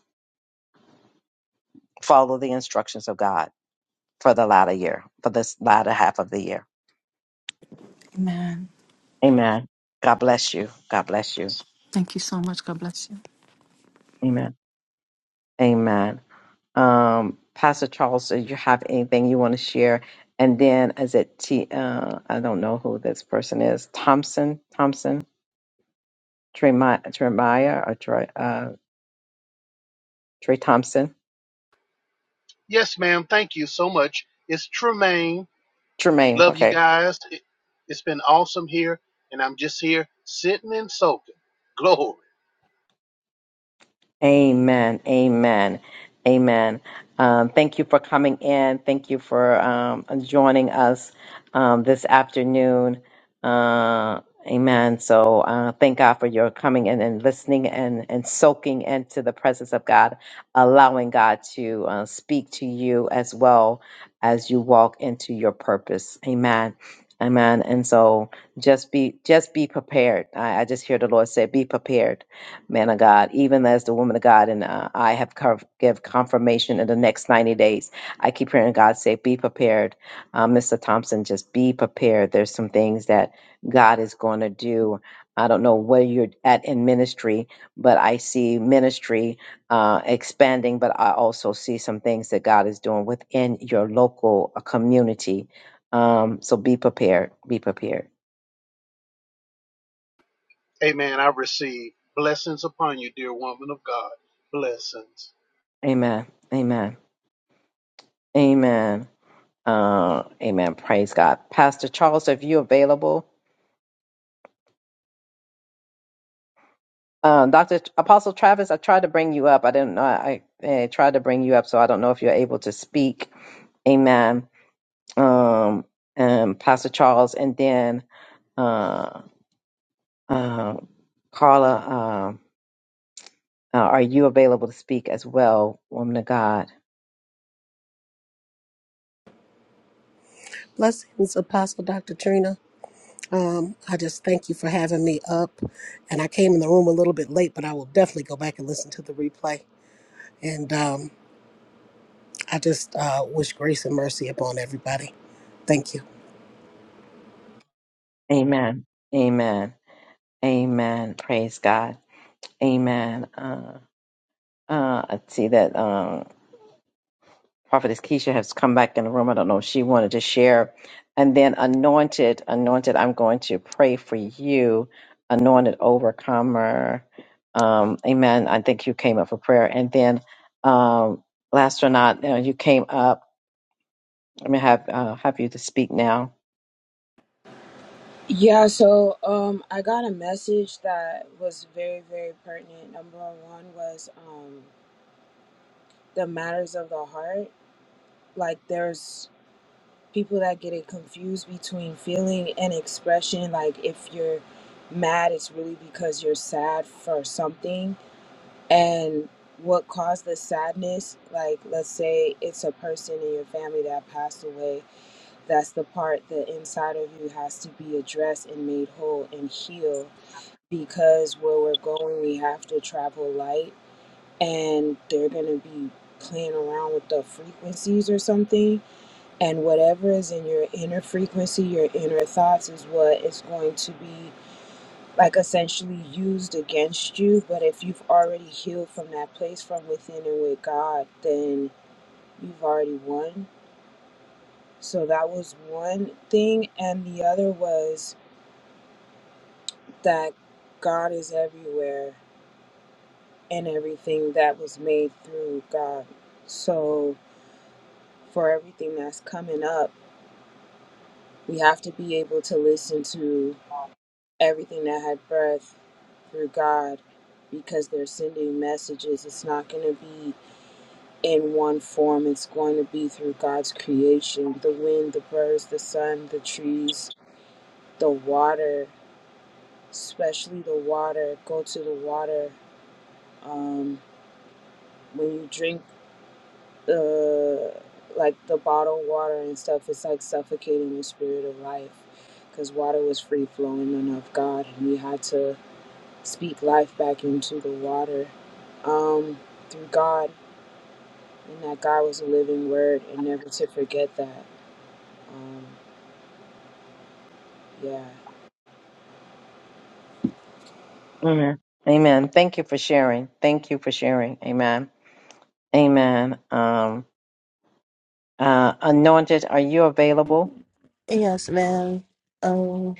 Speaker 1: Follow the instructions of God for the latter year, for this latter half of the year.
Speaker 8: Amen.
Speaker 1: Amen. God bless you. God bless you.
Speaker 8: Thank you so much. God bless you.
Speaker 1: Amen. Amen. Um, Pastor Charles, do you have anything you want to share? And then is it T? Uh, I don't know who this person is. Thompson, Thompson, Tremaya, Tremaya, or Trey, uh, Trey Thompson,
Speaker 9: Yes, ma'am. Thank you so much. It's Tremaine.
Speaker 1: Tremaine.
Speaker 9: Love you
Speaker 1: Okay.
Speaker 9: guys. It, has been awesome here, and I'm just here sitting and soaking. Glory.
Speaker 1: Amen. Amen. Amen. Um, thank you for coming in. Thank you for um, joining us um, this afternoon. Uh, amen. So uh, thank God for your coming in and listening and, and soaking into the presence of God, allowing God to uh, speak to you as well as you walk into your purpose. Amen. Amen. And so just be just be prepared. I, I just hear the Lord say, be prepared man of God, even as the woman of God, and uh, I have co- give confirmation in the next 90 days. I keep hearing God say, Be prepared. Uh, Mr. Thompson, just be prepared. There's some things that God is going to do. I don't know where you're at in ministry, but I see ministry uh, expanding, but I also see some things that God is doing within your local uh, community. Um, so be prepared. Be prepared.
Speaker 9: Amen. I receive blessings upon you, dear woman of God. Blessings.
Speaker 1: Amen. Amen. Amen. Uh, amen. Praise God. Pastor Charles, are you available? Um, Dr. Apostle Travis, I tried to bring you up. I didn't know. I, I tried to bring you up, so I don't know if you're able to speak. Amen. Um, and Pastor Charles, and then uh, uh, Carla, um, uh, are you available to speak as well, woman of God?
Speaker 10: Blessings, Apostle Dr. Trina. Um, I just thank you for having me up. And I came in the room a little bit late, but I will definitely go back and listen to the replay. And um, I just uh, wish grace and mercy upon everybody. Thank you.
Speaker 1: Amen. Amen. Amen. Praise God. Amen. Uh, uh, I see that. Um. Prophetess Keisha has come back in the room. I don't know if she wanted to share. And then anointed, anointed, I'm going to pray for you, anointed overcomer. Um, amen. I think you came up for prayer. And then um, last or not, uh, you came up. I'm going to have, uh, have you to speak now.
Speaker 11: Yeah, so um, I got a message that was very, very pertinent. Number one was um, the matters of the heart. Like, there's people that get it confused between feeling and expression. Like, if you're mad, it's really because you're sad for something. And what caused the sadness, like, let's say it's a person in your family that passed away, that's the part that inside of you has to be addressed and made whole and healed because where we're going, we have to travel light, and they're going to be playing around with the frequencies or something. And whatever is in your inner frequency, your inner thoughts, is what is going to be like essentially used against you. But if you've already healed from that place from within and with God, then you've already won. So that was one thing. And the other was that God is everywhere and everything that was made through God. So, for everything that's coming up, we have to be able to listen to everything that had breath through God because they're sending messages. It's not going to be in one form, it's going to be through God's creation the wind, the birds, the sun, the trees, the water, especially the water. Go to the water. Um, when you drink the like the bottled water and stuff it's like suffocating the spirit of life because water was free flowing and of god and we had to speak life back into the water um, through god and that god was a living word and never to forget that um, yeah
Speaker 1: Amen. Amen. Thank you for sharing. Thank you for sharing. Amen. Amen. Um, uh, anointed, are you available?
Speaker 12: Yes, ma'am. Um,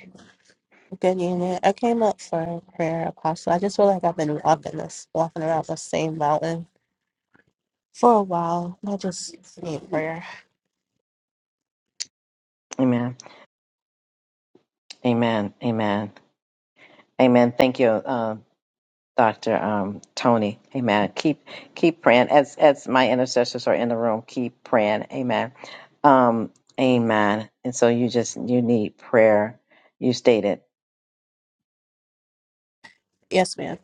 Speaker 12: good evening. I came up for prayer, Apostle. I just feel like I've been walking this, walking around the same mountain for a while. I just need prayer.
Speaker 1: Amen. Amen. Amen. Amen. Thank you. uh, Dr. Um, Tony. Amen. Keep keep praying. As as my intercessors are in the room, keep praying. Amen. Um, amen. And so you just you need prayer. You stated.
Speaker 12: Yes, ma'am.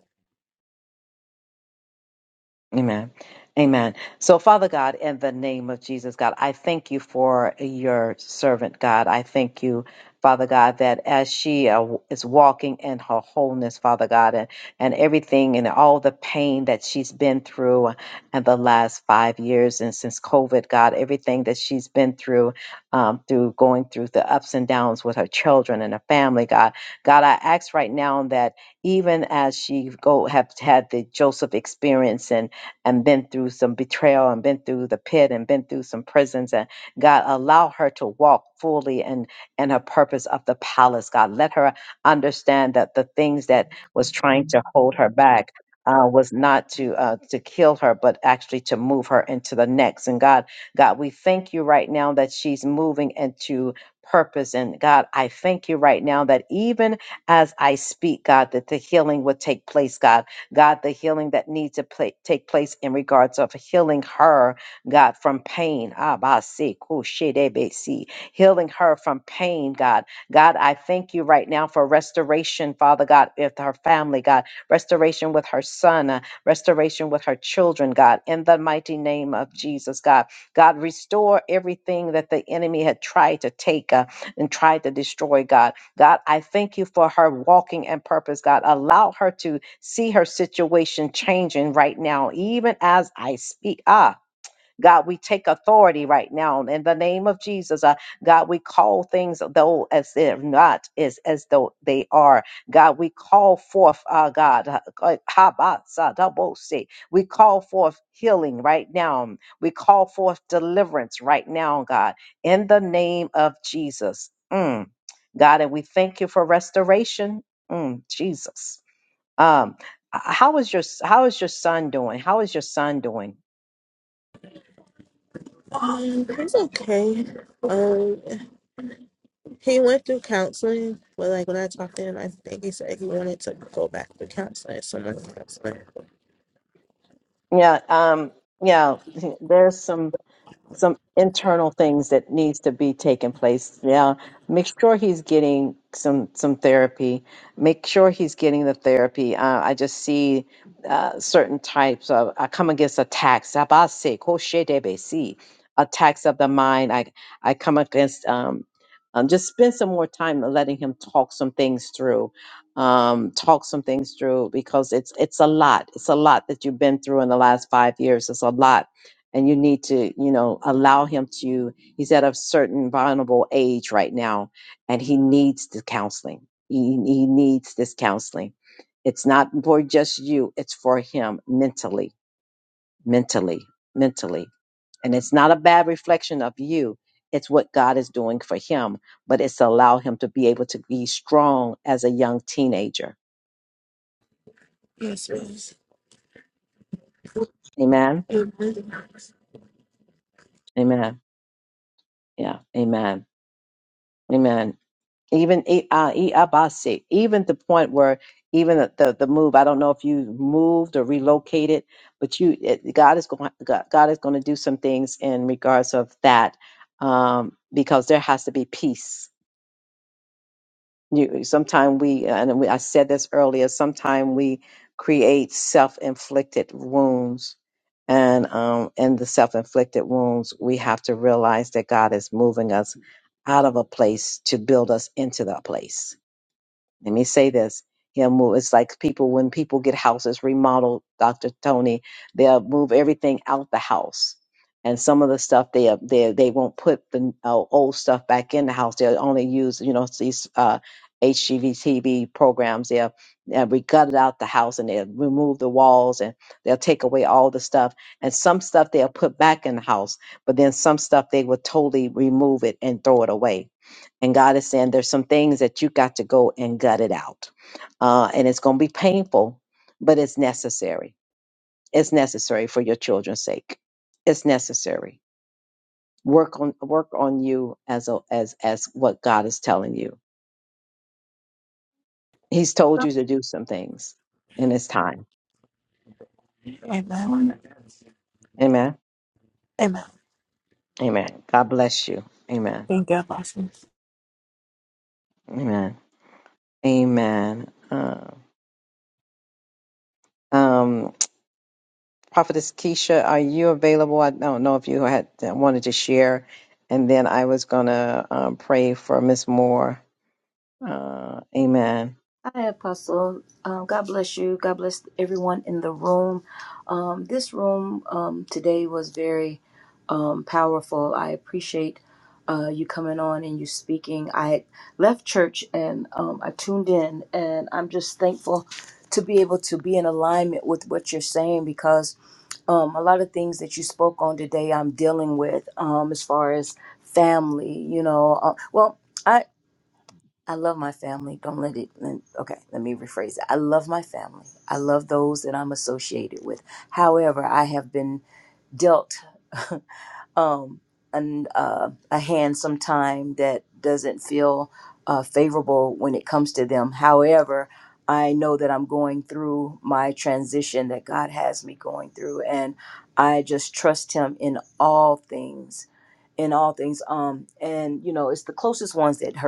Speaker 1: Amen. Amen. So, Father God, in the name of Jesus, God, I thank you for your servant, God. I thank you, Father God, that as she uh, is walking in her wholeness, Father God, and, and everything and all the pain that she's been through in the last five years and since COVID, God, everything that she's been through, um, through going through the ups and downs with her children and her family, God. God, I ask right now that even as she go have had the Joseph experience and and been through some betrayal and been through the pit and been through some prisons and God allow her to walk fully in in her purpose of the palace God let her understand that the things that was trying to hold her back uh, was not to uh, to kill her but actually to move her into the next and God God we thank you right now that she's moving into purpose and God I thank you right now that even as I speak God that the healing would take place God God, the healing that needs to pla take place in regards of healing her, God, from pain. Ah, ba, si, ku, shi, de, be, si. Healing her from pain, God. God, I thank you right now for restoration, Father God, with her family, God. Restoration with her son, uh, restoration with her children, God. In the mighty name of Jesus, God. God, restore everything that the enemy had tried to take uh, and tried to destroy, God. God, I thank you for her walking in purpose, God. Allow her to see her situation changing right now, even as I speak. Ah, God, we take authority right now in the name of Jesus. Uh, God, we call things though as if not is as though they are. God, we call forth, uh, God, uh, uh, Habasadabose. we call forth healing right now. We call forth deliverance right now, God, in the name of Jesus. Mm. God, and we thank you for restoration. Mm, Jesus. Um, how is your how is your son doing? How is your son doing?
Speaker 12: Um, he's okay. Um, he went through counseling, but like when I talked to him, I think he said he wanted to go back to counseling. Someone counseling.
Speaker 1: Yeah, um, yeah. There's some. some internal things that needs to be taking place. Now, make sure he's getting some some therapy. Make sure he's getting the therapy. Uh, I just see uh, certain types of I come against attacks. Abase, koshedebesi, Attacks of the mind. I I come against. Um, um, just spend some more time letting him talk some things through um talk some things through because it's it's a lot it's a lot that you've been through in the last five years it's a lot and you need to you know allow him to he's at a certain vulnerable age right now and he needs the counseling he, he needs this counseling it's not for just you it's for him mentally mentally mentally and it's not a bad reflection of you it's what god is doing for him but it's allow him to be able to be strong as a young teenager
Speaker 12: Yes, please.
Speaker 1: amen
Speaker 12: Amen.
Speaker 1: amen yeah amen amen even E- uh, Iabasi, even the point where even the, the the move. I don't know if you moved or relocated, but you it, God is going God, God is going to do some things in regards of that um, because there has to be peace. You sometimes we and we, I said this earlier. Sometimes we create self inflicted wounds. And um, in the self-inflicted wounds, we have to realize that God is moving us out of a place to build us into that place let me say this he'll move it's like people when people get houses remodeled dr tony they'll move everything out the house and some of the stuff they they they won't put the uh, old stuff back in the house they'll only use you know these uh hgvtv programs they'll they'll re- gut it out the house and they'll remove the walls and they'll take away all the stuff and some stuff they'll put back in the house but then some stuff they will totally remove it and throw it away and God is saying there's some things that you got to go and gut it out. Uh, and it's going to be painful, but it's necessary. It's necessary for your children's sake. It's necessary. Work on work on you as a, as as what God is telling you. He's told you to do some things, and it's time.
Speaker 12: Amen.
Speaker 1: Amen.
Speaker 12: Amen.
Speaker 1: Amen. God bless you. Amen.
Speaker 12: Thank you, Apostle.
Speaker 1: Amen. Amen. Uh, um, Prophetess Keisha, are you available? I don't know if you had wanted to share, and then I was gonna um, pray for Miss Moore. Uh, amen.
Speaker 13: Hi, Apostle. Um, God bless you. God bless everyone in the room. Um, this room um, today was very um, powerful. I appreciate uh, you coming on and you speaking. I had left church and um, I tuned in, and I'm just thankful to be able to be in alignment with what you're saying because um, a lot of things that you spoke on today I'm dealing with um, as far as family, you know. Uh, well, I love my family. Don't let it. Let, okay, let me rephrase it. I love my family. I love those that I'm associated with. However, I have been dealt um, an, uh, a hand sometime that doesn't feel uh, favorable when it comes to them. However, I know that I'm going through my transition that God has me going through, and I just trust Him in all things. In all things, um, and you know, it's the closest ones that hurt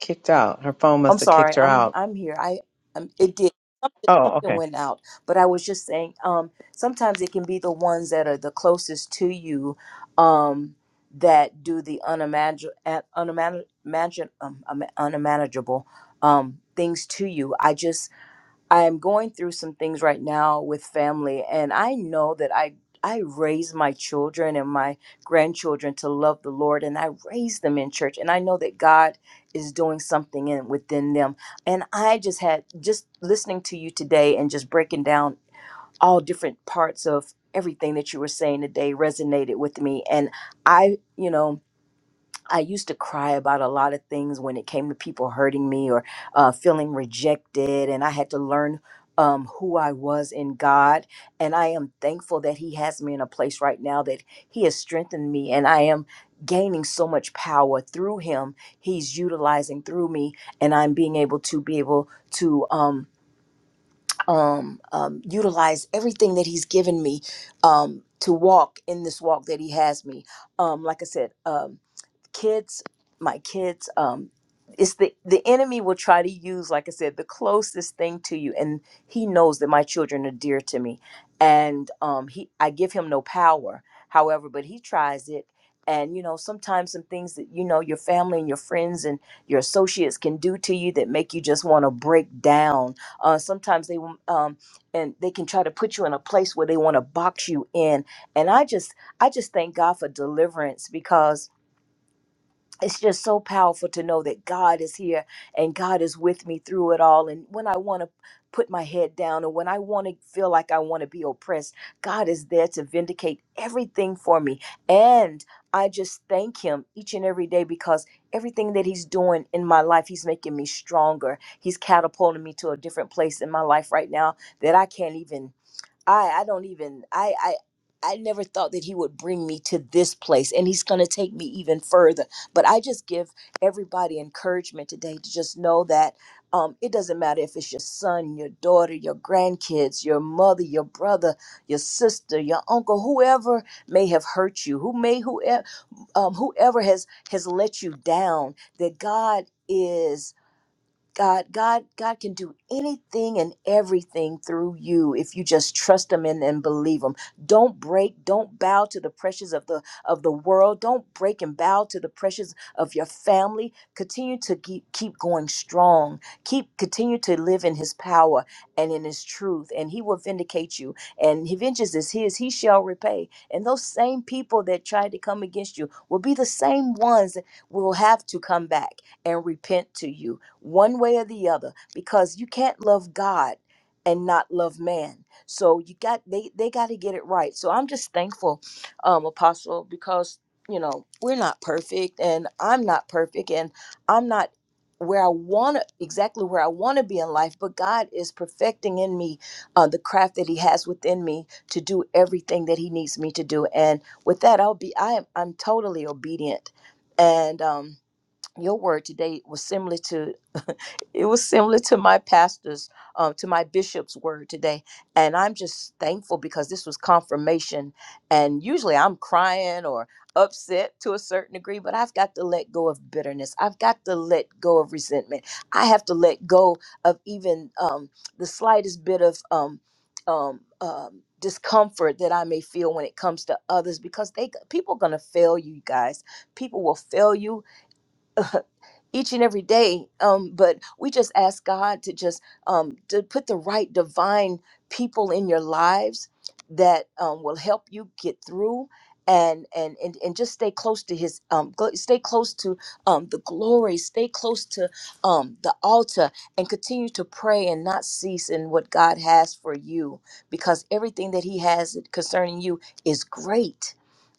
Speaker 1: Kicked out. Her phone
Speaker 13: I'm
Speaker 1: must have
Speaker 13: sorry.
Speaker 1: kicked her
Speaker 13: I'm
Speaker 1: out.
Speaker 13: I'm here. I um, it did something,
Speaker 1: Oh,
Speaker 13: something
Speaker 1: okay.
Speaker 13: went out, but I was just saying. Um, sometimes it can be the ones that are the closest to you, um, that do the unimagin unimagin unimagin um, um, unmanageable um things to you. I just I'm going through some things right now with family, and I know that I I raise my children and my grandchildren to love the Lord, and I raise them in church, and I know that God is doing something in within them. And I just had just listening to you today and just breaking down all different parts of everything that you were saying today resonated with me, and I, you know. I used to cry about a lot of things when it came to people hurting me or uh, feeling rejected, and I had to learn um, who I was in God. And I am thankful that He has me in a place right now that He has strengthened me, and I am gaining so much power through Him. He's utilizing through me, and I'm being able to be able to um, um, um, utilize everything that He's given me um, to walk in this walk that He has me. Um, like I said. Um, kids my kids um it's the the enemy will try to use like i said the closest thing to you and he knows that my children are dear to me and um he i give him no power however but he tries it and you know sometimes some things that you know your family and your friends and your associates can do to you that make you just want to break down uh sometimes they will, um and they can try to put you in a place where they want to box you in and i just i just thank god for deliverance because it's just so powerful to know that God is here and God is with me through it all. And when I want to put my head down and when I want to feel like I want to be oppressed, God is there to vindicate everything for me. And I just thank Him each and every day because everything that He's doing in my life, He's making me stronger. He's catapulting me to a different place in my life right now that I can't even. I I don't even I I I never thought that he would bring me to this place and he's going to take me even further. But I just give everybody encouragement today to just know that um, it doesn't matter if it's your son, your daughter, your grandkids, your mother, your brother, your sister, your uncle, whoever may have hurt you, who may whoever um, whoever has has let you down, that God is God, God, God can do anything and everything through you if you just trust Him and, and believe Him. Don't break, don't bow to the pressures of the of the world. Don't break and bow to the pressures of your family. Continue to keep keep going strong. Keep continue to live in His power and in His truth, and He will vindicate you. And He vengeance is His; He shall repay. And those same people that tried to come against you will be the same ones that will have to come back and repent to you one way or the other because you can't love God and not love man. So you got they they got to get it right. So I'm just thankful um apostle because you know, we're not perfect and I'm not perfect and I'm not where I want to exactly where I want to be in life, but God is perfecting in me uh, the craft that He has within me to do everything that He needs me to do. And with that, I'll be I am I'm totally obedient, and um, your word today was similar to it was similar to my pastor's um, to my bishop's word today and i'm just thankful because this was confirmation and usually i'm crying or upset to a certain degree but i've got to let go of bitterness i've got to let go of resentment i have to let go of even um, the slightest bit of um, um, um, discomfort that i may feel when it comes to others because they people gonna fail you guys people will fail you each and every day. Um, but we just ask God to just um, to put the right divine people in your lives that um, will help you get through. And, and, and, and just stay close to his um gl- stay close to um the glory stay close to um the altar and continue to pray and not cease in what god has for you because everything that he has concerning you is great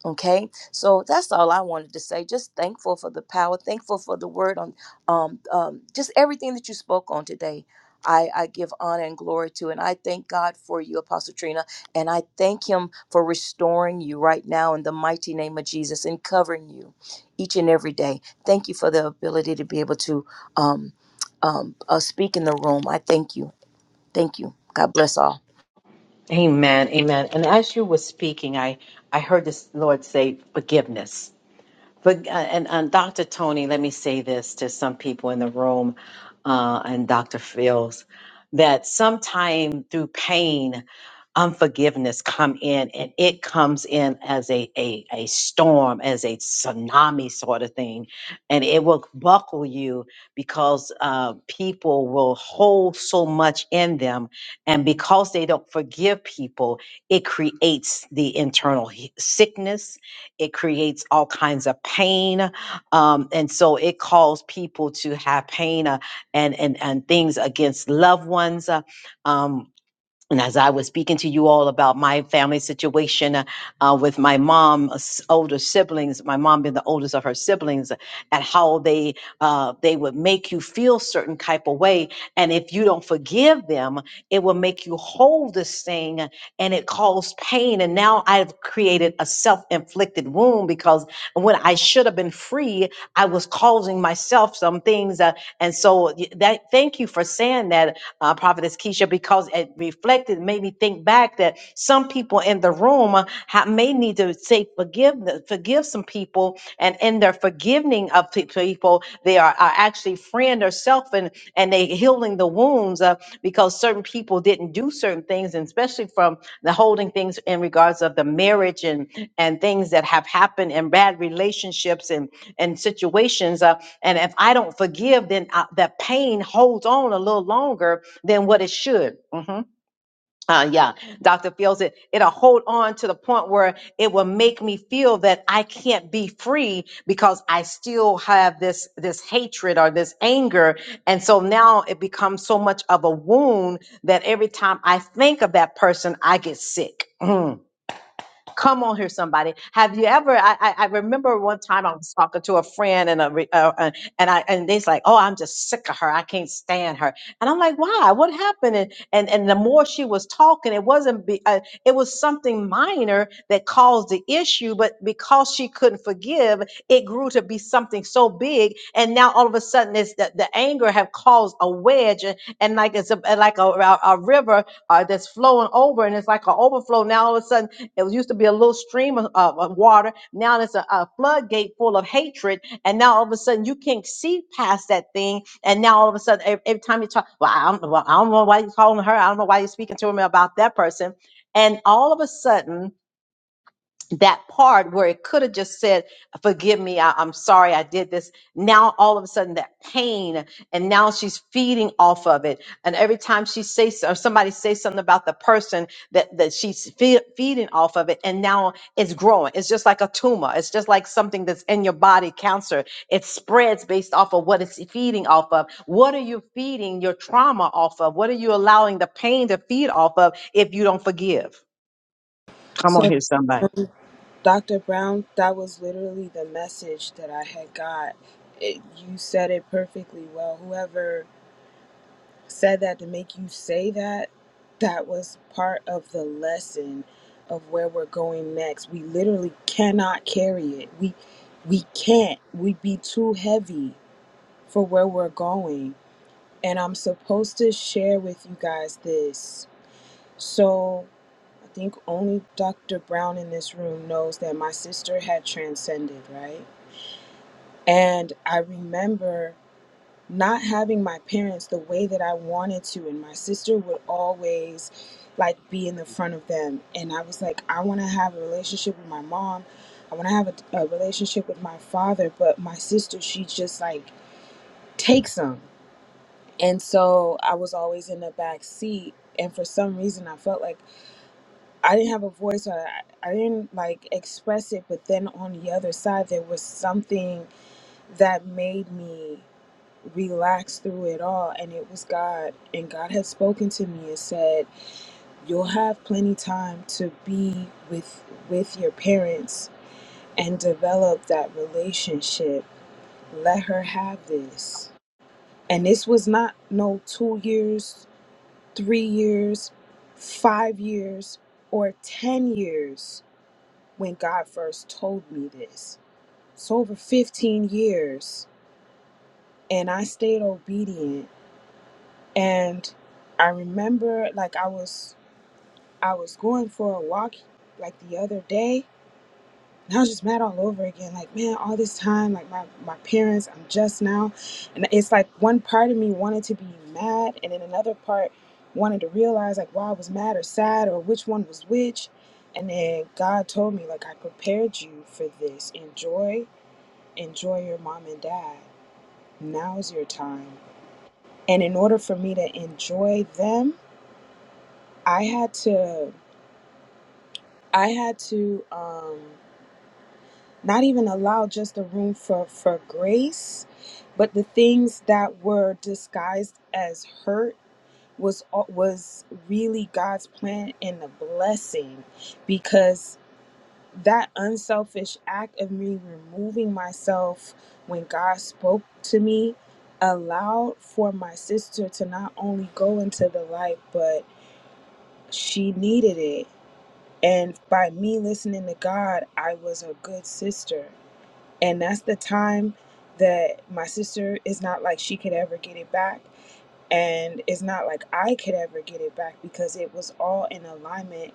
Speaker 13: okay so that's all I wanted to say. Just thankful for the power, thankful for the word on um, um, just everything that you spoke on today. I, I give honor and glory to, and I thank God for you, Apostle Trina, and I thank Him for restoring you right now in the mighty name of Jesus and covering you each and every day. Thank you for the ability to be able to um, um, uh, speak in the room. I thank you. Thank you. God bless all.
Speaker 1: Amen. Amen. And as you were speaking, I, I heard this Lord say forgiveness. But uh, and, and Dr. Tony, let me say this to some people in the room, uh, and Dr. Fields, that sometime through pain, unforgiveness come in, and it comes in as a a, a storm, as a tsunami sort of thing, and it will buckle you because uh, people will hold so much in them, and because they don't forgive people, it creates the internal he- sickness it creates all kinds of pain, um, and so it calls people to have pain uh, and and and things against loved ones. uh, um, and as I was speaking to you all about my family situation uh, uh, with my mom's older siblings, my mom being the oldest of her siblings, and how they uh, they would make you feel certain type of way, and if you don't forgive them, it will make you hold this thing, and it caused pain. And now I've created a self inflicted wound because when I should have been free, I was causing myself some things. Uh, and so y- that thank you for saying that uh, Prophetess Keisha, because it reflected, made me think back that some people in the room uh, ha- may need to say forgive, forgive some people, and in their forgiving of pe- people, they are, are actually freeing themselves and and they healing the wounds uh, because certain people didn't do certain things, and especially from the holding things in regards of the marriage and and things that have happened and bad relationships and and situations. Uh, and if I don't forgive, then uh, the pain holds on a little longer than what it should. hmm Uh, yeah, Dr. Fields, it, it'll hold on to the point where it will make me feel that I can't be free because I still have this, this hatred or this anger. And so now it becomes so much of a wound that every time I think of that person, I get sick. Mm. Come on here, somebody. Have you ever? I, I, I remember one time I was talking to a friend and a, re- uh, uh, and I and they's like, oh, I'm just sick of her. I can't stand her. And I'm like, why? What happened? And and, and the more she was talking, it wasn't. Be, uh, it was something minor that caused the issue, but because she couldn't forgive, it grew to be something so big. And now all of a sudden, it's the, the anger have caused a wedge, and, and like it's a, like a, a a river uh, that's flowing over, and it's like an overflow. Now all of a sudden there was used to be a little stream of, of- of water. Now it's a, a floodgate full of hatred. And now all of a sudden you can't see past that thing. And now all of a sudden, every, every time you talk, well I, don't, well, I don't know why you're calling her. I don't know why you're speaking to me about that person. And all of a sudden, that part where it could have just said, Forgive me, I, am sorry I did this. Now, all of a sudden, that pain, and now she's feeding off of it. And every time she says, or somebody says something about the person that, that she's fe- feeding off of it, and now it's growing. It's just like a tumor, it's just like something that's in your body, cancer. It spreads based off of what it's feeding off of. What are you feeding your trauma off of? What are you allowing the pain to feed off of if you don't forgive?
Speaker 11: so dr brown that was literally the message that i had got it, you said it perfectly well whoever said that to make you say that that was part of the lesson of where we're going next we literally cannot carry it we we can't we'd be too heavy for where we're going and i'm supposed to share with you guys this so i think only dr brown in this room knows that my sister had transcended right and i remember not having my parents the way that I wanted to. And my sister would always like be in the front of them. And I was like, I want to have a relationship with my mom. I want to have a, a relationship with my father. But my sister, she just like takes them. And so I was always in the back seat. And for some reason, I felt like I didn't have a voice or I, I didn't like express it. But then on the other side, there was something that made me relaxed through it all and it was god and god had spoken to me and said you'll have plenty time to be with with your parents and develop that relationship let her have this and this was not no 2 years 3 years 5 years or 10 years when god first told me this it's over 15 years and i stayed obedient and i remember like i was i was going for a walk like the other day and i was just mad all over again like man all this time like my my parents i'm just now and it's like one part of me wanted to be mad and then another part wanted to realize like why i was mad or sad or which one was which and then god told me like i prepared you for this enjoy enjoy your mom and dad now's your time and in order for me to enjoy them I had to I had to um not even allow just the room for for grace, but the things that were disguised as hurt was was really God's plan and a blessing because that unselfish act of me removing myself when God spoke to me allowed for my sister to not only go into the light but she needed it And by me listening to God, I was a good sister. And that's the time that my sister is not like she could ever get it back. And it's not like I could ever get it back because it was all in alignment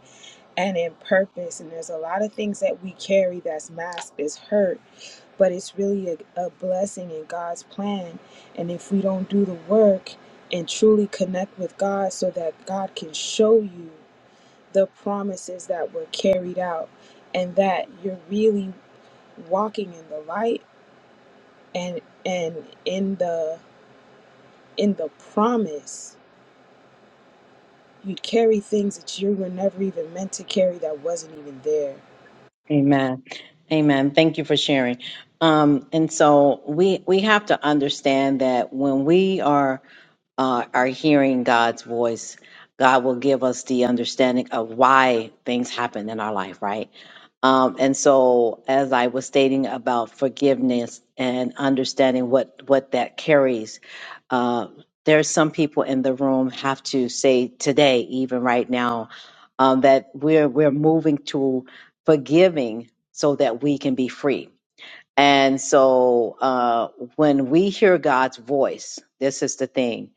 Speaker 11: and in purpose. And there's a lot of things that we carry that's masked, is hurt, but it's really a, a blessing in God's plan. And if we don't do the work and truly connect with God so that God can show you the promises that were carried out and that you're really walking in the light and and in the in the promise you'd carry things that you were never even meant to carry that wasn't even there
Speaker 1: Amen. Amen. Thank you for sharing. Um, and so we we have to understand that when we are uh, are hearing God's voice, God will give us the understanding of why things happen in our life, right? Um, and so, as I was stating about forgiveness and understanding what what that carries, uh, there's some people in the room have to say today, even right now, um, that we're we're moving to forgiving so that we can be free. And so uh, when we hear God's voice, this is the thing.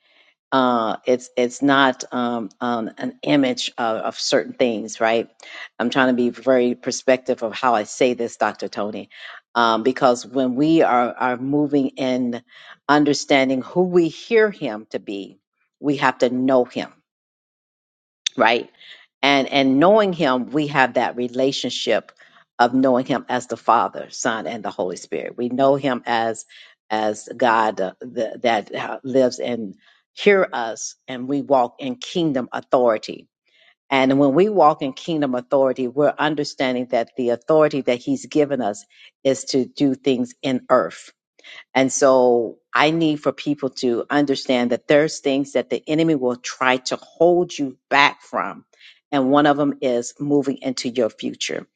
Speaker 1: Uh, it's it's not um, um, an image of, of certain things, right? I'm trying to be very perspective of how I say this, Dr. Tony, um, because when we are are moving in understanding who we hear Him to be, we have to know Him right? And and knowing him, we have that relationship of knowing him as the Father, Son, and the Holy Spirit. We know him as as God uh, the, that uh, lives and hear us, and we walk in kingdom authority. And when we walk in kingdom authority, we're understanding that the authority that He's given us is to do things in earth and so I need for people to understand that there's things that the enemy will try to hold you back from. And one of them is moving into your future,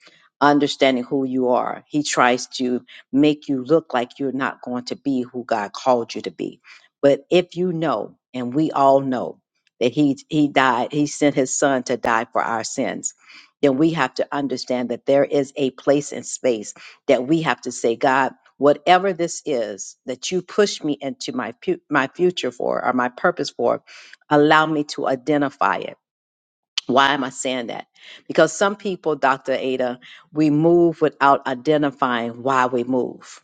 Speaker 1: understanding who you are. He tries to make you look like you're not going to be who God called you to be. But if you know, and we all know that he, he died, he sent his son to die for our sins, then we have to understand that there is a place and space that we have to say, God, whatever this is that you push me into my pu- my future for or my purpose for allow me to identify it why am i saying that because some people dr ada we move without identifying why we move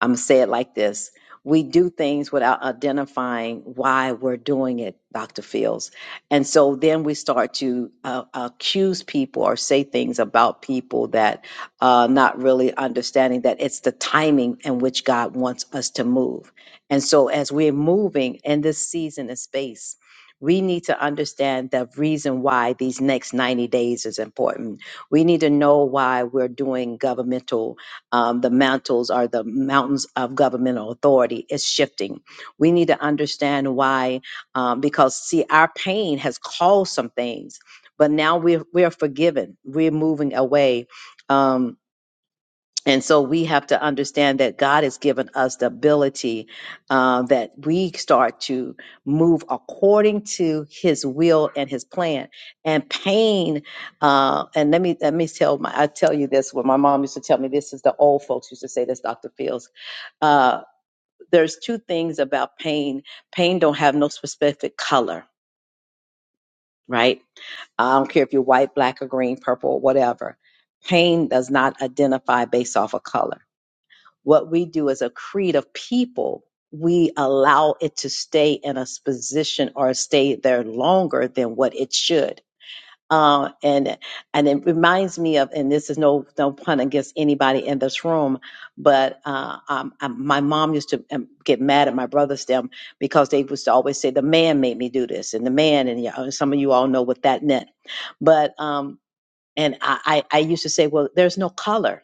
Speaker 1: I'm gonna say it like this. We do things without identifying why we're doing it, Dr. Fields. And so then we start to uh, accuse people or say things about people that uh, not really understanding that it's the timing in which God wants us to move. And so as we're moving in this season and space, we need to understand the reason why these next 90 days is important. We need to know why we're doing governmental um, the mantles are the mountains of governmental authority is shifting. We need to understand why, um, because see, our pain has caused some things, but now we're we're forgiven. We're moving away. Um, and so we have to understand that God has given us the ability uh, that we start to move according to His will and His plan. And pain, uh, and let me let me tell my I tell you this. When my mom used to tell me this, is the old folks used to say this, Doctor Fields. Uh, there's two things about pain. Pain don't have no specific color, right? I don't care if you're white, black, or green, purple, or whatever. Pain does not identify based off of color what we do as a creed of people, we allow it to stay in a position or stay there longer than what it should. Uh, and and it reminds me of, and this is no no pun against anybody in this room, but uh, um, I, my mom used to um, get mad at my brothers them because they used to always say the man made me do this, and the man, and y'all- some of you all know what that meant. But um, and I, I I used to say, well, there's no color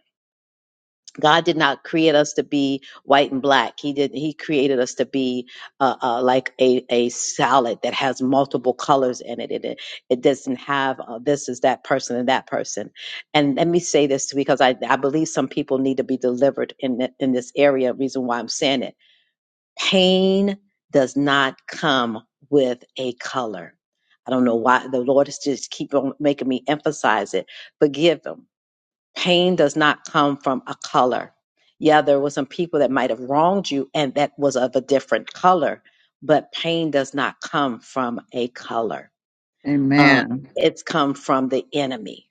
Speaker 1: God did not create us to be white and black. He did. He created us to be uh, uh, like a, a salad that has multiple colors in it. It it, it doesn't have uh, this is that person and that person. And let me say this because I, I believe some people need to be delivered in th- in this area. Reason why I'm saying it: pain does not come with a color. I don't know why the Lord is just keep on making me emphasize it. Forgive them Pain does not come from a color. Yeah, there were some people that might have wronged you and that was of a different color, but pain does not come from a color. Uh,
Speaker 7: Amen.
Speaker 1: it's come from the enemy.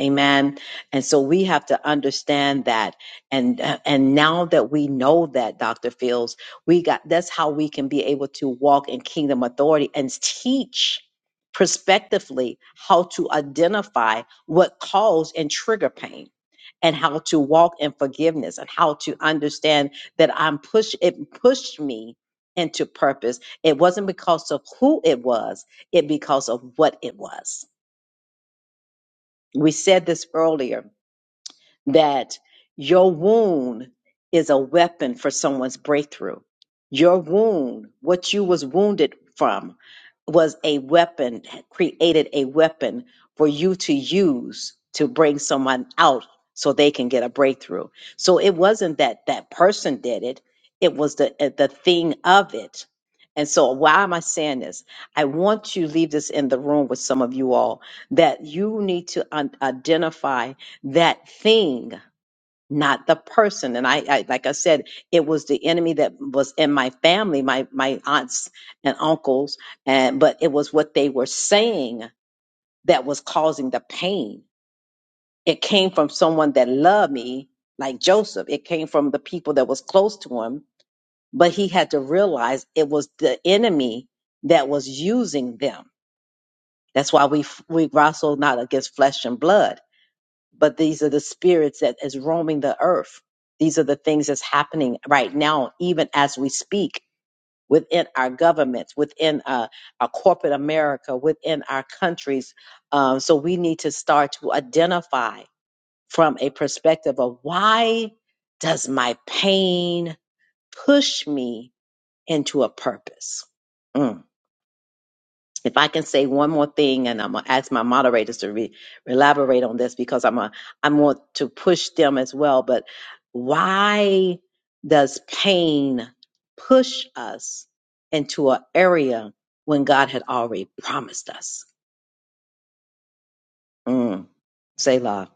Speaker 1: Amen. And so we have to understand that. And, and now that we know that, Dr. Fields, we got, that's how we can be able to walk in kingdom authority and teach prospectively how to identify what cause and trigger pain and how to walk in forgiveness and how to understand that I'm push, it pushed me into purpose. It wasn't because of who it was, it because of what it was. We said this earlier that your wound is a weapon for someone's breakthrough. Your wound, what you was wounded from, was a weapon, created a weapon for you to use to bring someone out so they can get a breakthrough. So it wasn't that that person did it, it was the uh, the thing of it. And so why am I saying this? I want to leave this in the room with some of you all that you need to un- identify that thing, not the person. And I, I like I said, it was the enemy that was in my family, my my aunts and uncles, and but it was what they were saying that was causing the pain. It came from someone that loved me, like Joseph. It came from the people that was close to him, but he had to realize it was the enemy that was using them. That's why we we wrestle not against flesh and blood but these are the spirits that is roaming the earth. These are the things that's happening right now, even as we speak within our governments, within uh, our corporate America, within our countries. Um, so we need to start to identify from a perspective of why does my pain push me into a purpose? Mm if I can say one more thing, and I'm gonna ask my moderators to re- elaborate on this because I'm a I want to push them as well. But why does pain push us into an area when God had already promised us? Mm, Selah.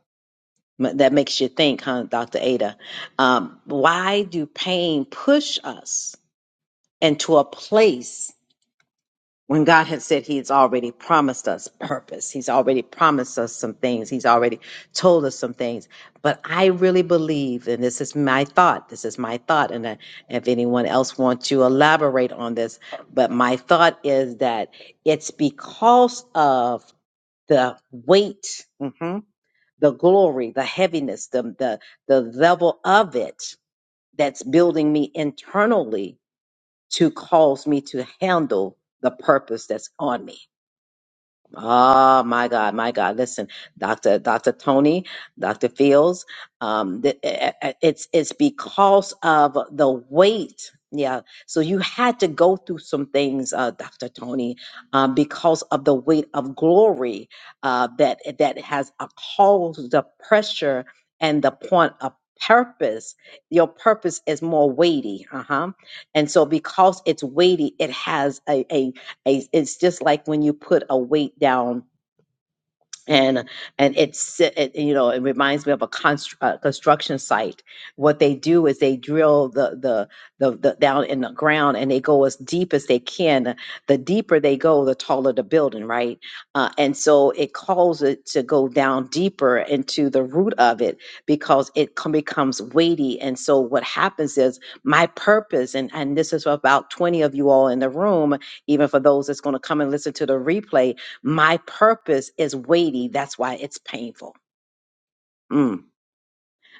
Speaker 1: M- That makes you think, huh, Dr. Ada? Um, why do pain push us into a place? when God had said He's already promised us purpose, He's already promised us some things, He's already told us some things. But I really believe, and this is my thought, this is my thought, and uh, if anyone else wants to elaborate on this, but my thought is that it's because of the weight, mhm, the glory, the heaviness, the, the the level of it that's building me internally to cause me to handle the purpose that's on me Oh my God, my God! Listen, Doctor, Doctor Tony, Doctor Fields. Um, th- eh, eh, eh, it's it's because of the weight. Yeah, so you had to go through some things, uh, Doctor Tony, um, because of the weight of glory uh, that that has uh, caused the pressure and the point of purpose. Your purpose is more weighty, uh huh. And so because it's weighty, it has a a it's just like when you put a weight down and and it's si, it, you know it reminds me of a constr- uh, construction site what they do is they drill the, the the the down in the ground and they go as deep as they can the deeper they go the taller the building right uh, and so it calls it to go down deeper into the root of it because it com- becomes weighty and so what happens is my purpose and and this is for about 20 of you all in the room even for those that's going to come and listen to the replay my purpose is weighty. That's why it's painful. Mm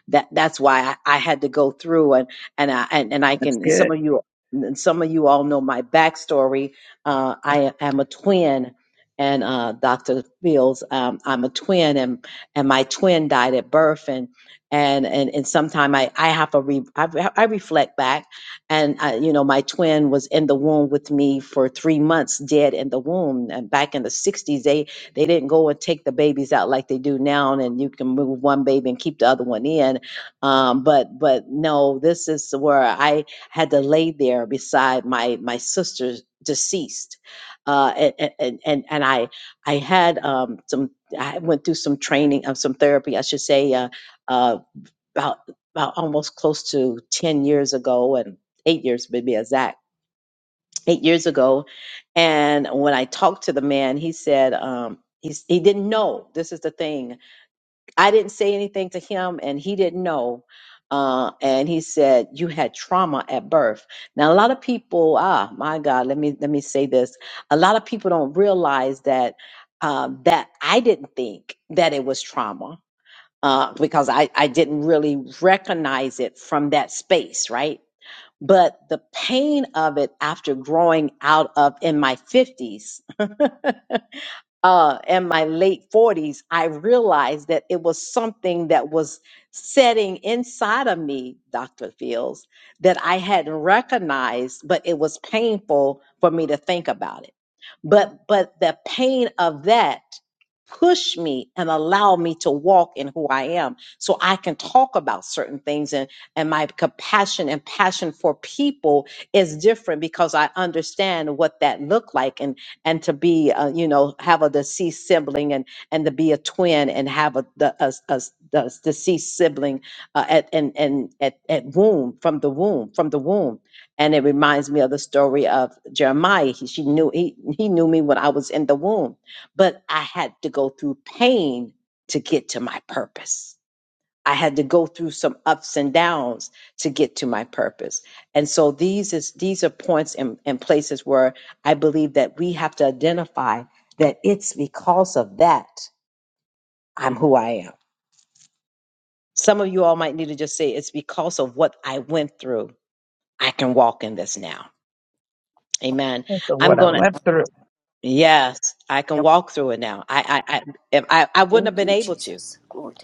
Speaker 1: that that's why I, I had to go through and and I and, and I can
Speaker 7: That's
Speaker 1: some
Speaker 7: good.
Speaker 1: of you and some of you all know my backstory. Uh, I am a twin, and uh, Dr. Fields, um, I'm a twin, and and my twin died at birth, and and and and sometime I I have a re, I, re- I reflect back, and I, you know my twin was in the womb with me for three months, dead in the womb, and back in the '60s they they didn't go and take the babies out like they do now, and you can move one baby and keep the other one in um but but no this is where i had to lay there beside my my sister deceased uh a- a- and and and i i had um some i went through some training of some therapy i should say uh, uh about about almost close to 10 years ago and 8 years maybe exact 8 years ago and when i talked to the man he said um he's, he didn't know this is the thing I didn't say anything to him, and he didn't know. Uh, and he said, "You had trauma at birth." Now, a lot of people, ah, my God, let me let me say this: a lot of people don't realize that uh, that I didn't think that it was trauma uh, because I I didn't really recognize it from that space, right? But the pain of it after growing out of in my fifties uh, in my late 40s, I realized that it was something that was setting inside of me, Dr. Fields, that I hadn't recognized, but it was painful for me to think about it. But but the pain of that pushed me and allowed me to walk in who I am. So I can talk about certain things and, and my compassion and passion for people is different because I understand what that looked like and to be uh, you know have a deceased sibling and and to be a twin and have a the a, a, the deceased sibling uh, at and and at, at womb from the womb from the womb and it reminds me of the story of Jeremiah he, she knew he, he knew me when I was in the womb but I had to go through pain to get to my purpose I had to go through some ups and downs to get to my purpose. And so these is these are points and, and places where I believe that we have to identify that it's because of that I'm who I am. Some of you all might need to just say it's because of what I went through. I can walk in this now. Amen.
Speaker 7: That's
Speaker 1: I'm
Speaker 7: what I
Speaker 1: gonna
Speaker 7: went through.
Speaker 1: yes, I can walk through it now. I I I if I, I wouldn't have
Speaker 13: Thank
Speaker 1: been
Speaker 13: you,
Speaker 1: able to.
Speaker 13: Jesus. Glory to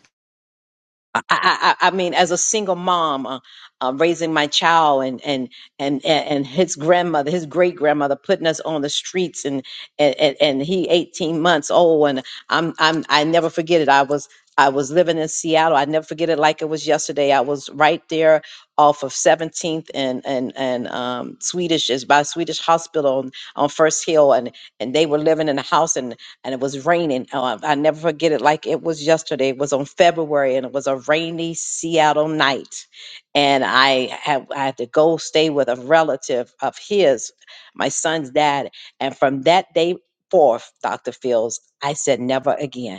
Speaker 1: I, I, I mean, as a single mom, uh, uh, raising my child and, and, and, and his grandmother, his great grandmother putting us on the streets and, and, and and he 18 months old. And I'm, I'm, I never forget it. I was, I was living in Seattle. I never forget it like it was yesterday. I was right there off of 17th and, and, and, um, Swedish is by Swedish hospital on, on first hill. And, and they were living in a house and and it was raining. Uh, I never forget it like it was yesterday. It was on February, and it was a rainy Seattle night. And I had I had to go stay with a relative of his, my son's dad. And from that day forth, Doctor Fields, I said never again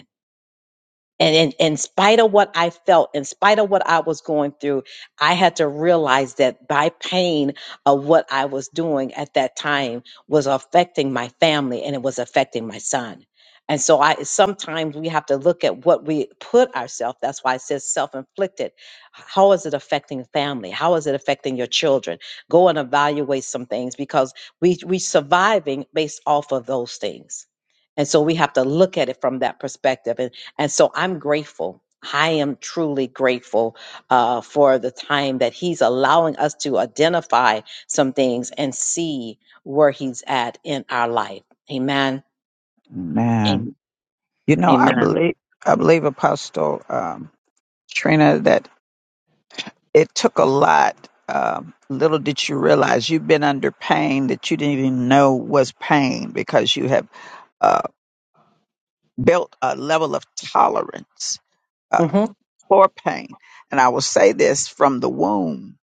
Speaker 1: and in, in spite of what I felt, in spite of what I was going through, I had to realize that by pain of what I was doing at that time was affecting my family and it was affecting my son. And so I sometimes we have to look at what we put ourselves. That's why it says self-inflicted. How is it affecting family? How is it affecting your children? Go and evaluate some things because we we surviving based off of those things. And so we have to look at it from that perspective. And so I'm grateful. I am truly grateful uh, for the time that he's allowing us to identify some things and see where he's at in our life. Amen.
Speaker 7: Man. You know, I
Speaker 1: Amen.
Speaker 7: believe I believe Apostle um, Trina that it took a lot. Um, little did you realize you've been under pain that you didn't even know was pain because you have uh, built a level of tolerance uh,
Speaker 1: hmm
Speaker 7: for pain. And I will say this from the womb,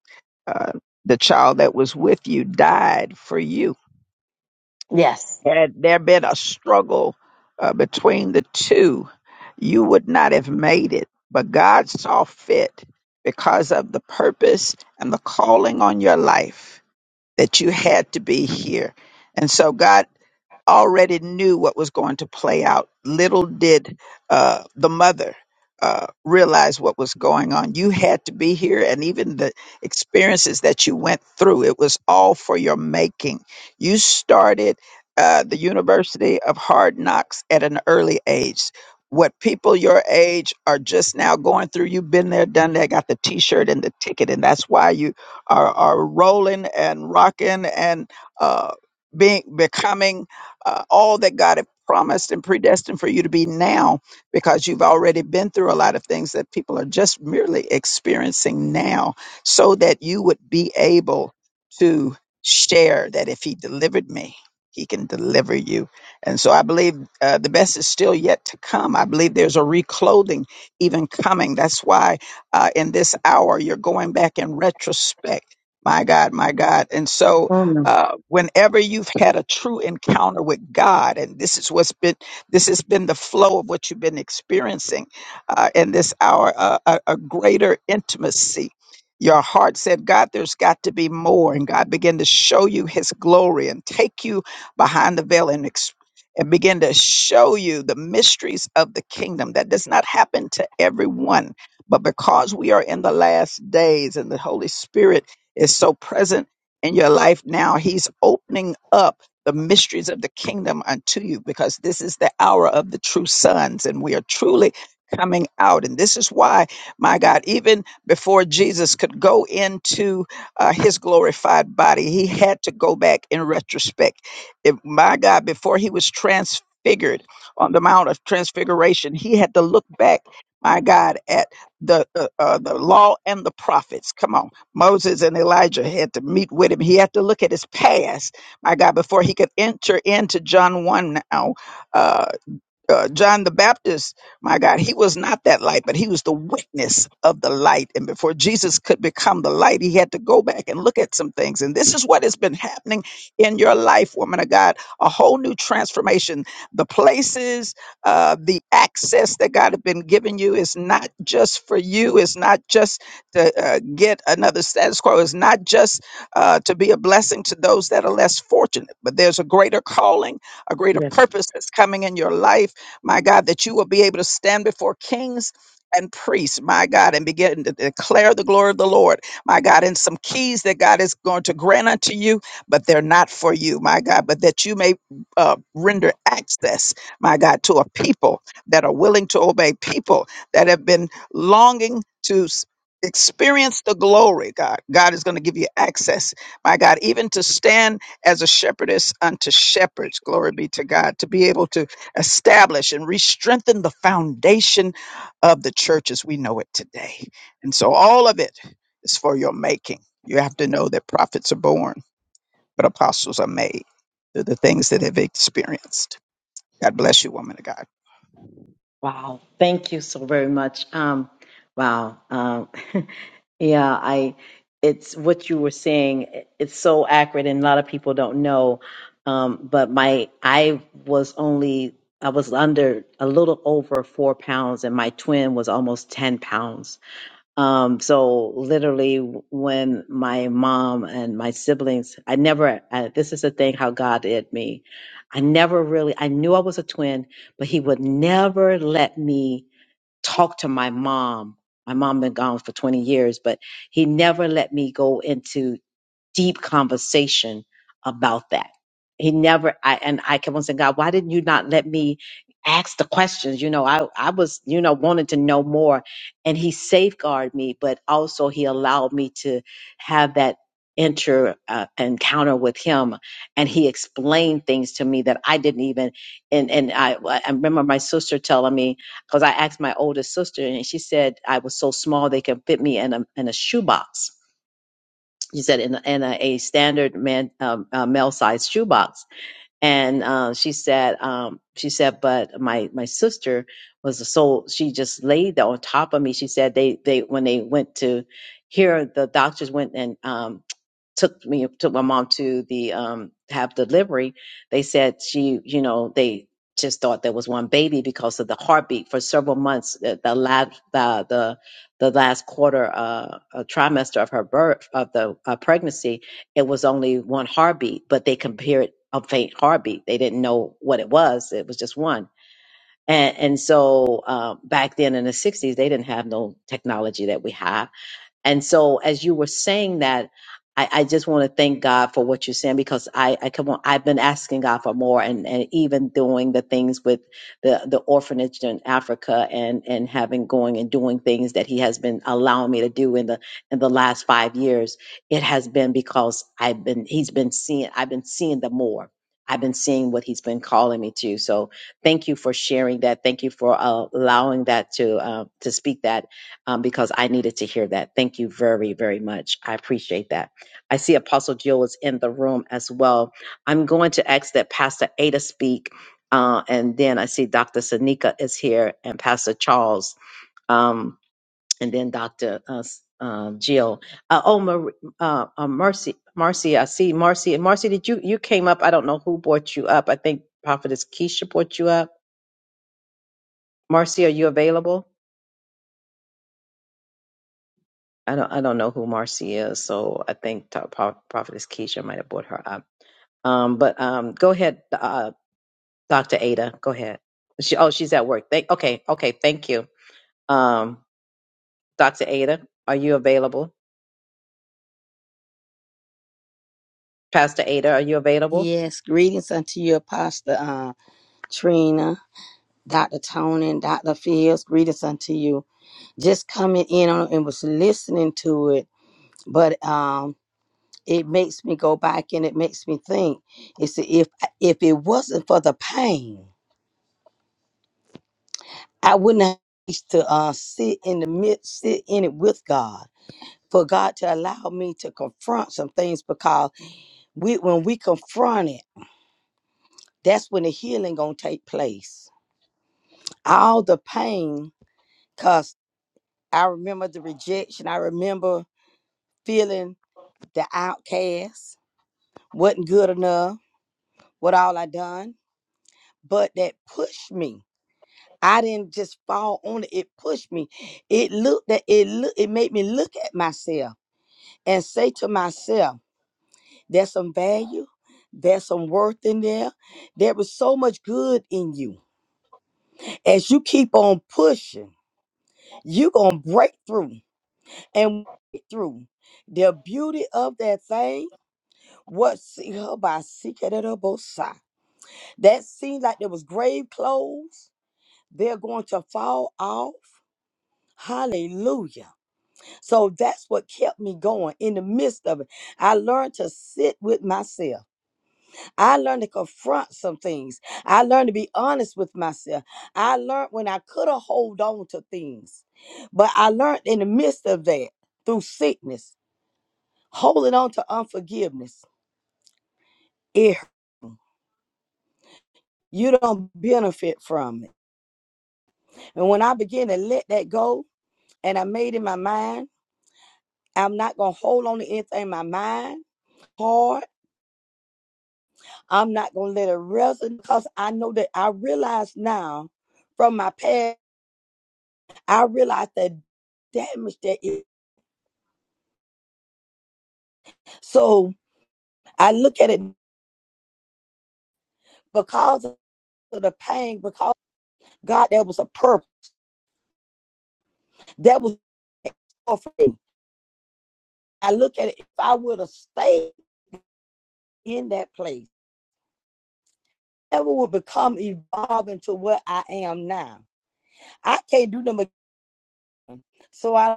Speaker 7: uh, the child that was with you died for you.
Speaker 1: Yes.
Speaker 7: Had there been a struggle uh, between the two, you would not have made it. But God saw fit because of the purpose and the calling on your life that you had to be here. And so, God, already knew what was going to play out. Little did uh, the mother uh, realize what was going on. You had to be here, and even the experiences that you went through, it was all for your making. You started uh, the University of Hard Knocks at an early age. What people your age are just now going through, you've been there, done that, got the t shirt and the ticket, and that's why you are, are rolling and rocking and uh, being becoming uh, all that God had promised and predestined for you to be now because you've already been through a lot of things that people are just merely experiencing now so that you would be able to share that if he delivered me he can deliver you and so i believe uh, the best is still yet to come i believe there's a reclothing even coming that's why uh, in this hour you're going back in retrospect my god my god and so
Speaker 1: Mm,
Speaker 7: uh, whenever you've had a true encounter with God, and this is what's been, this has been the flow of what you've been experiencing uh, in this hour, uh, a, a greater intimacy. Your heart said, God, there's got to be more. And God began to show you his glory and take you behind the veil and ex- and begin to show you the mysteries of the kingdom. That does not happen to everyone. But because we are in the last days and the Holy Spirit is so present in your life now. He's opening up the mysteries of the kingdom unto you because this is the hour of the true sons and we are truly coming out. And this is why, my God, even before Jesus could go into uh, his glorified body, he had to go back in retrospect. If, my God, before he was transfigured on the Mount of Transfiguration, he had to look back. My God, at the uh, uh, the law and the prophets. Come on, Moses and Elijah had to meet with him. He had to look at his past, my God, before he could enter into John 1 now. uh, uh, John the Baptist, my God, he was not that light, but he was the witness of the light. And before Jesus could become the light, he had to go back and look at some things. And this is what has been happening in your life, woman of God a whole new transformation. The places, uh, the access that God has been giving you is not just for you, it's not just to uh, get another status quo, it's not just uh, to be a blessing to those that are less fortunate, but there's a greater calling, a greater
Speaker 1: Yes.
Speaker 7: purpose that's coming in your life my God, that you will be able to stand before kings. And priests, my God, and begin to declare the glory of the Lord, my God, and some keys that God is going to grant unto you, but they're not for you, my God, but that you may uh, render access, my God, to a people that are willing to obey, people that have been longing to s- experience the glory, God. God is going to give you access, my God, even to stand as a shepherdess unto shepherds. Glory be to God, to be able to establish and re-strengthen the foundation of the church as we know it today. And so all of it is for your making. You have to know that prophets are born, but apostles are made through the things that they've experienced. God bless you, woman of God.
Speaker 1: Wow, thank you so very much. Um, wow, um, yeah, I, it's what you were saying. it- It's so accurate, and a lot of people don't know. Um, but my, I was only, I was under a little over four pounds, and my twin was almost ten pounds. Um, so literally when my mom and my siblings, I never, I, this is the thing how God did me. I never really, I knew I was a twin, but he would never let me talk to my mom. My mom been gone for 20 years, but he never let me go into deep conversation about that. He never, I, and I kept on saying, God, why didn't you not let me ask the questions? You know, I, I was, you know, wanted to know more and he safeguarded me, but also he allowed me to have that inter uh, encounter with him and he explained things to me that I didn't even, and, and I, I remember my sister telling me, cause I asked my older sister and she said I was so small they could fit me in a, in a shoebox she said in, in a, a standard man, um, uh, male sized shoebox and uh, she said um, she said but my my sister was a soul she just laid there on top of me she said they they when they went to here the doctors went and um, took me took my mom to the um, have delivery they said she you know they just thought there was one baby because of the heartbeat for several months the the last the the, the last quarter uh, uh, trimester of her birth of the uh, pregnancy it was only one heartbeat, but they compared a faint heartbeat. They didn't know what it was. It was just one. And, and so uh, back then in the 60s, they didn't have no technology that we have and so as you were saying that, I, I just want to thank God for what you're saying because I, I come on, I've been asking God for more and, and even doing the things with the, the orphanage in Africa and, and having going and doing things that he has been allowing me to do in the, in the last five years. It has been because I've been, he's been seeing, I've been seeing the more. I've been seeing what he's been calling me to. So thank you for sharing that. Thank you for uh, allowing that to, uh, to speak that um, because I needed to hear that. Thank you very, very much. I appreciate that. I see Apostle Jill is in the room as well. I'm going to ask that Pastor Ada speak, uh, and then I see Dr. Sanika is here, and Pastor Charles, um, and then Dr. Uh, S- uh, Jill. Uh, oh, Mar- uh, uh, Mercy, Marcy, I see Marcy. And Marcy, did you you came up? I don't know who brought you up. I think Prophetess Keisha brought you up. Marcy, are you available? I don't I don't know who Marcy is, so I think Ta- Pro- Prophetess Keisha might have brought her up. Um, but um, go ahead, uh, Doctor Ada. Go ahead. She oh she's at work. Thank okay okay thank you. Um, Doctor Ada, are you available? Pastor Ada, are you available?
Speaker 14: Yes, greetings unto you, Apostle uh, Trina, Dr. Tony, and Dr. Fields. Greetings unto you. Just coming in on and was listening to it, but um, it makes me go back and it makes me think. It's if if it wasn't for the pain, I wouldn't have reached to uh, sit in the midst, sit in it with God. For God to allow me to confront some things because we, when we confront it, that's when the healing gonna take place. All the pain Cause I remember the rejection. I remember feeling the outcast, wasn't good enough, what all I done. But that pushed me. I didn't just fall on it. It pushed me. It looked that it look it made me look at myself and say to myself, there's some value, there's some worth in there. There was so much good in you. As you keep on pushing, you're gonna break through and break through the beauty of that thing What see her by secret at her both sides. That seemed like there was grave clothes. They're going to fall off. Hallelujah. So that's what kept me going in the midst of it. I learned to sit with myself. I learned to confront some things. I learned to be honest with myself. I learned when I could have hold on to things. But I learned in the midst of that through sickness, holding on to unforgiveness. It you don't benefit from it And when I began to let that go, and I made in my mind, I'm not gonna hold on to anything in my mind hard. I'm not gonna let it resonate because I know that I realize now from my past, I realize the damage that is. So I look at it because of the pain, because God, that was a purpose. That was for me. I look at it. If I would have stayed in that place, never would become evolving to what I am now. I can't do nothing but So I,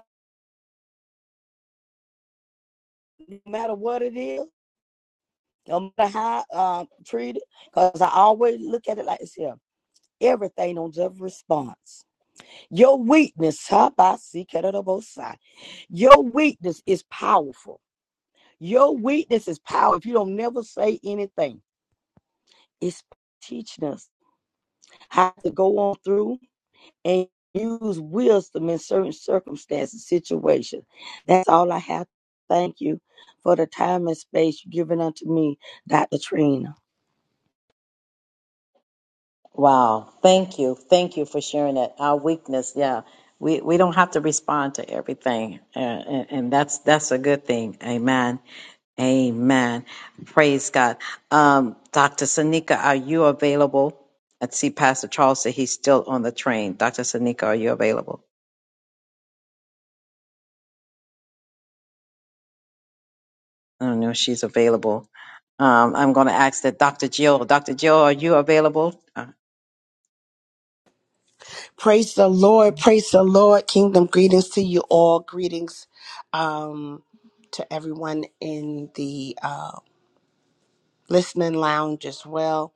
Speaker 14: no matter what it is, no matter how um, treat it, because I always look at it like this here. Everything on just response. Your weakness, how about seek it on both sides. Your weakness is powerful. Your weakness is power. If you don't never say anything, it's teaching us how to go on through and use wisdom in certain circumstances, situations. That's all I have. Thank you for the time and space you've given unto me, Dr. Trina.
Speaker 1: Wow. Thank you. Thank you for sharing that. Our weakness, yeah. We we don't have to respond to everything. Uh, and, and that's that's a good thing. Amen. Amen. Praise God. Um, Dr. Sanika, are you available? I see Pastor Charles said he's still on the train. Dr. Sanika, are you available? I don't know if she's available. Um, I'm going to ask that Dr. Jill. Dr. Jill, are you available? Uh,
Speaker 15: Praise the Lord. Praise the Lord. Kingdom greetings to you all. Greetings um, to everyone in the uh, listening lounge as well.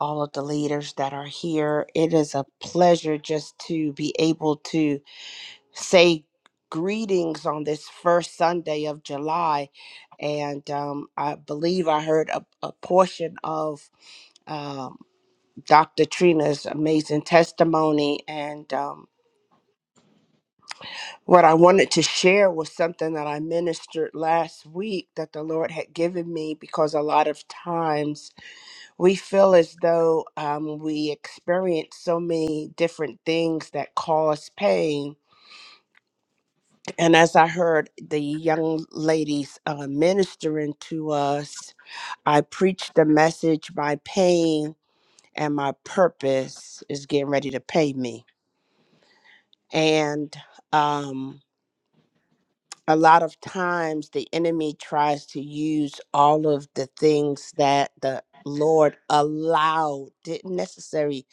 Speaker 15: All of the leaders that are here. It is a pleasure just to be able to say greetings on this first Sunday of July. And um, I believe I heard a, a portion of um, Dr. Trina's amazing testimony. And um, What I wanted to share was something that I ministered last week that the Lord had given me because a lot of times we feel as though um, we experience so many different things that cause pain. And as I heard the young ladies uh, ministering to us, I preached the message My pain and my purpose is getting ready to pay me. And um, a lot of times the enemy tries to use all of the things that the Lord allowed, didn't necessarily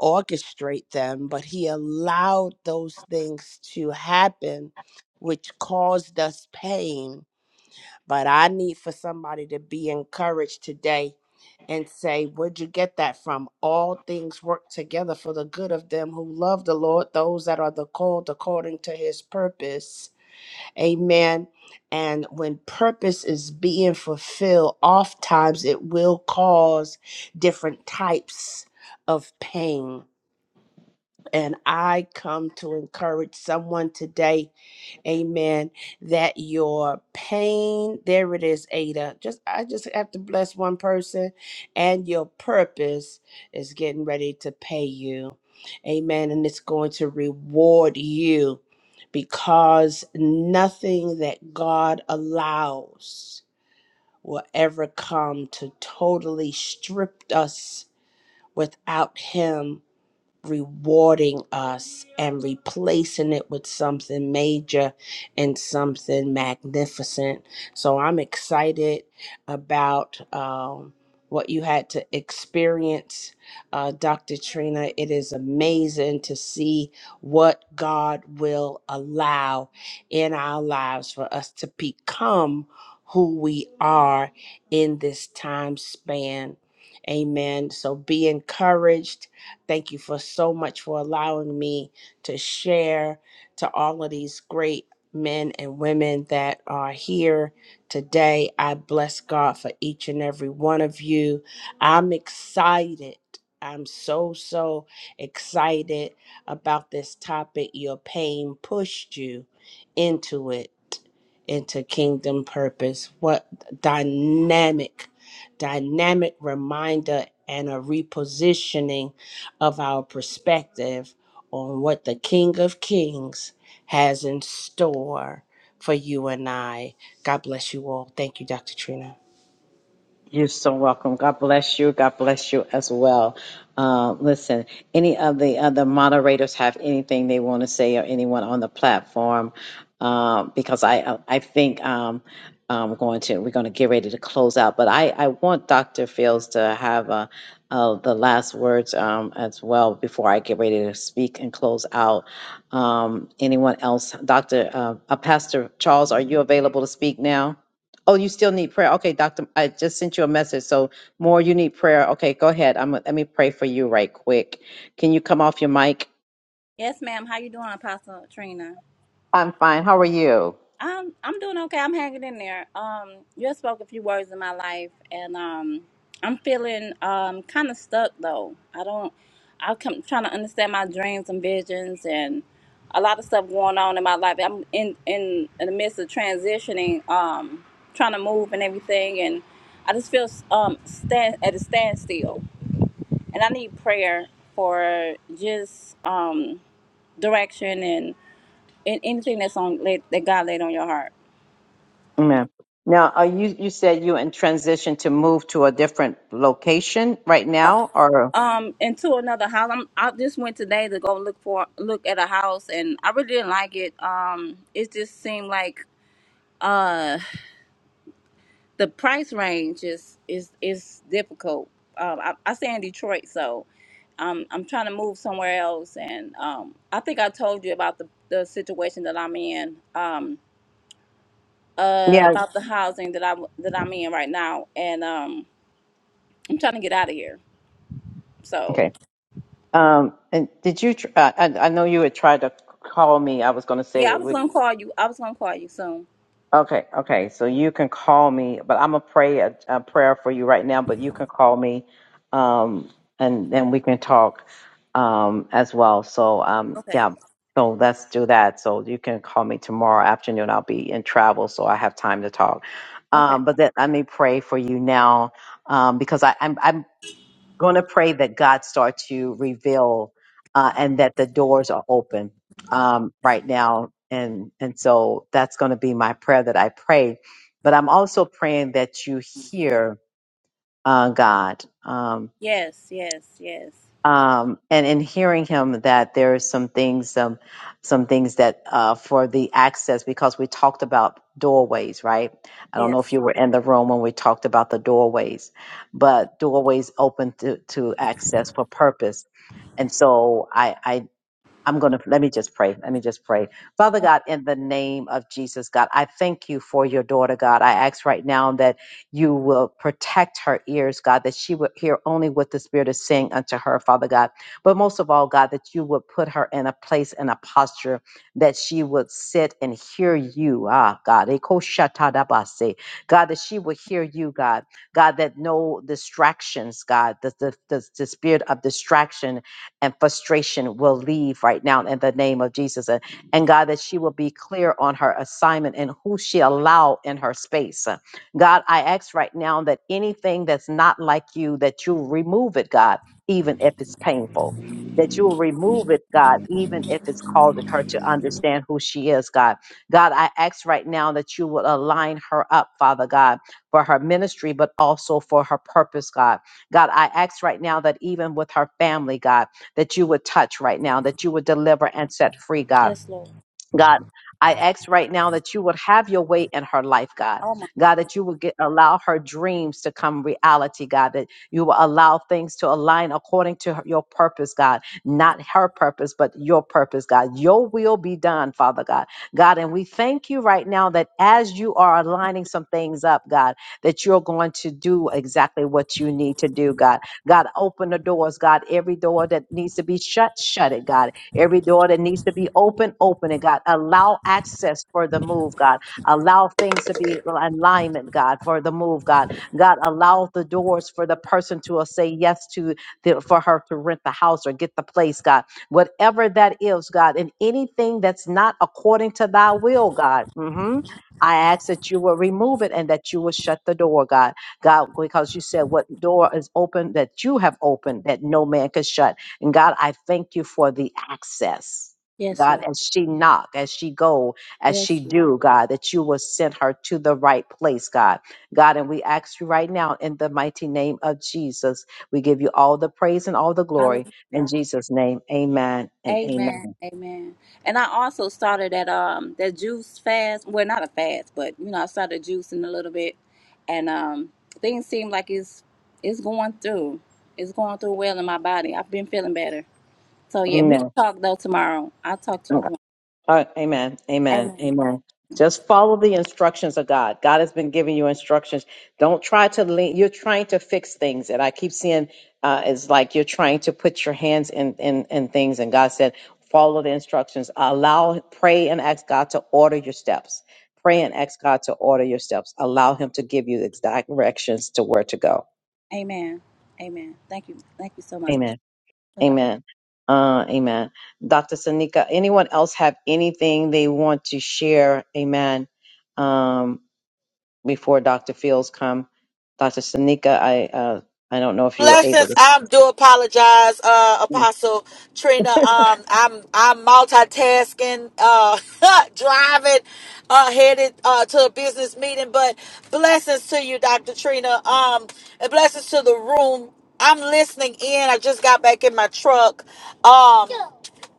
Speaker 15: orchestrate them, but he allowed those things to happen, which caused us pain. But I need for somebody to be encouraged today and say, Where'd you get that from? All things work together for the good of them who love the Lord, those that are the called according to his purpose Amen. And when purpose is being fulfilled, oftentimes it will cause different types of pain. And I come to encourage someone today Amen. That your pain, there it is, Ada. Just I just have to bless one person, and your purpose is getting ready to pay you. Amen. And it's going to reward you because nothing that God allows will ever come to totally strip us without Him rewarding us and replacing it with something major and something magnificent. So I'm excited about um, what you had to experience, uh, Dr. Trina. It is amazing to see what God will allow in our lives for us to become who we are in this time span. Amen. So be encouraged Thank you for so much for allowing me to share to all of these great men and women that are here today. I bless God for each and every one of you. I'm excited. I'm so, so excited about this topic. Your pain pushed you into it, into kingdom purpose. What dynamic, dynamic reminder and a repositioning of our perspective on what the King of Kings has in store for you and I. God bless you all. Thank you, Dr. Trina.
Speaker 1: You're so welcome. God bless you. God bless you as well. Uh, listen, any of the other moderators have anything they want to say, or anyone on the platform? Um, because I, I think um, I'm going to we're going to get ready to close out. But I, I want Dr. Fields to have uh, uh, the last words um, as well before I get ready to speak and close out. Um, anyone else? Dr. Uh, uh, Pastor Charles, are you available to speak now? Oh, you still need prayer. Okay, doctor, I just sent you a message. So more you need prayer. Okay, go ahead. I'm let me pray for you right quick. Can you come off your mic?
Speaker 16: Yes, ma'am. How you doing, Apostle Trina?
Speaker 1: I'm fine. How are you?
Speaker 16: I'm I'm doing okay. I'm hanging in there. Um, you just spoke a few words in my life, and um, I'm feeling um kind of stuck though. I don't. I'm come, trying to understand my dreams and visions, and a lot of stuff going on in my life. I'm in in in the midst of transitioning, um, trying to move and everything, and I just feel um stand at a standstill, and I need prayer for just um direction and anything that's on laid, that God laid on your heart.
Speaker 1: Amen. Now, are you you said you in transition to move to a different location right now or
Speaker 16: Um, and to another house. I'm, I just went today to go look for look at a house, and I really didn't like it. Um, it just seemed like uh the price range is is is difficult. Um, I, I stay in Detroit, so um, I'm trying to move somewhere else, and um, I think I told you about the the situation that I'm in. Um, uh,
Speaker 1: Yeah.
Speaker 16: about the housing that I that I'm in right now, and um, I'm trying to get out of here. So.
Speaker 1: Okay. Um and did you tr- I, I I know you had tried to call me. I was going to say
Speaker 16: Yeah, I was
Speaker 1: we
Speaker 16: gonna call you. I was gonna call you soon.
Speaker 1: Okay, okay. So you can call me, but I'm gonna pray a, a prayer for you right now. But you can call me, um, and then we can talk, um, as well. So, um,
Speaker 16: Okay.
Speaker 1: yeah. So let's do that. So you can call me tomorrow afternoon. I'll be in travel, so I have time to talk.
Speaker 16: Okay.
Speaker 1: Um, but then let me pray for you now, um, because I, I'm, I'm going to pray that God start to reveal uh, and that the doors are open um,
Speaker 16: Okay.
Speaker 1: right now. And, and so that's going to be my prayer that I pray. But I'm also praying that you hear uh, God. Um,
Speaker 16: Yes, yes, yes.
Speaker 1: um, and in hearing him that there are some things um, some things that uh, for the access because we talked about doorways right i don't know
Speaker 16: Yes.
Speaker 1: if you were in the room when we talked about the doorways but doorways open to, to access for purpose and so I, I I'm going to let me just pray. Let me just pray. Father God, in the name of Jesus, God, I thank you for your daughter, God. I ask right now that you will protect her ears, God, that she would hear only what the Spirit is saying unto her, Father God. But most of all, God, that you would put her in a place and a posture that she would sit and hear you, ah, God. Eko Ekoshatadabase. God, that she would hear you, God. God, that no distractions, God, the, the, the, the spirit of distraction and frustration will leave right now in the name of Jesus. And, and God, that she will be clear on her assignment and who she allow in her space. Uh, God, I ask right now that anything that's not like you, that you remove it, God, even if it's painful. That you will remove it, God, even if it's causing her to understand who she is, God. God, I ask right now that you will align her up, Father God, for her ministry, but also for her purpose, God. God, I ask right now that even with her family, God, that you would touch right now, that you would deliver and set free, God.
Speaker 16: Yes, Lord.
Speaker 1: God, I ask right now that you would have your way in her life, God.
Speaker 16: Oh my
Speaker 1: God, that you would get, allow her dreams to come reality, God, that you will allow things to align according to her- your purpose, God. Not her purpose, but your purpose, God. Your will be done, Father God. God, and we thank you right now that as you are aligning some things up, God, that you're going to do exactly what you need to do, God. God, open the doors, God. Every door that needs to be shut, shut it, God Every door that needs to be open, open it, God. Allow access for the move, God. Allow things to be in alignment, God, for the move, God. God, allow the doors for the person to uh, say yes to, the, for her to rent the house or get the place, God. Whatever that is, God, and anything that's not according to thy will, God. hmm I ask that you will remove it and that you will shut the door, God. God, because you said what door is open that you have opened that no man could shut. And God, I thank you for the access.
Speaker 16: yes,
Speaker 1: God,
Speaker 16: Lord.
Speaker 1: as she knock, as she go, as she
Speaker 16: Yes, Lord.
Speaker 1: do, God, that you will send her to the right place, God. God, and we ask you right now in the mighty name of Jesus, we give you all the praise and all the glory. In
Speaker 16: Hallelujah.
Speaker 1: Jesus' name, amen and
Speaker 16: Amen.
Speaker 1: amen.
Speaker 16: Amen. And I also started that um that juice fast. Well not a fast, but you know, I started juicing a little bit and um things seem like it's it's going through. It's going through well in my body. I've been feeling better. So yeah, we can
Speaker 1: Amen.
Speaker 16: talk though tomorrow. I'll talk to you tomorrow.
Speaker 1: Uh, amen. Amen.
Speaker 16: Amen.
Speaker 1: Amen. Just follow the instructions of God. God has been giving you instructions. Don't try to lean. You're trying to fix things. And I keep seeing uh, it's like you're trying to put your hands in, in, in things. And God said, follow the instructions. Allow, pray and ask God to order your steps. Pray and ask God to order your steps. Allow Him to give you the exact directions to where to go.
Speaker 16: Amen. Amen. Thank you. Thank you so much.
Speaker 1: Amen.
Speaker 16: Bye bye.
Speaker 1: Amen. Uh, amen. Dr. Sanika, anyone else have anything they want to share? Amen. Um, before Dr. Fields come, Dr. Sanika, I uh, I don't know if you were able
Speaker 17: Blessings.
Speaker 1: to.
Speaker 17: I do apologize, uh, Apostle Trina. Um, I'm I'm multitasking, uh, driving, uh, headed uh, to a business meeting. But blessings to you, Dr. Trina. Um, and blessings to the room. I'm listening in. I just got back in my truck. Um,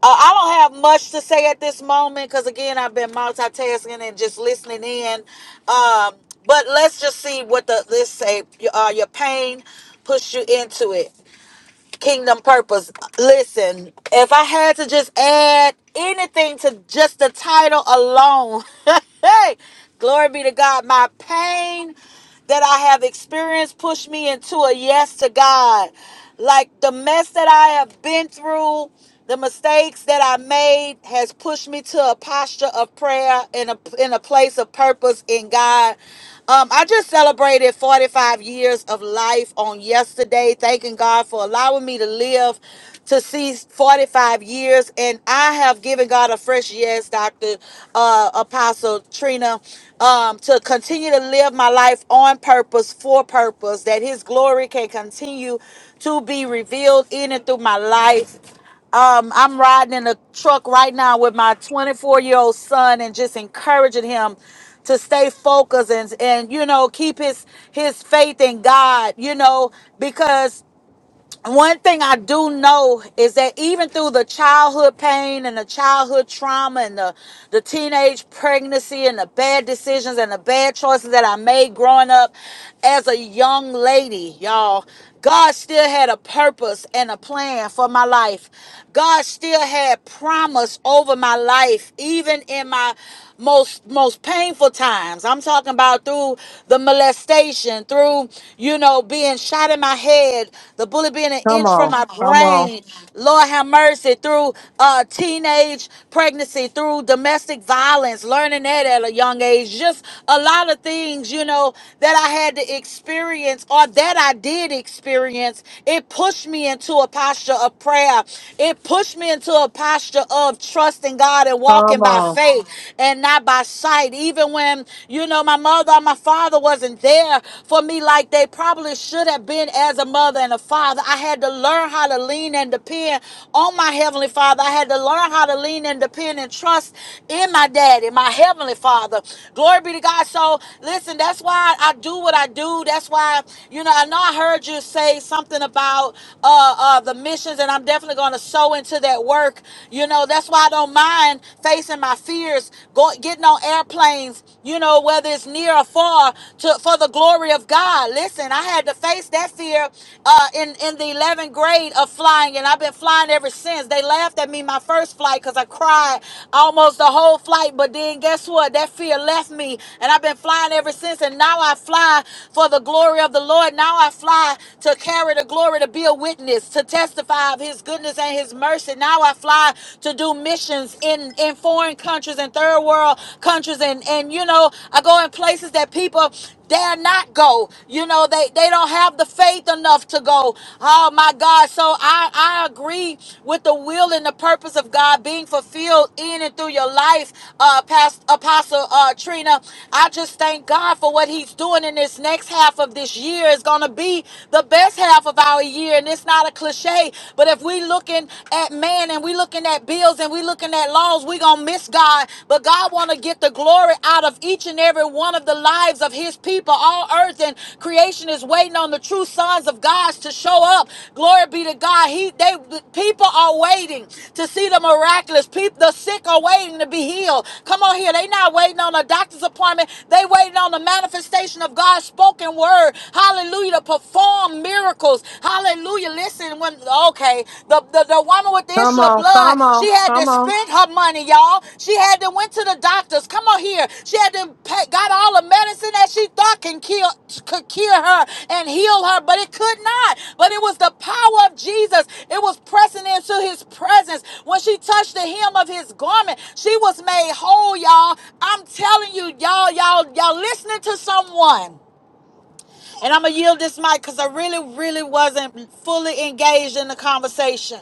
Speaker 17: uh, I don't have much to say at this moment because again, I've been multitasking and just listening in. Um, but let's just see what the this say. Your, uh, your pain pushed you into it. Kingdom purpose. Listen, if I had to just add anything to just the title alone, hey, glory be to God. My pain that I have experienced push me into a yes to God. Like the mess that I have been through, the mistakes that I made has pushed me to a posture of prayer and a in a place of purpose in God. Um, I just celebrated 45 years of life on yesterday, thanking God for allowing me to live to see 45 years. And I have given God a fresh yes, Dr. Uh, Apostle Trina, um, to continue to live my life on purpose, for purpose, that His glory can continue to be revealed in and through my life um, I'm riding in a truck right now with my 24 year old son and just encouraging him to stay focused and, and you know keep his his faith in God you know because one thing I do know is that even through the childhood pain and the childhood trauma and the, the teenage pregnancy and the bad decisions and the bad choices that I made growing up as a young lady, y'all, God still had a purpose and a plan for my life. God still had promise over my life, even in my most most painful times. I'm talking about through the molestation, through you know, being shot in my head, the bullet being an
Speaker 1: Come
Speaker 17: inch from
Speaker 1: on,
Speaker 17: my
Speaker 1: come on,
Speaker 17: brain. Lord have mercy through uh, teenage pregnancy, through domestic violence, learning that at a young age. Just a lot of things, you know, that I had to experience or that I did experience. It pushed me into a posture of prayer. It pushed me into a posture of trusting God and walking
Speaker 1: come
Speaker 17: by
Speaker 1: on,
Speaker 17: faith and not by sight. Even when, you know, my mother mother, my father wasn't there for me like they probably should have been as a mother and a father. I had to learn how to lean and depend on my heavenly father. I had to learn how to lean and depend and trust in my daddy, my heavenly father. Glory be to God. So listen, that's why I do what I do. That's why, you know, I know I heard you say something about uh, uh, the missions, and I'm definitely going to sow into that work. You know, that's why I don't mind facing my fears, going going, getting on airplanes, you know, whether it's near or far, to for the glory of God. Listen, I had to face that fear uh, in in the 11th grade of flying, and I've been flying ever since. They laughed at me my first flight because I cried almost the whole flight, but then guess what? That fear left me, and I've been flying ever since. And now I fly for the glory of the Lord. Now I fly to carry the glory, to be a witness, to testify of His goodness and His mercy. Now I fly to do to do missions in, in foreign countries and third world countries and, and you know, I go in places that people dare not go. You know, they, they don't have the faith enough to go. Oh my God. So I, I agree with the will and the purpose of God being fulfilled in and through your life, uh, past apostle uh Trina. I just thank God for what he's doing in this next half of this year. It's gonna be the best half of our year. And it's not a cliche, but but if we looking at man and we looking at bills and we looking at laws, we gonna miss God. But God wanna get the glory out of each and every one of the lives of His people. All earth and creation is waiting on the true sons of God to show up. Glory be to God. He they people are waiting to see the miraculous. People the sick are waiting to be healed. Come on here. They not waiting on a doctor's appointment. They waiting on the manifestation of God's spoken word. Hallelujah. To perform perform miracles. Hallelujah. Listen, when okay, the, the, the woman with the
Speaker 1: come
Speaker 17: issue of
Speaker 1: on,
Speaker 17: blood,
Speaker 1: come
Speaker 17: she
Speaker 1: on,
Speaker 17: had to
Speaker 1: come on.
Speaker 17: spend her money, y'all. She had to went to the doctors. Come on here. She had to pay, got all the medicine that she thought can kill could cure her and heal her, but it could not. But it was the power of Jesus. It was pressing into his presence. When she touched the hem of his garment, she was made whole, y'all. I'm telling you, y'all, y'all, y'all listening to someone. And I'm going to yield this mic because I really, really wasn't fully engaged in the conversation.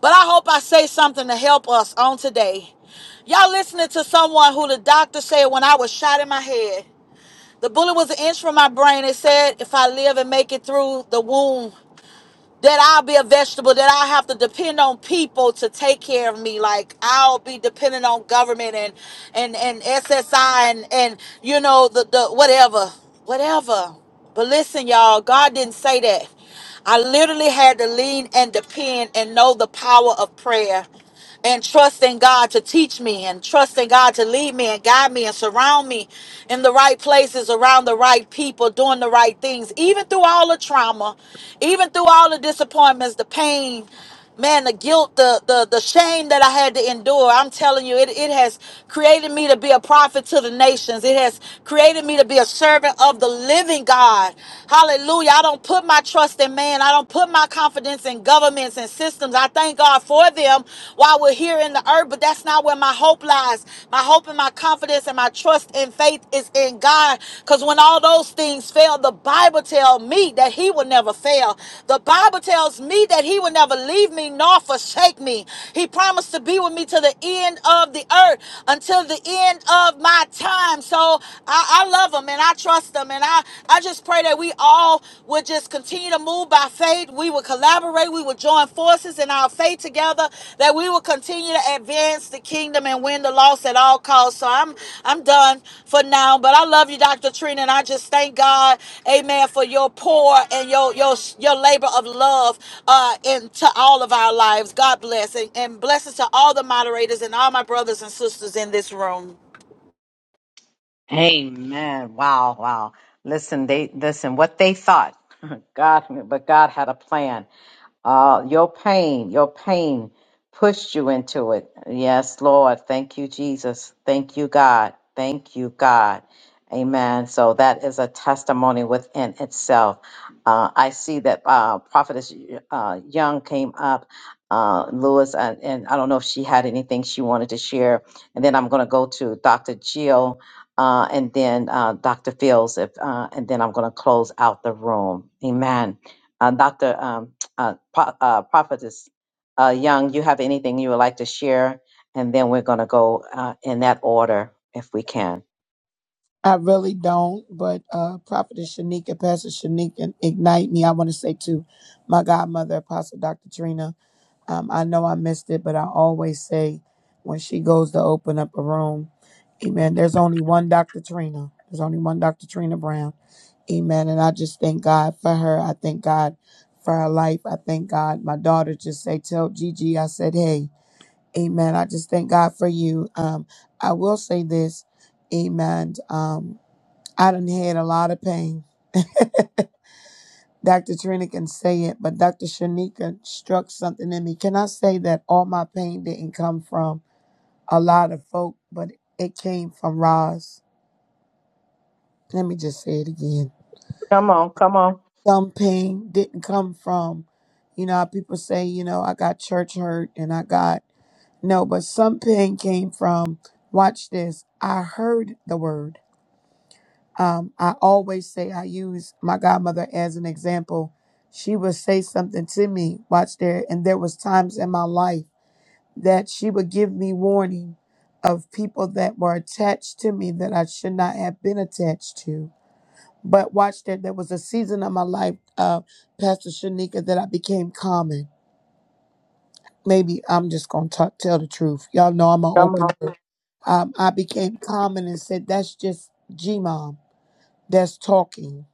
Speaker 17: But I hope I say something to help us on today. Y'all listening to someone who the doctor said when I was shot in my head, the bullet was an inch from my brain. It said, if I live and make it through the wound, that I'll be a vegetable, that I'll have to depend on people to take care of me. Like I'll be dependent on government and and and SSI and and you know the the whatever, whatever. But listen, y'all, God didn't say that. I literally had to lean and depend and know the power of prayer and trusting God to teach me and trusting God to lead me and guide me and surround me in the right places, around the right people, doing the right things, even through all the trauma, even through all the disappointments, the pain, man, the guilt, the the, the shame that I had to endure. I'm telling you, it, it has created me to be a prophet to the nations. It has created me to be a servant of the living God. Hallelujah. I don't put my trust in man. I don't put put my confidence in governments and systems. I thank God for them while we're here in the earth, but that's not where my hope lies. My hope and my confidence and my trust and faith is in God. Because when all those things fail, the Bible tells me that He will never fail. The Bible tells me that He will never leave me nor forsake me. He promised to be with me to the end of the earth until the end of my time. So I, I love Him and I trust Him and I. I, I just pray that we all would just continue to move by faith. We would collaborate. We would join forces in our faith together. That we will continue to advance the kingdom and win the loss at all costs. So I'm I'm done for now. But I love you, Dr. Trina, and I just thank God, Amen, for your pour and your your your labor of love uh, into all of our lives. God bless and, and blessings to all the moderators and all my brothers and sisters in this room.
Speaker 1: Amen. Wow, wow. Listen, they listen what they thought. God, but God had a plan. Uh, your pain, your pain pushed you into it. Yes, Lord. Thank you, Jesus. Thank you, God. Thank you, God. Amen. So that is a testimony within itself. Uh, I see that uh, Prophetess uh, Young came up, uh, Lewis, and, and I don't know if she had anything she wanted to share. And then I'm going to go to Dr. Jill uh, and then uh, Dr. Fields, if, uh, and then I'm going to close out the room. Amen. Uh, Dr uh, Pro- uh, Prophetess uh, Young, you have anything you would like to share? And then we're going to go uh, in that order if we can.
Speaker 18: I really don't, but uh, Prophetess Shanika, Pastor Shanika, ignite me. I want to say to my godmother, Apostle Dr. Trina, um, I know I missed it, but I always say when she goes to open up a room, amen, there's only one Dr. Trina. There's only one Dr. Trina Brown. Amen. And I just thank God for her. I thank God for her life. I thank God. My daughter just say, tell Gigi, I said, hey, amen. I just thank God for you. Um, I will say this, amen. Um, I done had a lot of pain. Dr. Trina can say it, but Dr. Shanika struck something in me. Can I say that all my pain didn't come from a lot of folk, but it came from Roz? Let me just say it again.
Speaker 1: Come on, come on,
Speaker 18: Some pain didn't come from, you know, how people say, you know, I got church hurt and I got, no, but some pain came from, watch this, I heard the word. Um, I always say I use my godmother as an example. She would say something to me, watch there, and there was times in my life that she would give me warning of people that were attached to me that I should not have been attached to. But watch there, there was a season of my life, uh, Pastor Shanika, that I became common. Maybe I'm just gonna tell the truth. Y'all know I'm an
Speaker 1: come
Speaker 18: open
Speaker 1: on.
Speaker 18: book. Um, I became common and said, "That's just G mom. That's talking."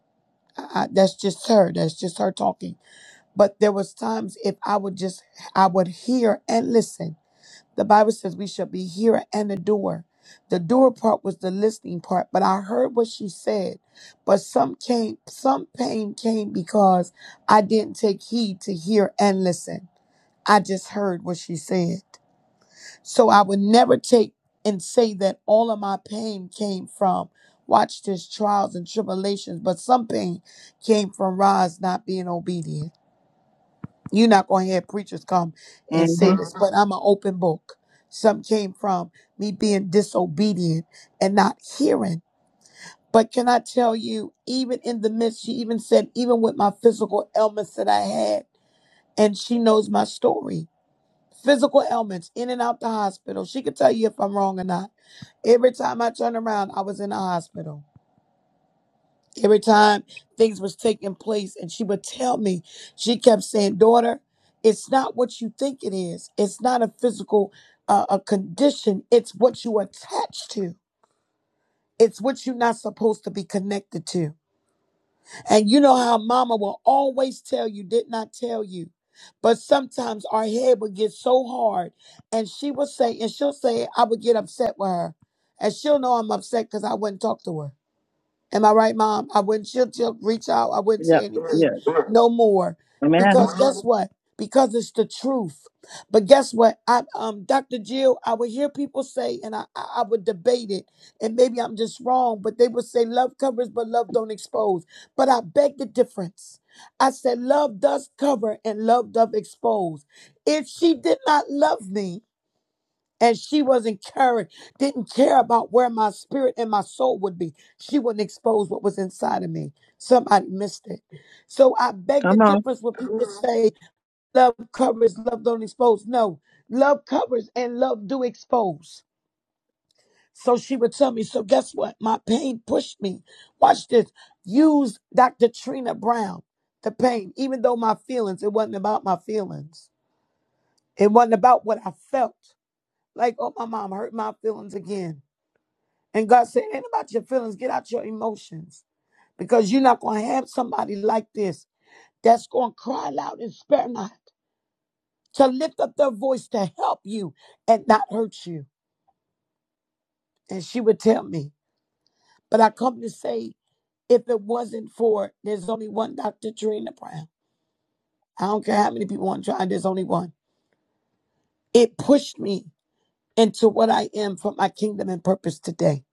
Speaker 18: I, I, that's just her. That's just her talking. But there was times if I would just, I would hear and listen. The Bible says we shall be hearer and a doer. The doer part was the listening part, but I heard what she said. But some came, some pain came because I didn't take heed to hear and listen. I just heard what she said. So I would never take and say that all of my pain came from, watch this, trials and tribulations, but some pain came from Roz not being obedient. You're not going to have preachers come and say
Speaker 1: hmm
Speaker 18: this, but I'm an open book. Some came from me being disobedient and not hearing. But can I tell you, even in the midst, she even said, even with my physical ailments that I had, and she knows my story physical ailments in and out the hospital. She could tell you if I'm wrong or not. Every time I turned around, I was in the hospital. Every time things was taking place and she would tell me, she kept saying, "Daughter, it's not what you think it is. It's not a physical uh, a condition. It's what you attach to. It's what you're not supposed to be connected to." And you know how mama will always tell you, did not tell you. But sometimes our head would get so hard and she would say, and she'll say, I would get upset with her. And she'll know I'm upset because I wouldn't talk to her. Am I right, Mom? I wouldn't. She'll, she'll reach out. I wouldn't
Speaker 1: Yeah,
Speaker 18: say
Speaker 1: yeah.
Speaker 18: anything no more
Speaker 1: Amen.
Speaker 18: because guess what? Because it's the truth. But guess what? I, um, Dr. Jill, I would hear people say, and I, I I would debate it, and maybe I'm just wrong, but they would say love covers, but love don't expose. But I beg the difference. I said love does cover and love does expose. If she did not love me, and she was not encouraged, didn't care about where my spirit and my soul would be. She wouldn't expose what was inside of me. Somebody missed it. So I beg the
Speaker 1: Come on.
Speaker 18: difference when people say love covers, love don't expose. No, love covers and love do expose. So she would tell me, so guess what? My pain pushed me. Watch this. Use Dr. Trina Brown, the pain, even though my feelings, it wasn't about my feelings. It wasn't about what I felt. Like, oh, my mom hurt my feelings again. And God said, ain't about your feelings. Get out your emotions. Because you're not going to have somebody like this that's going to cry loud and spare not, to lift up their voice to help you and not hurt you. And she would tell me. But I come to say, if it wasn't for, there's only one Dr. Trina Brown. I don't care how many people want to try, there's only one. It pushed me into what I am for my kingdom and purpose today.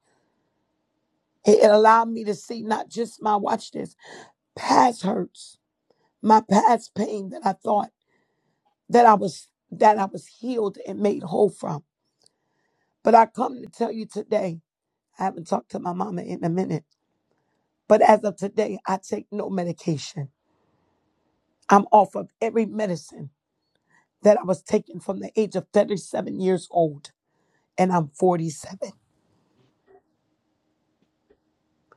Speaker 18: It it allowed me to see not just my, watch this, past hurts, my past pain that I thought that I was that I was healed and made whole from. But I come to tell you today, I haven't talked to my mama in a minute, but as of today, I take no medication. I'm off of every medicine that I was taking from the age of 37 years old, and I'm 47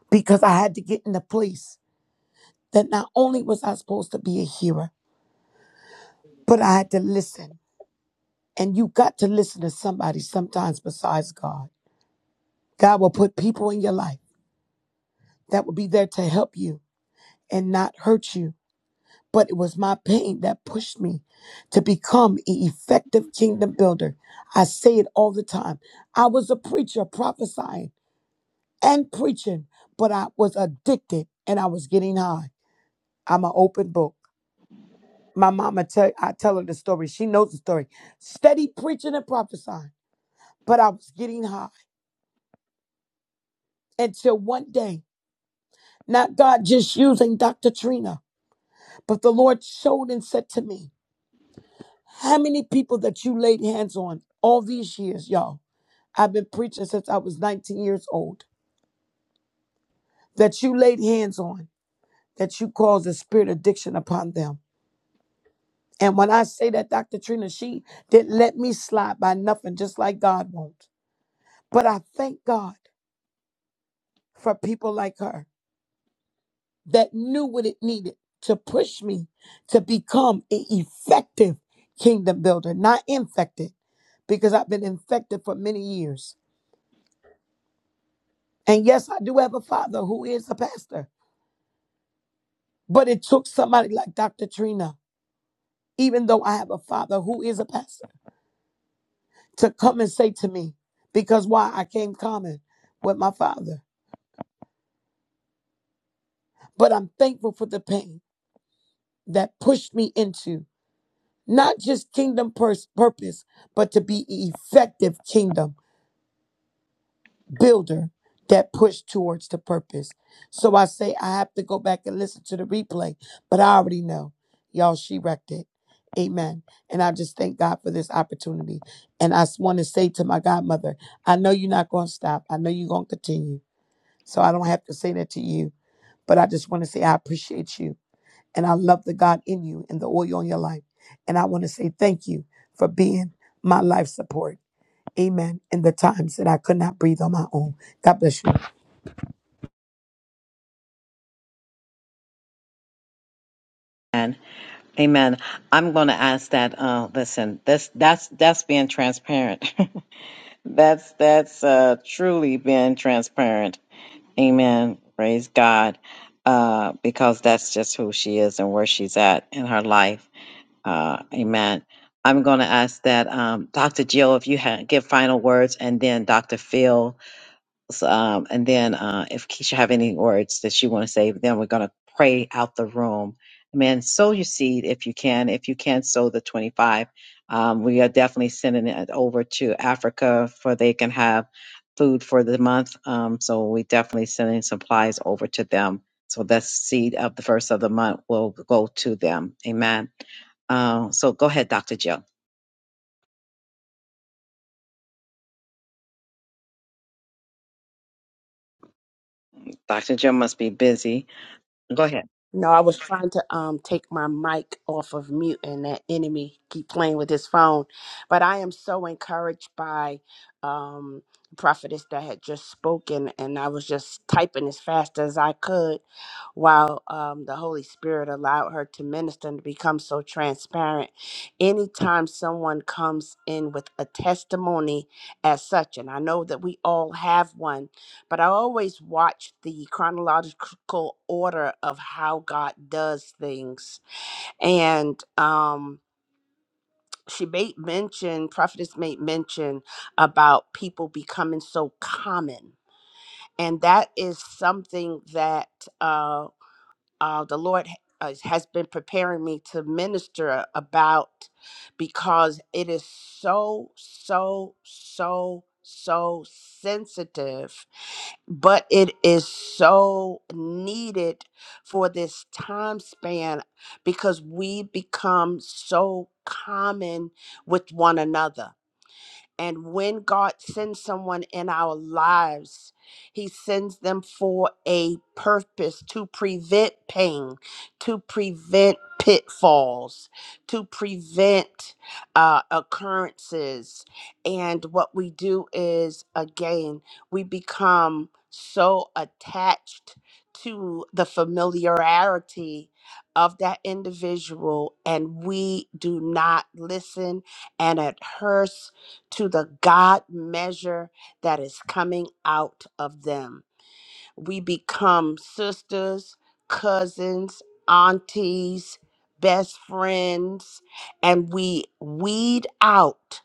Speaker 18: because I had to get in a place that not only was I supposed to be a hearer, but I had to listen. And you got to listen to somebody sometimes besides God. God will put people in your life that will be there to help you and not hurt you But it was my pain that pushed me to become an effective kingdom builder. I say it all the time. I was a preacher prophesying and preaching, but I was addicted and I was getting high. I'm an open book. My mama tell I tell her the story. She knows the story. Steady preaching and prophesying, but I was getting high until one day, not God just using Dr. Trina, but the Lord showed and said to me, How many people that you laid hands on all these years, y'all? I've been preaching since I was 19 years old. That you laid hands on, that you caused a spirit of addiction upon them. And when I say that, Dr. Trina, she didn't let me slide by nothing, just like God won't. But I thank God for people like her that knew what it needed to push me to become an effective kingdom builder, not infected, because I've been infected for many years. And yes, I do have a father who is a pastor, but it took somebody like Dr. Trina, even though I have a father who is a pastor, to come and say to me, because why I came common with my father. But I'm thankful for the pain that pushed me into not just kingdom pers- purpose, but to be effective kingdom. builder that pushed towards the purpose. So I say I have to go back and listen to the replay, but I already know. Y'all, she wrecked it. Amen. And I just thank God for this opportunity. And I want to say to my godmother, I know you're not going to stop. I know you're going to continue. So I don't have to say that to you, but I just want to say I appreciate you. And I love the God in you and the oil on your life. And I want to say thank you for being my life support. Amen. In the times that I could not breathe on my own. God bless you.
Speaker 1: Amen. Amen. I'm going to ask that. Uh, listen, that's that's that's being transparent. That's that's uh, truly being transparent. Amen. Praise God, uh, because that's just who she is and where she's at in her life. Uh, amen. I'm going to ask that um, Dr. Jill, if you ha- give final words, and then Dr. Phil. So, um, and then uh, if Keisha have any words that you want to say, then we're going to pray out the room. Man, sow your seed if you can. If you can sow the 25, um, we are definitely sending it over to Africa for they can have food for the month. Um, so we definitely sending supplies over to them. So that seed of the first of the month will go to them. Amen. Uh, so go ahead, Dr. Jill. Dr. Jill must be busy. Go ahead.
Speaker 15: No, I was trying to um take my mic off of mute and that enemy keep playing with his phone. But I am so encouraged by um prophetess that had just spoken and I was just typing as fast as I could while um the Holy Spirit allowed her to minister and to become so transparent. Anytime someone comes in with a testimony as such, and I know that we all have one but I always watch the chronological order of how God does things. And um, she made mention, prophetess made mention about people becoming so common. And that is something that uh, uh, the Lord ha- has been preparing me to minister about because it is so, so, so, so sensitive but it is so needed for this time span because we become so common with one another and when God sends someone in our lives, He sends them for a purpose to prevent pain, to prevent pitfalls, to prevent uh, occurrences. And what we do is, again, we become so attached to the familiarity of that individual, and we do not listen and adhere to the God measure that is coming out of them. We become sisters, cousins, aunties, best friends, and we weed out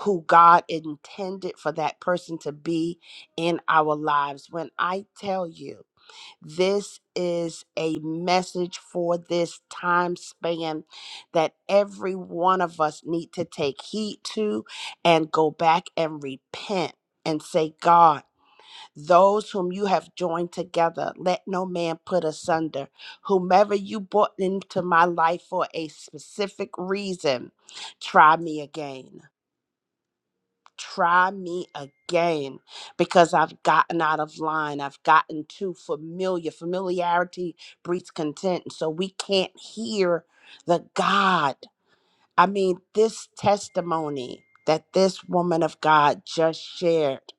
Speaker 15: who God intended for that person to be in our lives. When I tell you, this is a message for this time span that every one of us need to take heed to and go back and repent and say, God, those whom you have joined together, let no man put asunder. Whomever you brought into my life for a specific reason, try me again try me again because I've gotten out of line. I've gotten too familiar. Familiarity breeds content. So we can't hear the God. I mean, this testimony that this woman of God just shared.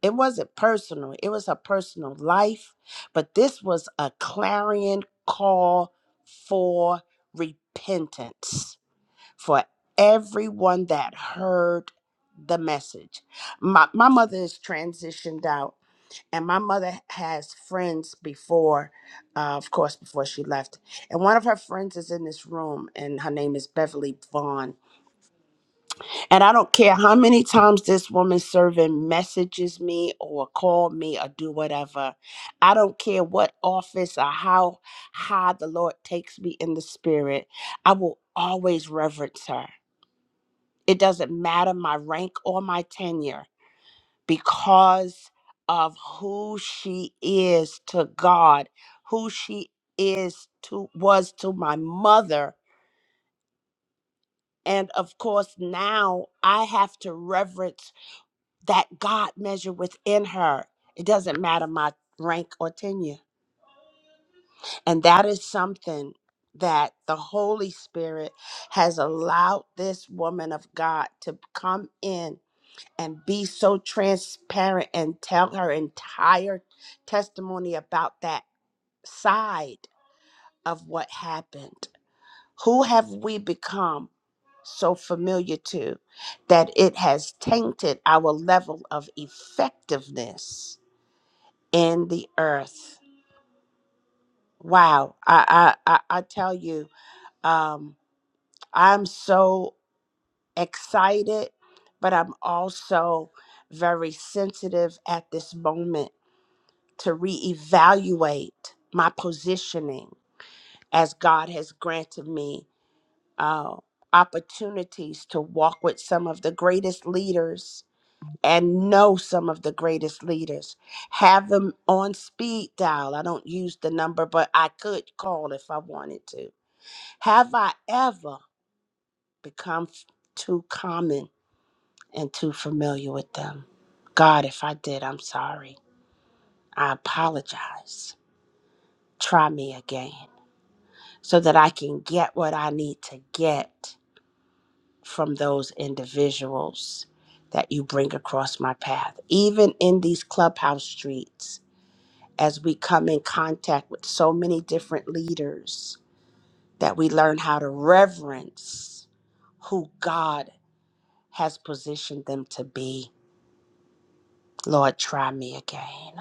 Speaker 15: It wasn't personal. It was her personal life, but this was a clarion call for repentance for everyone that heard the message. My, my mother is transitioned out, and my mother has friends before, uh, of course, before she left. And one of her friends is in this room, and her name is Beverly Vaughn. And I don't care how many times this woman serving messages me or call me or do whatever. I don't care what office or how high the Lord takes me in the spirit. I will always reverence her. It doesn't matter my rank or my tenure because of who she is to God, who she is to was to my mother. And of course, now I have to reverence that God measure within her. It doesn't matter my rank or tenure. And that is something that the Holy Spirit has allowed this woman of God to come in and be so transparent and tell her entire testimony about that side of what happened. Who have we become so familiar to that it has tainted our level of effectiveness in the earth? Wow, I I, I, I tell you, um, I'm so excited, but I'm also very sensitive at this moment to reevaluate my positioning as God has granted me uh, opportunities to walk with some of the greatest leaders and know some of the greatest leaders. Have them on speed dial. I don't use the number, but I could call if I wanted to. Have I ever become f- too common and too familiar with them? God, if I did, I'm sorry. I apologize. Try me again. so that I can get what I need to get from those individuals that you bring across my path. Even in these clubhouse streets, as we come in contact with so many different leaders, that we learn how to reverence who God has positioned them to be. Lord, try me again.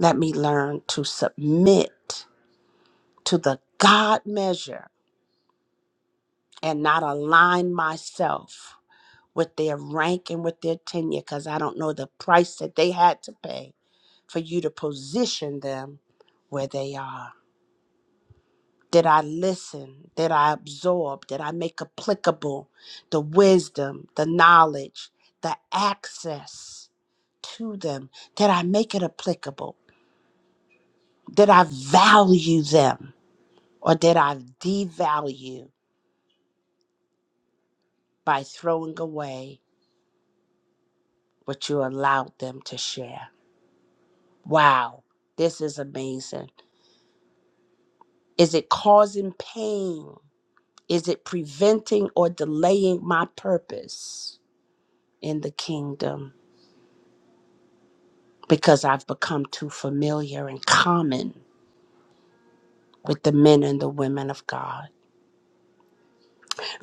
Speaker 15: Let me learn to submit to the God measure and not align myself with their rank and with their tenure because I don't know the price that they had to pay for you to position them where they are. Did I listen? Did I absorb? Did I make applicable the wisdom, the knowledge, the access to them? Did I make it applicable? Did I value them or did I devalue by throwing away what you allowed them to share? Wow, this is amazing. Is it causing pain? Is it preventing or delaying my purpose in the kingdom? Because I've become too familiar and common with the men and the women of God.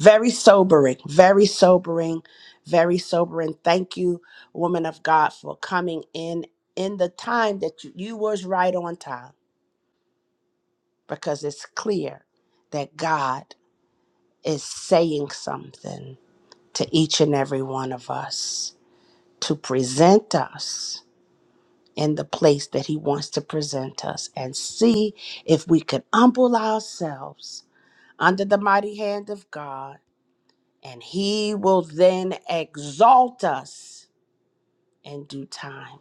Speaker 15: Very sobering, very sobering, very sobering. Thank you, woman of God, for coming in in the time that you, you was right on time because it's clear that God is saying something to each and every one of us to present us in the place that He wants to present us and see if we could humble ourselves under the mighty hand of God, and He will then exalt us in due time.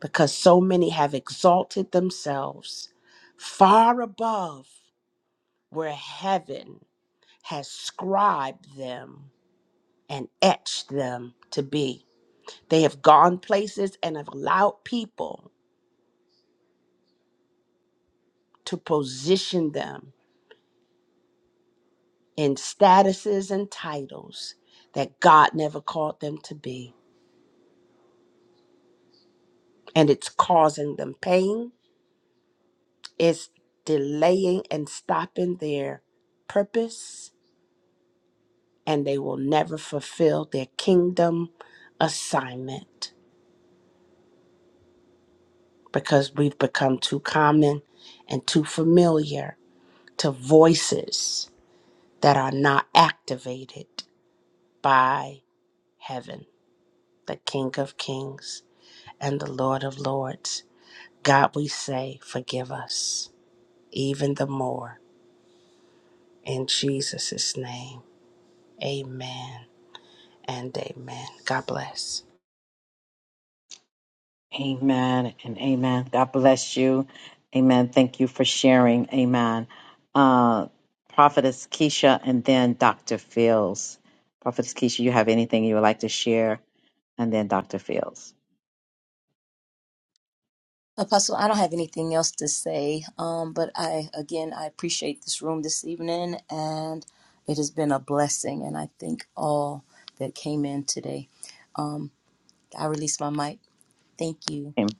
Speaker 15: Because so many have exalted themselves far above where heaven has scribed them and etched them to be. They have gone places and have allowed people to position them in statuses and titles that God never called them to be. And it's causing them pain, it's delaying and stopping their purpose, and they will never fulfill their kingdom assignment because we've become too common and too familiar to voices that are not activated by heaven, the King of Kings and the Lord of Lords. God, we say, forgive us even the more. In Jesus' name, amen and amen. God bless.
Speaker 1: Amen and amen. God bless you. Amen. Thank you for sharing. Amen. Uh, Prophetess Keisha and then Dr. Fields. Prophetess Keisha, you have anything you would like to share? And then Dr. Fields.
Speaker 13: Apostle, I don't have anything else to say, um, but I again I appreciate this room this evening, and it has been a blessing. And I thank all that came in today. Um, I release my mic. Thank you.
Speaker 1: Amen.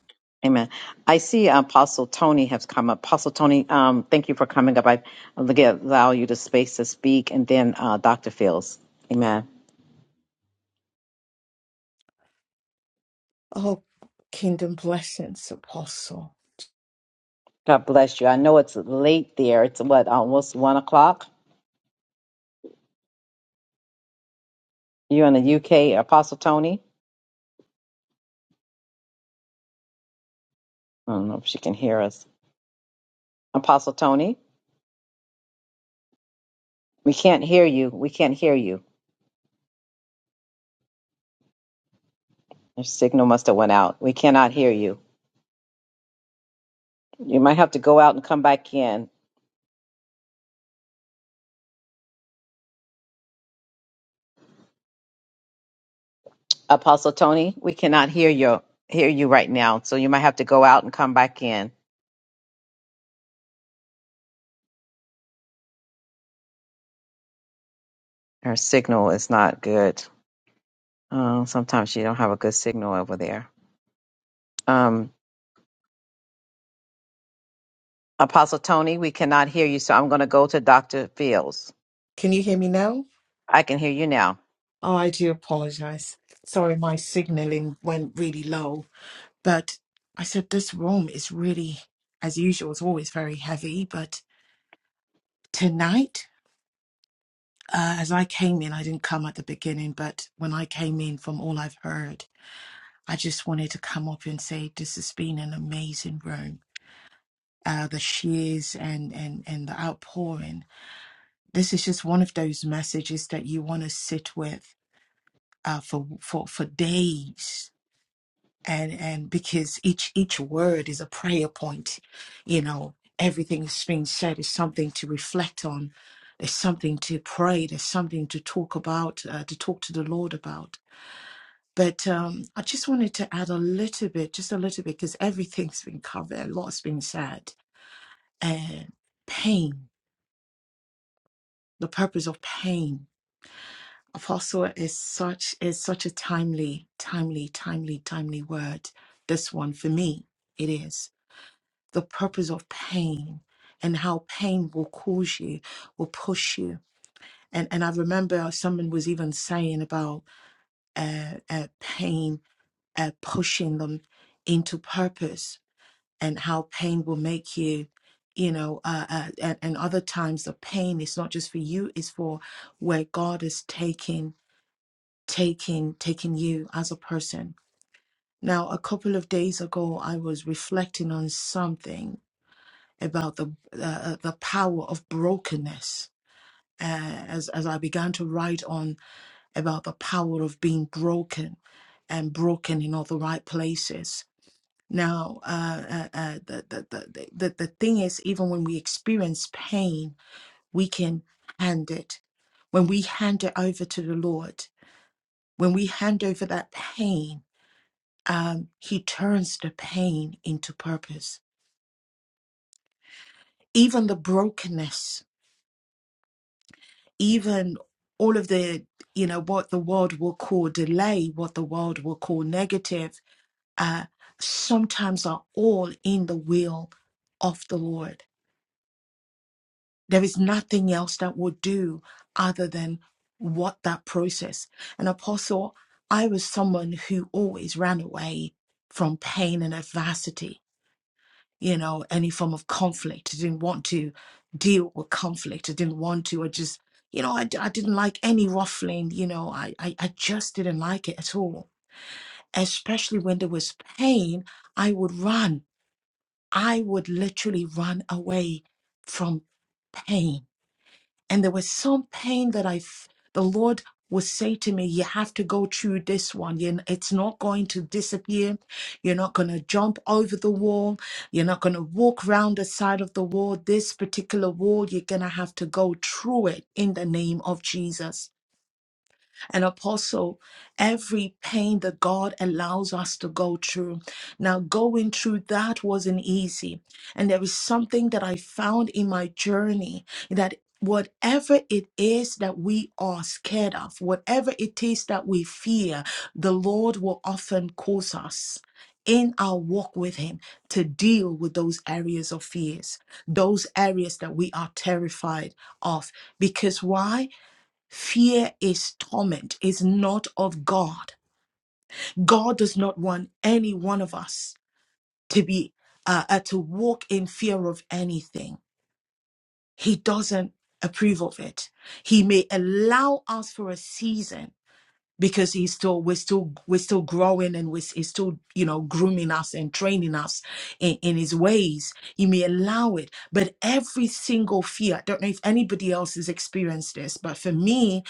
Speaker 1: Amen. I see Apostle Tony has come up. Apostle Tony, um, thank you for coming up. I I'll get- allow you the space to speak. And then uh, Dr. Fields. Amen.
Speaker 19: Oh, kingdom blessings, Apostle.
Speaker 1: God bless you. I know it's late there. It's what, almost one o'clock? You're in the UK, Apostle Tony? I don't know if she can hear us. Apostle Tony, we can't hear you. We can't hear you. Your signal must have went out. We cannot hear you. You might have to go out and come back in. Apostle Tony, we cannot hear you hear you right now. So you might have to go out and come back in. Her signal is not good. Uh, sometimes she don't have a good signal over there. Um, Apostle Tony, we cannot hear you, so I'm going to go to Dr. Fields.
Speaker 19: Can you hear me now?
Speaker 1: I can hear you now.
Speaker 19: Oh, I do apologize. Sorry, my signaling went really low. But I said this room is really, as usual, it's always very heavy. But tonight, uh, as I came in, I didn't come at the beginning, but when I came in, from all I've heard, I just wanted to come up and say this has been an amazing room. Uh, the shears and, and, and the outpouring. This is just one of those messages that you want to sit with uh, for for for days and and because each each word is a prayer point you know everything that's being said is something to reflect on there's something to pray there's something to talk about uh, to talk to the lord about but um, i just wanted to add a little bit just a little bit because everything's been covered a lot's been said and pain the purpose of pain Apostle is such is such a timely, timely, timely, timely word. This one for me, it is the purpose of pain and how pain will cause you, will push you. And and I remember someone was even saying about uh, uh, pain uh, pushing them into purpose and how pain will make you. You know, uh, uh, and, and other times the pain is not just for you; it's for where God is taking taking taking you as a person now a couple of days ago i was reflecting on something about the uh, the power of brokenness uh, as as i began to write on about the power of being broken and broken in all the right places now uh, uh, uh, the, the, the, the, the thing is even when we experience pain we can hand it when we hand it over to the lord when we hand over that pain um, he turns the pain into purpose. Even the brokenness, even all of the, you know, what the world will call delay, what the world will call negative, uh, sometimes are all in the will of the Lord. There is nothing else that will do other than what that process. And Apostle, I was someone who always ran away from pain and adversity you know, any form of conflict. I didn't want to deal with conflict. I didn't want to, I just, you know, I, d- I didn't like any ruffling, you know, I, I, I just didn't like it at all. Especially when there was pain, I would run. I would literally run away from pain and there was some pain that I, f- the Lord would say to me, you have to go through this one. You, it's not going to disappear. You're not going to jump over the wall. You're not going to walk round the side of the wall. This particular wall, you're going to have to go through it in the name of Jesus and apostle every pain that God allows us to go through. Now, going through that wasn't easy. And there is something that I found in my journey that. Whatever it is that we are scared of, whatever it is that we fear, the Lord will often cause us in our walk with Him to deal with those areas of fears, those areas that we are terrified of. Because why? Fear is torment, is not of God. God does not want any one of us to be uh, uh, to walk in fear of anything. He doesn't approve of it. He may allow us for a season because he's still we're still we're still growing and we're, he's still you know grooming us and training us in, in his ways he may allow it but every single fear i don't know if anybody else has experienced this but for me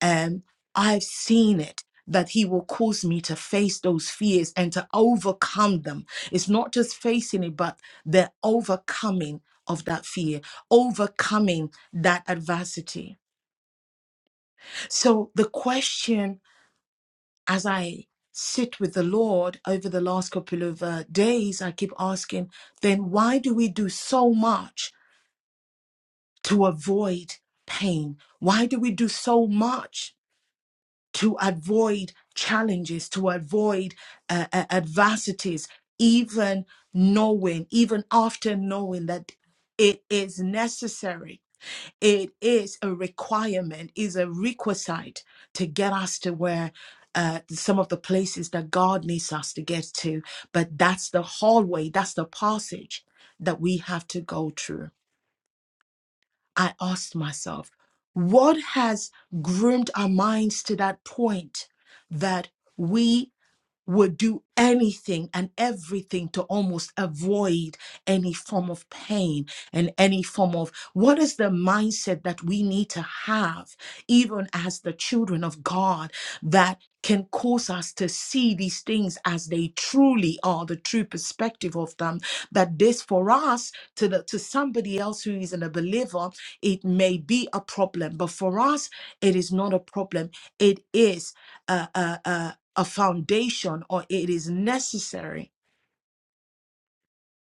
Speaker 19: um i've seen it that he will cause me to face those fears and to overcome them it's not just facing it but the overcoming of that fear overcoming that adversity so the question as I sit with the Lord over the last couple of uh, days, I keep asking, then why do we do so much to avoid pain? Why do we do so much to avoid challenges, to avoid uh, uh, adversities, even knowing, even after knowing that it is necessary? it is a requirement is a requisite to get us to where uh, some of the places that god needs us to get to but that's the hallway that's the passage that we have to go through i asked myself what has groomed our minds to that point that we would do anything and everything to almost avoid any form of pain and any form of what is the mindset that we need to have, even as the children of God, that can cause us to see these things as they truly are, the true perspective of them. That this for us, to the to somebody else who isn't a believer, it may be a problem, but for us, it is not a problem. It is a, a, a, a foundation or it is necessary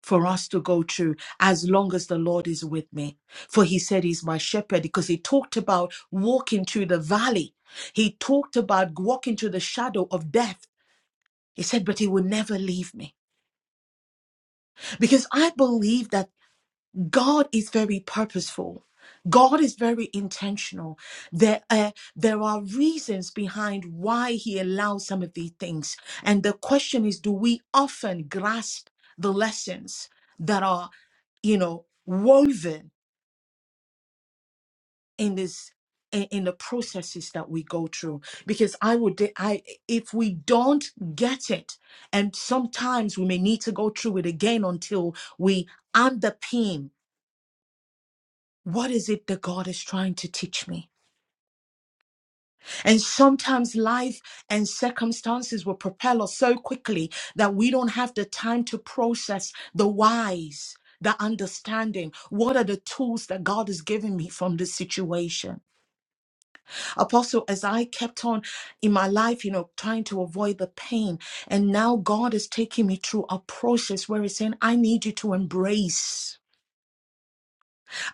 Speaker 19: for us to go through as long as the Lord is with me. For he said he's my shepherd because he talked about walking through the valley. He talked about walking through the shadow of death. He said, but he will never leave me because I believe that God is very purposeful. God is very intentional. There, uh, there are reasons behind why He allows some of these things. And the question is do we often grasp the lessons that are, you know, woven in this? In in the processes that we go through, because I would, de- I if we don't get it, and sometimes we may need to go through it again until we underpin What is it that God is trying to teach me? And sometimes life and circumstances will propel us so quickly that we don't have the time to process the whys, the understanding. What are the tools that God is giving me from this situation? Apostle, as I kept on in my life, you know, trying to avoid the pain, and now God is taking me through a process where He's saying, I need you to embrace,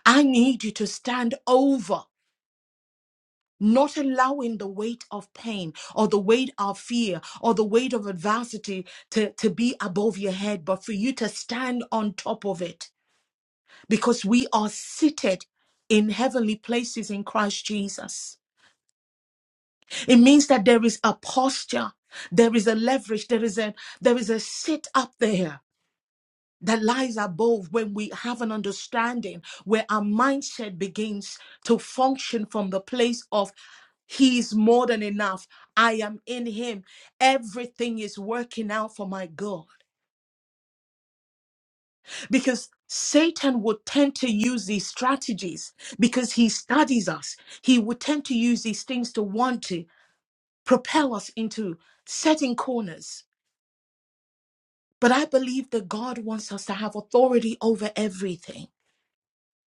Speaker 19: I need you to stand over. not allowing the weight of pain or the weight of fear or the weight of adversity to, to be above your head, but for you to stand on top of it because we are seated in heavenly places in Christ Jesus. It means that there is a posture, there is a leverage, there is a there is a sit up there that lies above when we have an understanding where our mindset begins to function from the place of he is more than enough. I am in him. Everything is working out for my good. Because Satan would tend to use these strategies because he studies us. He would tend to use these things to want to propel us into certain corners. But I believe that God wants us to have authority over everything.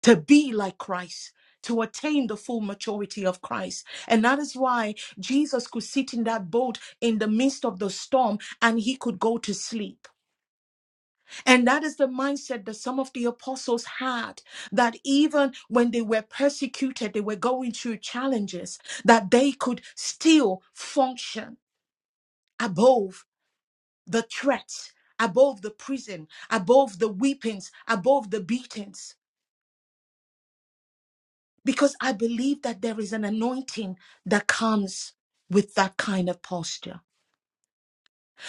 Speaker 19: to be like Christ, to attain the full maturity of Christ. And that is why Jesus could sit in that boat in the midst of the storm and he could go to sleep. And that is the mindset that some of the apostles had that even when they were persecuted, they were going through challenges, that they could still function above the threats, above the prison, above the weepings, above the beatings. because I believe that there is an anointing that comes with that kind of posture.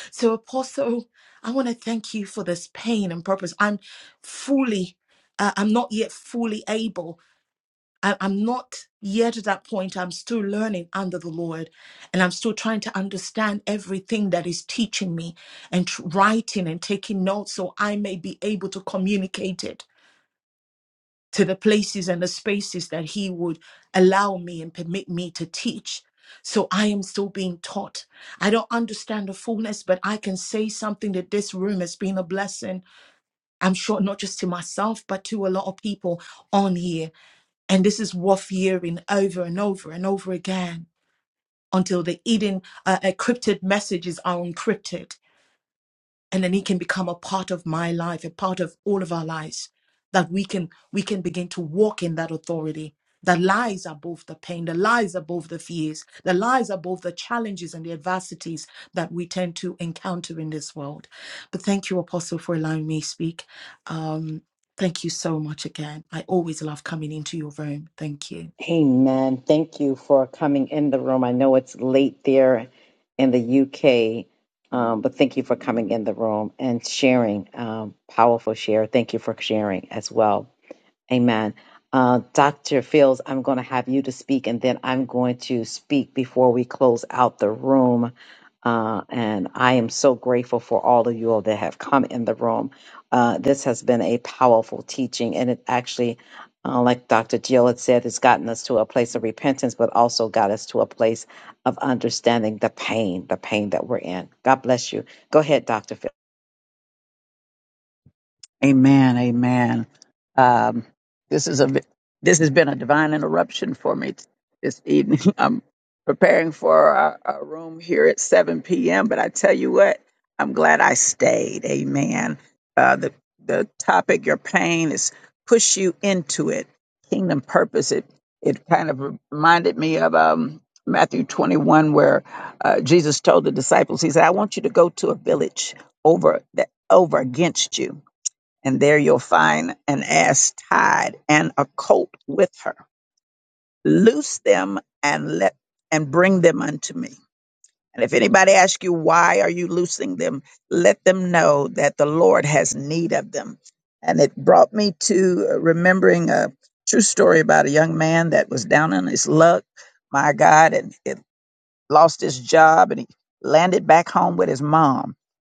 Speaker 19: So, Apostle, I want to thank you for this pain and purpose. I'm fully, uh, I'm not yet fully able. I, I'm not yet at that point. I'm still learning under the Lord, and I'm still trying to understand everything that is teaching me and tr- writing and taking notes so I may be able to communicate it to the places and the spaces that He would allow me and permit me to teach. So I am still being taught. I don't understand the fullness, but I can say something that this room has been a blessing. I'm sure not just to myself, but to a lot of people on here. And this is worth hearing over and over and over again until the hidden, uh, encrypted messages are encrypted and then he can become a part of my life a part of all of our lives that we can we can begin to walk in that authority the lies above the pain the lies above the fears the lies above the challenges and the adversities that we tend to encounter in this world but thank you apostle for allowing me to speak um thank you so much again i always love coming into your room thank you
Speaker 1: Amen. Thank you for coming in the room. I know it's late there in the UK, um, but thank you for coming in the room and sharing. Um, powerful share. Thank you for sharing as well. Amen. Uh, Dr. Fields, I'm going to have you to speak, and then I'm going to speak before we close out the room. Uh, and I am so grateful for all of you all that have come in the room. Uh, this has been a powerful teaching, and it actually, uh, like Dr. Jill had said, has gotten us to a place of repentance, but also got us to a place of understanding the pain, the pain that we're in. God bless you. Go ahead, Dr. Fields.
Speaker 7: Amen. Amen. Um, this is a vi- this has been a divine interruption for me t- this evening. I'm preparing for our, our room here at 7 p.m. But I tell you what, I'm glad I stayed. Amen. Uh, the the topic, your pain, is push you into it. Kingdom purpose. It it kind of reminded me of um, Matthew 21, where uh, Jesus told the disciples, He said, "I want you to go to a village over that over against you." and there you'll find an ass tied and a colt with her. Loose them and let and bring them unto me. And if anybody asks you why are you loosing them, let them know that the Lord has need of them. And it brought me to uh, remembering a true story about a young man that was down on his luck, my God, and it lost his job and he landed back home with his mom.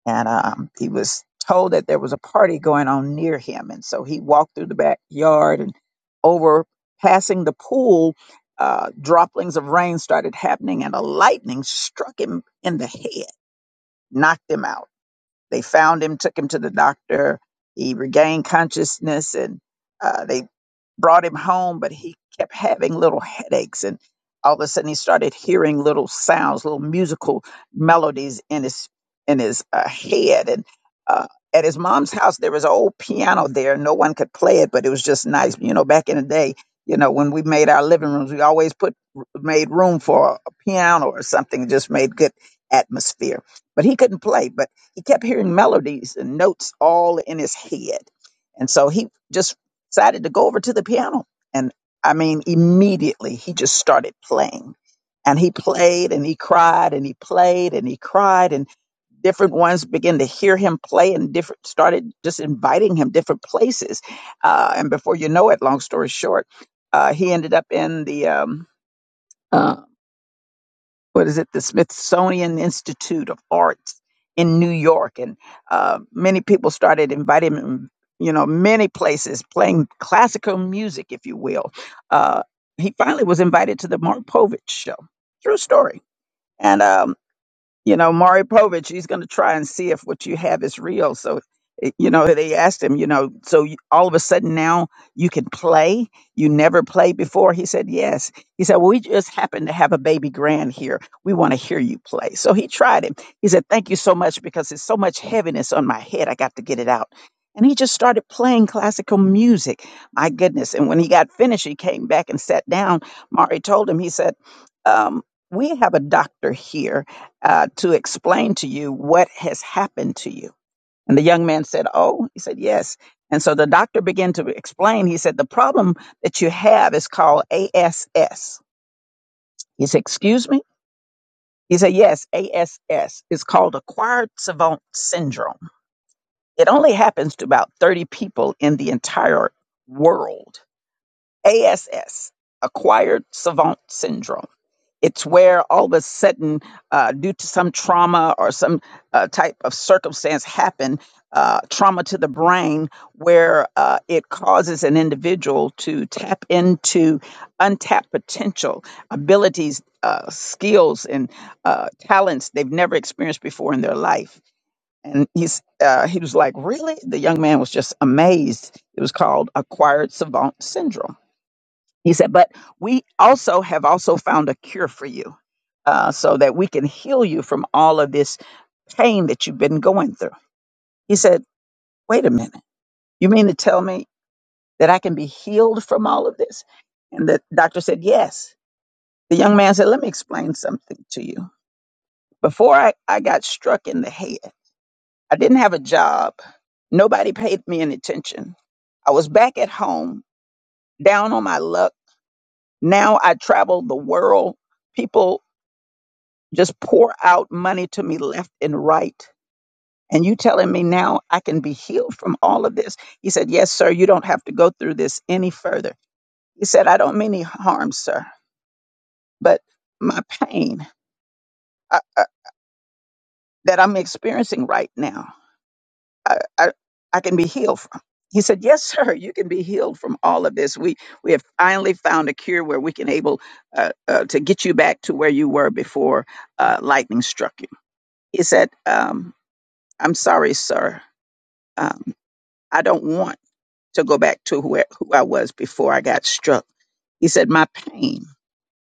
Speaker 7: And um, he was told that there was a party going on near him. And so he walked through the backyard and over passing the pool, uh, droplings of rain started happening and a lightning struck him in the head, knocked him out. They found him, took him to the doctor. He regained consciousness and uh, they brought him home, but he kept having little headaches. And all of a sudden, he started hearing little sounds, little musical melodies in his in his uh, head. And uh, at his mom's house, there was an old piano there. No one could play it, but it was just nice. You know, back in the day, you know, when we made our living rooms, we always put made room for a piano or something. It just made good atmosphere. But he couldn't play. But he kept hearing melodies and notes all in his head. And so he just decided to go over to the piano. And I mean, immediately he just started playing. And he played and he cried and he played and he cried and different ones began to hear him play and different started just inviting him different places. Uh, and before you know it, long story short, uh, he ended up in the um, uh, what is it, the Smithsonian Institute of Arts in New York, and uh, many people started inviting him. You know, many places playing classical music, if you will. Uh, he finally was invited to the Mark Povich show. True story. And um, you know, Mari Povich, he's going to try and see if what you have is real. So, it- you know, they asked him, you know, so you, all of a sudden now you can play. You never played before. He said, yes. He said, well, we just happen to have a baby grand here. We want to hear you play. So he tried it. He said, thank you so much because there's so much heaviness on my head. I got to get it out. And he just started playing classical music. My goodness. And when he got finished, he came back and sat down. Mari told him, he said, um, we have a doctor here uh, to explain to you what has happened to you. And the young man said, Oh, he said, Yes. And so the doctor began to explain. He said, The problem that you have is called ASS. He said, Excuse me? He said, Yes, ASS is called acquired savant syndrome. It only happens to about 30 people in the entire world. ASS, acquired savant syndrome. It's where all of a sudden, uh, due to some trauma or some uh, type of circumstance happen, uh, trauma to the brain, where uh, it causes an individual to tap into untapped potential, abilities, uh, skills, and uh, talents they've never experienced before in their life. And he's uh, he was like, really? The young man was just amazed. It was called acquired savant syndrome he said, but we also have also found a cure for you uh, so that we can heal you from all of this pain that you've been going through. He said, wait a minute. You mean to tell me that I can be healed from all of this? And the doctor said, yes. The young man said, let me explain something to you. Before I, I got struck in the head, I didn't have a job. Nobody paid me any attention. I was back at home, down on my luck. Now I travel the world. People just pour out money to me left and right. And you telling me now I can be healed from all of this? He said, Yes, sir, you don't have to go through this any further. He said, I don't mean any harm, sir, but my pain uh, uh, that I'm experiencing right now, I, I, I can be healed from. He said, Yes, sir, you can be healed from all of this. We, we have finally found a cure where we can able uh, uh, to get you back to where you were before uh, lightning struck you. He said, um, I'm sorry, sir Um, I don't want to go back to where, who I was before I got struck. He said, My pain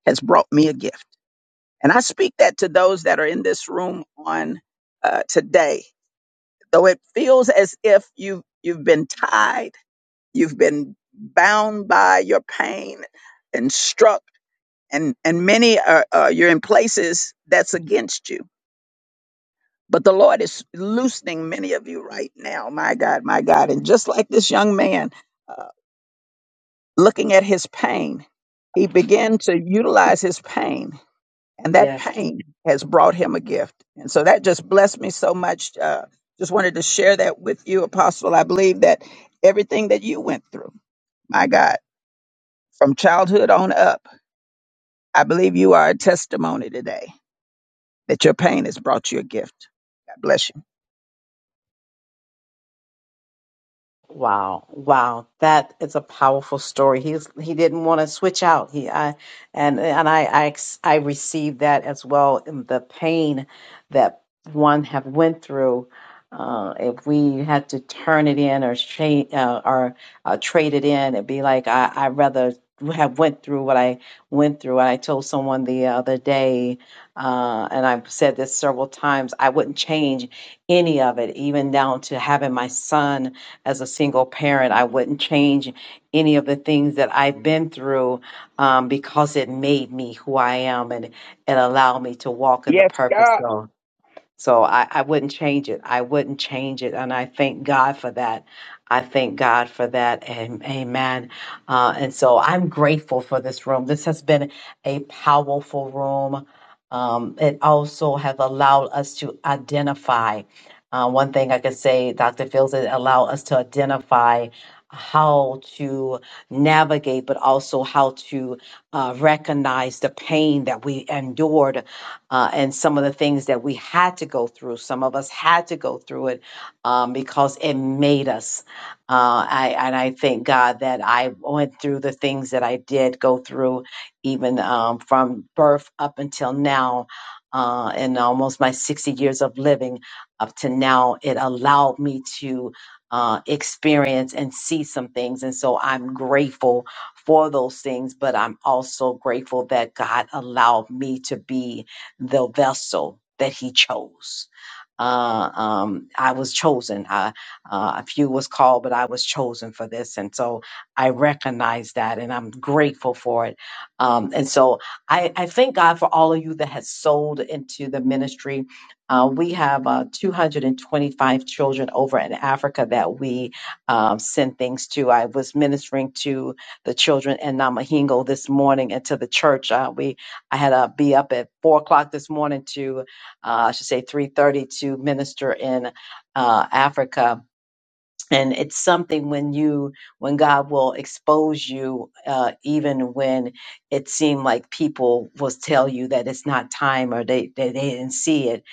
Speaker 7: has brought me a gift. And I speak that to those that are in this room on uh, today. Though it feels as if you've, you've been tied, you've been bound by your pain and struck, and, and many are, uh, you're in places that's against you. But the Lord is loosening many of you right now. My God, my God. And just like this young man. uh, looking at his pain, he began to utilize his pain, and that
Speaker 1: Yes.
Speaker 7: pain has brought him a gift. And so that just blessed me so much. Uh, just wanted to share that with you, Apostle. I believe that everything that you went through, my God, from childhood on up, I believe you are a testimony today that your pain has brought you a gift. God bless you.
Speaker 1: Wow, wow, that is a powerful story. He's he didn't want to switch out. He I and and I I ex- I received that as well. and The pain that one have went through. Uh, if we had to turn it in or change uh, or uh, trade it in, it'd be like I I rather have went through what I went through. I told someone the other day, uh, and I've said this several times. I wouldn't change any of it, even down to having my son as a single parent. I wouldn't change any of the things that I've been through um, because it made me who I am and it allowed me to walk in the
Speaker 7: Yes, God.
Speaker 1: purpose. of so I, I wouldn't change it. I wouldn't change it. And I thank God for that. I thank God for that. And amen. Uh, and so I'm grateful for this room. This has been a powerful room. Um, it also has allowed us to identify. Uh, one thing I could say, Dr. Fields, it allowed us to identify how to navigate, but also how to uh, recognize the pain that we endured uh, and some of the things that we had to go through. Some of us had to go through it um, because it made us. Uh, I, and I thank God that I went through the things that I did go through, even um, from birth up until now. Uh, and almost my 60 years of living up to now, it allowed me to uh, experience and see some things. And so I'm grateful for those things, but I'm also grateful that God allowed me to be the vessel that he chose uh, um, I was chosen. I, uh, a few was called, but I was chosen for this, and so I recognize that, and I'm grateful for it. Um, and so I, I thank God for all of you that has sold into the ministry. Uh, we have uh, 225 children over in Africa that we um, send things to. I was ministering to the children in Namahingo this morning and to the church. Uh, we I had to be up at four o'clock this morning to uh, I should say 3:30 to minister in uh, Africa. And it's something when you, when God will expose you, uh, even when it seemed like people will tell you that it's not time or they, they, they didn't see it.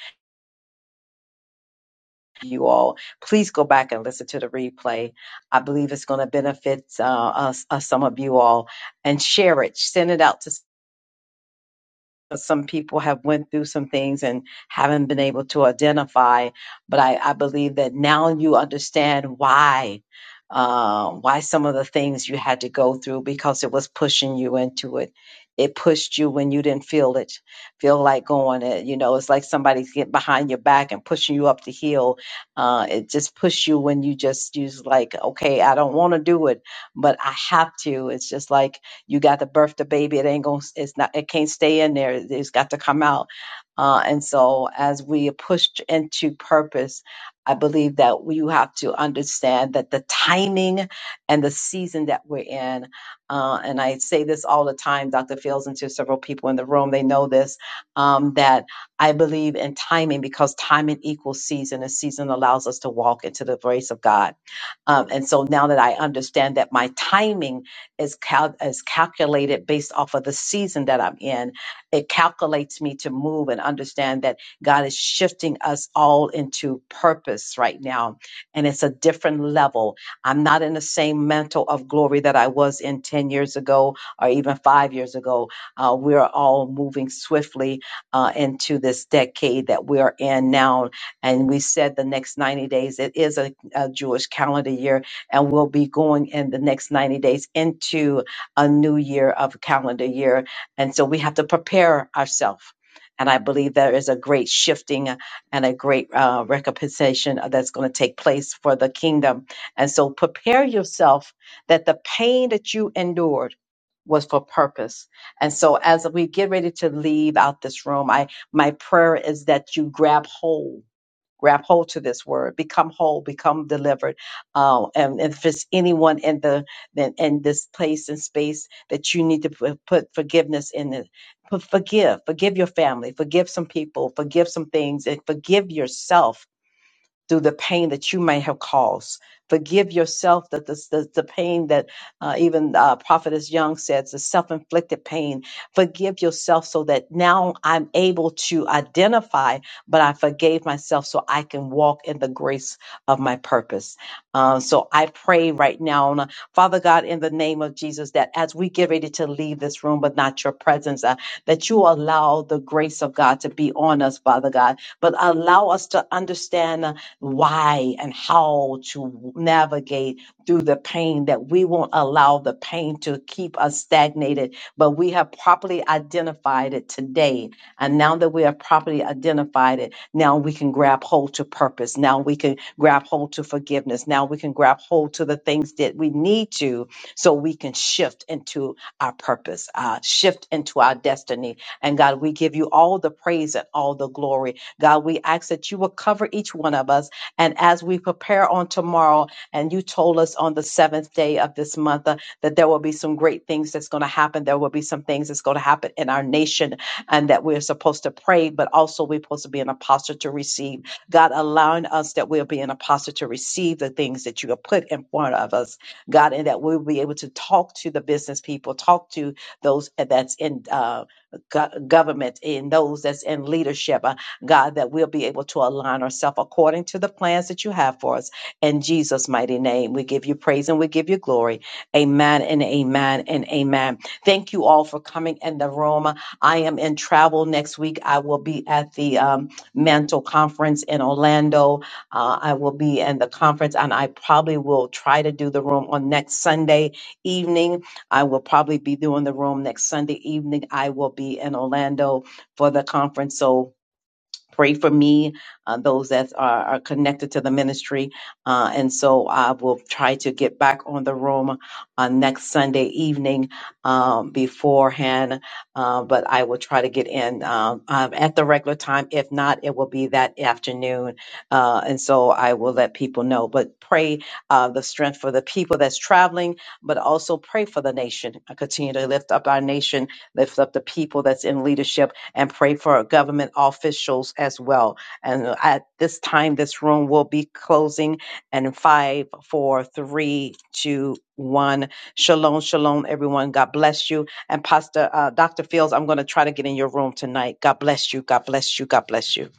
Speaker 1: You all, please go back and listen to the replay. I believe it's going to benefit uh, us, us, some of you all, and share it. Send it out to some people have went through some things and haven't been able to identify but i, I believe that now you understand why uh, why some of the things you had to go through because it was pushing you into it it pushed you when you didn't feel it feel like going it you know it's like somebody's getting behind your back and pushing you up the hill uh, it just pushed you when you just use like okay i don't want to do it but i have to it's just like you got to birth the baby. It ain't going. It's not. It can't stay in there. It's got to come out. Uh, and so, as we are pushed into purpose, I believe that we have to understand that the timing and the season that we're in. Uh, and I say this all the time, Dr. Fields, and to several people in the room, they know this. Um, that I believe in timing because timing equals season, and season allows us to walk into the grace of God um, and so now that I understand that my timing is cal- is calculated based off of the season that I'm in, it calculates me to move and understand that God is shifting us all into purpose right now, and it's a different level. I'm not in the same mantle of glory that I was in ten years ago or even five years ago. Uh, we are all moving swiftly uh, into this decade that we are in now, and we said the next 90 days. It is a uh, Jewish calendar year, and we'll be going in the next 90 days into a new year of calendar year. And so we have to prepare ourselves. And I believe there is a great shifting and a great uh, recompensation that's going to take place for the kingdom. And so prepare yourself that the pain that you endured was for purpose. And so as we get ready to leave out this room, I my prayer is that you grab hold grab hold to this word become whole become delivered uh, and, and if it's anyone in the in, in this place and space that you need to put, put forgiveness in it put, forgive forgive your family forgive some people forgive some things and forgive yourself through the pain that you may have caused. Forgive yourself that the, the, the pain that uh, even uh, Prophetess Young says, the self inflicted pain. Forgive yourself so that now I'm able to identify, but I forgave myself so I can walk in the grace of my purpose. Uh, so I pray right now, and, uh, Father God, in the name of Jesus, that as we get ready to leave this room, but not your presence, uh, that you allow the grace of God to be on us, Father God, but allow us to understand. uh, why and how to navigate through the pain that we won't allow the pain to keep us stagnated, but we have properly identified it today. And now that we have properly identified it, now we can grab hold to purpose. Now we can grab hold to forgiveness. Now we can grab hold to the things that we need to so we can shift into our purpose, uh, shift into our destiny. And God, we give you all the praise and all the glory. God, we ask that you will cover each one of us and as we prepare on tomorrow, and you told us on the seventh day of this month uh, that there will be some great things that's going to happen. There will be some things that's going to happen in our nation and that we're supposed to pray, but also we're supposed to be an apostle to receive. God, allowing us that we'll be an apostle to receive the things that you have put in front of us, God, and that we'll be able to talk to the business people, talk to those that's in uh, go- government, in those that's in leadership, God, that we'll be able to align ourselves according to the plans that you have for us. In Jesus' mighty name, we give you praise and we give you glory. Amen and amen and amen. Thank you all for coming in the room. I am in travel next week. I will be at the um, Mantle Conference in Orlando. Uh, I will be in the conference and I probably will try to do the room on next Sunday evening. I will probably be doing the room next Sunday evening. I will be in Orlando for the conference. So, pray for me, uh, those that are, are connected to the ministry. Uh, and so I will try to get back on the room uh, next Sunday evening um, beforehand, uh, but I will try to get in um, um, at the regular time. If not, it will be that afternoon. Uh, and so I will let people know. But pray uh, the strength for the people that's traveling, but also pray for the nation. I continue to lift up our nation, lift up the people that's in leadership and pray for government officials as well. And at this time, this room will be closing and five, four, three, two, one. Shalom, shalom, everyone. God bless you. And Pastor uh, Dr. Fields, I'm going to try to get in your room tonight. God bless you. God bless you. God bless you.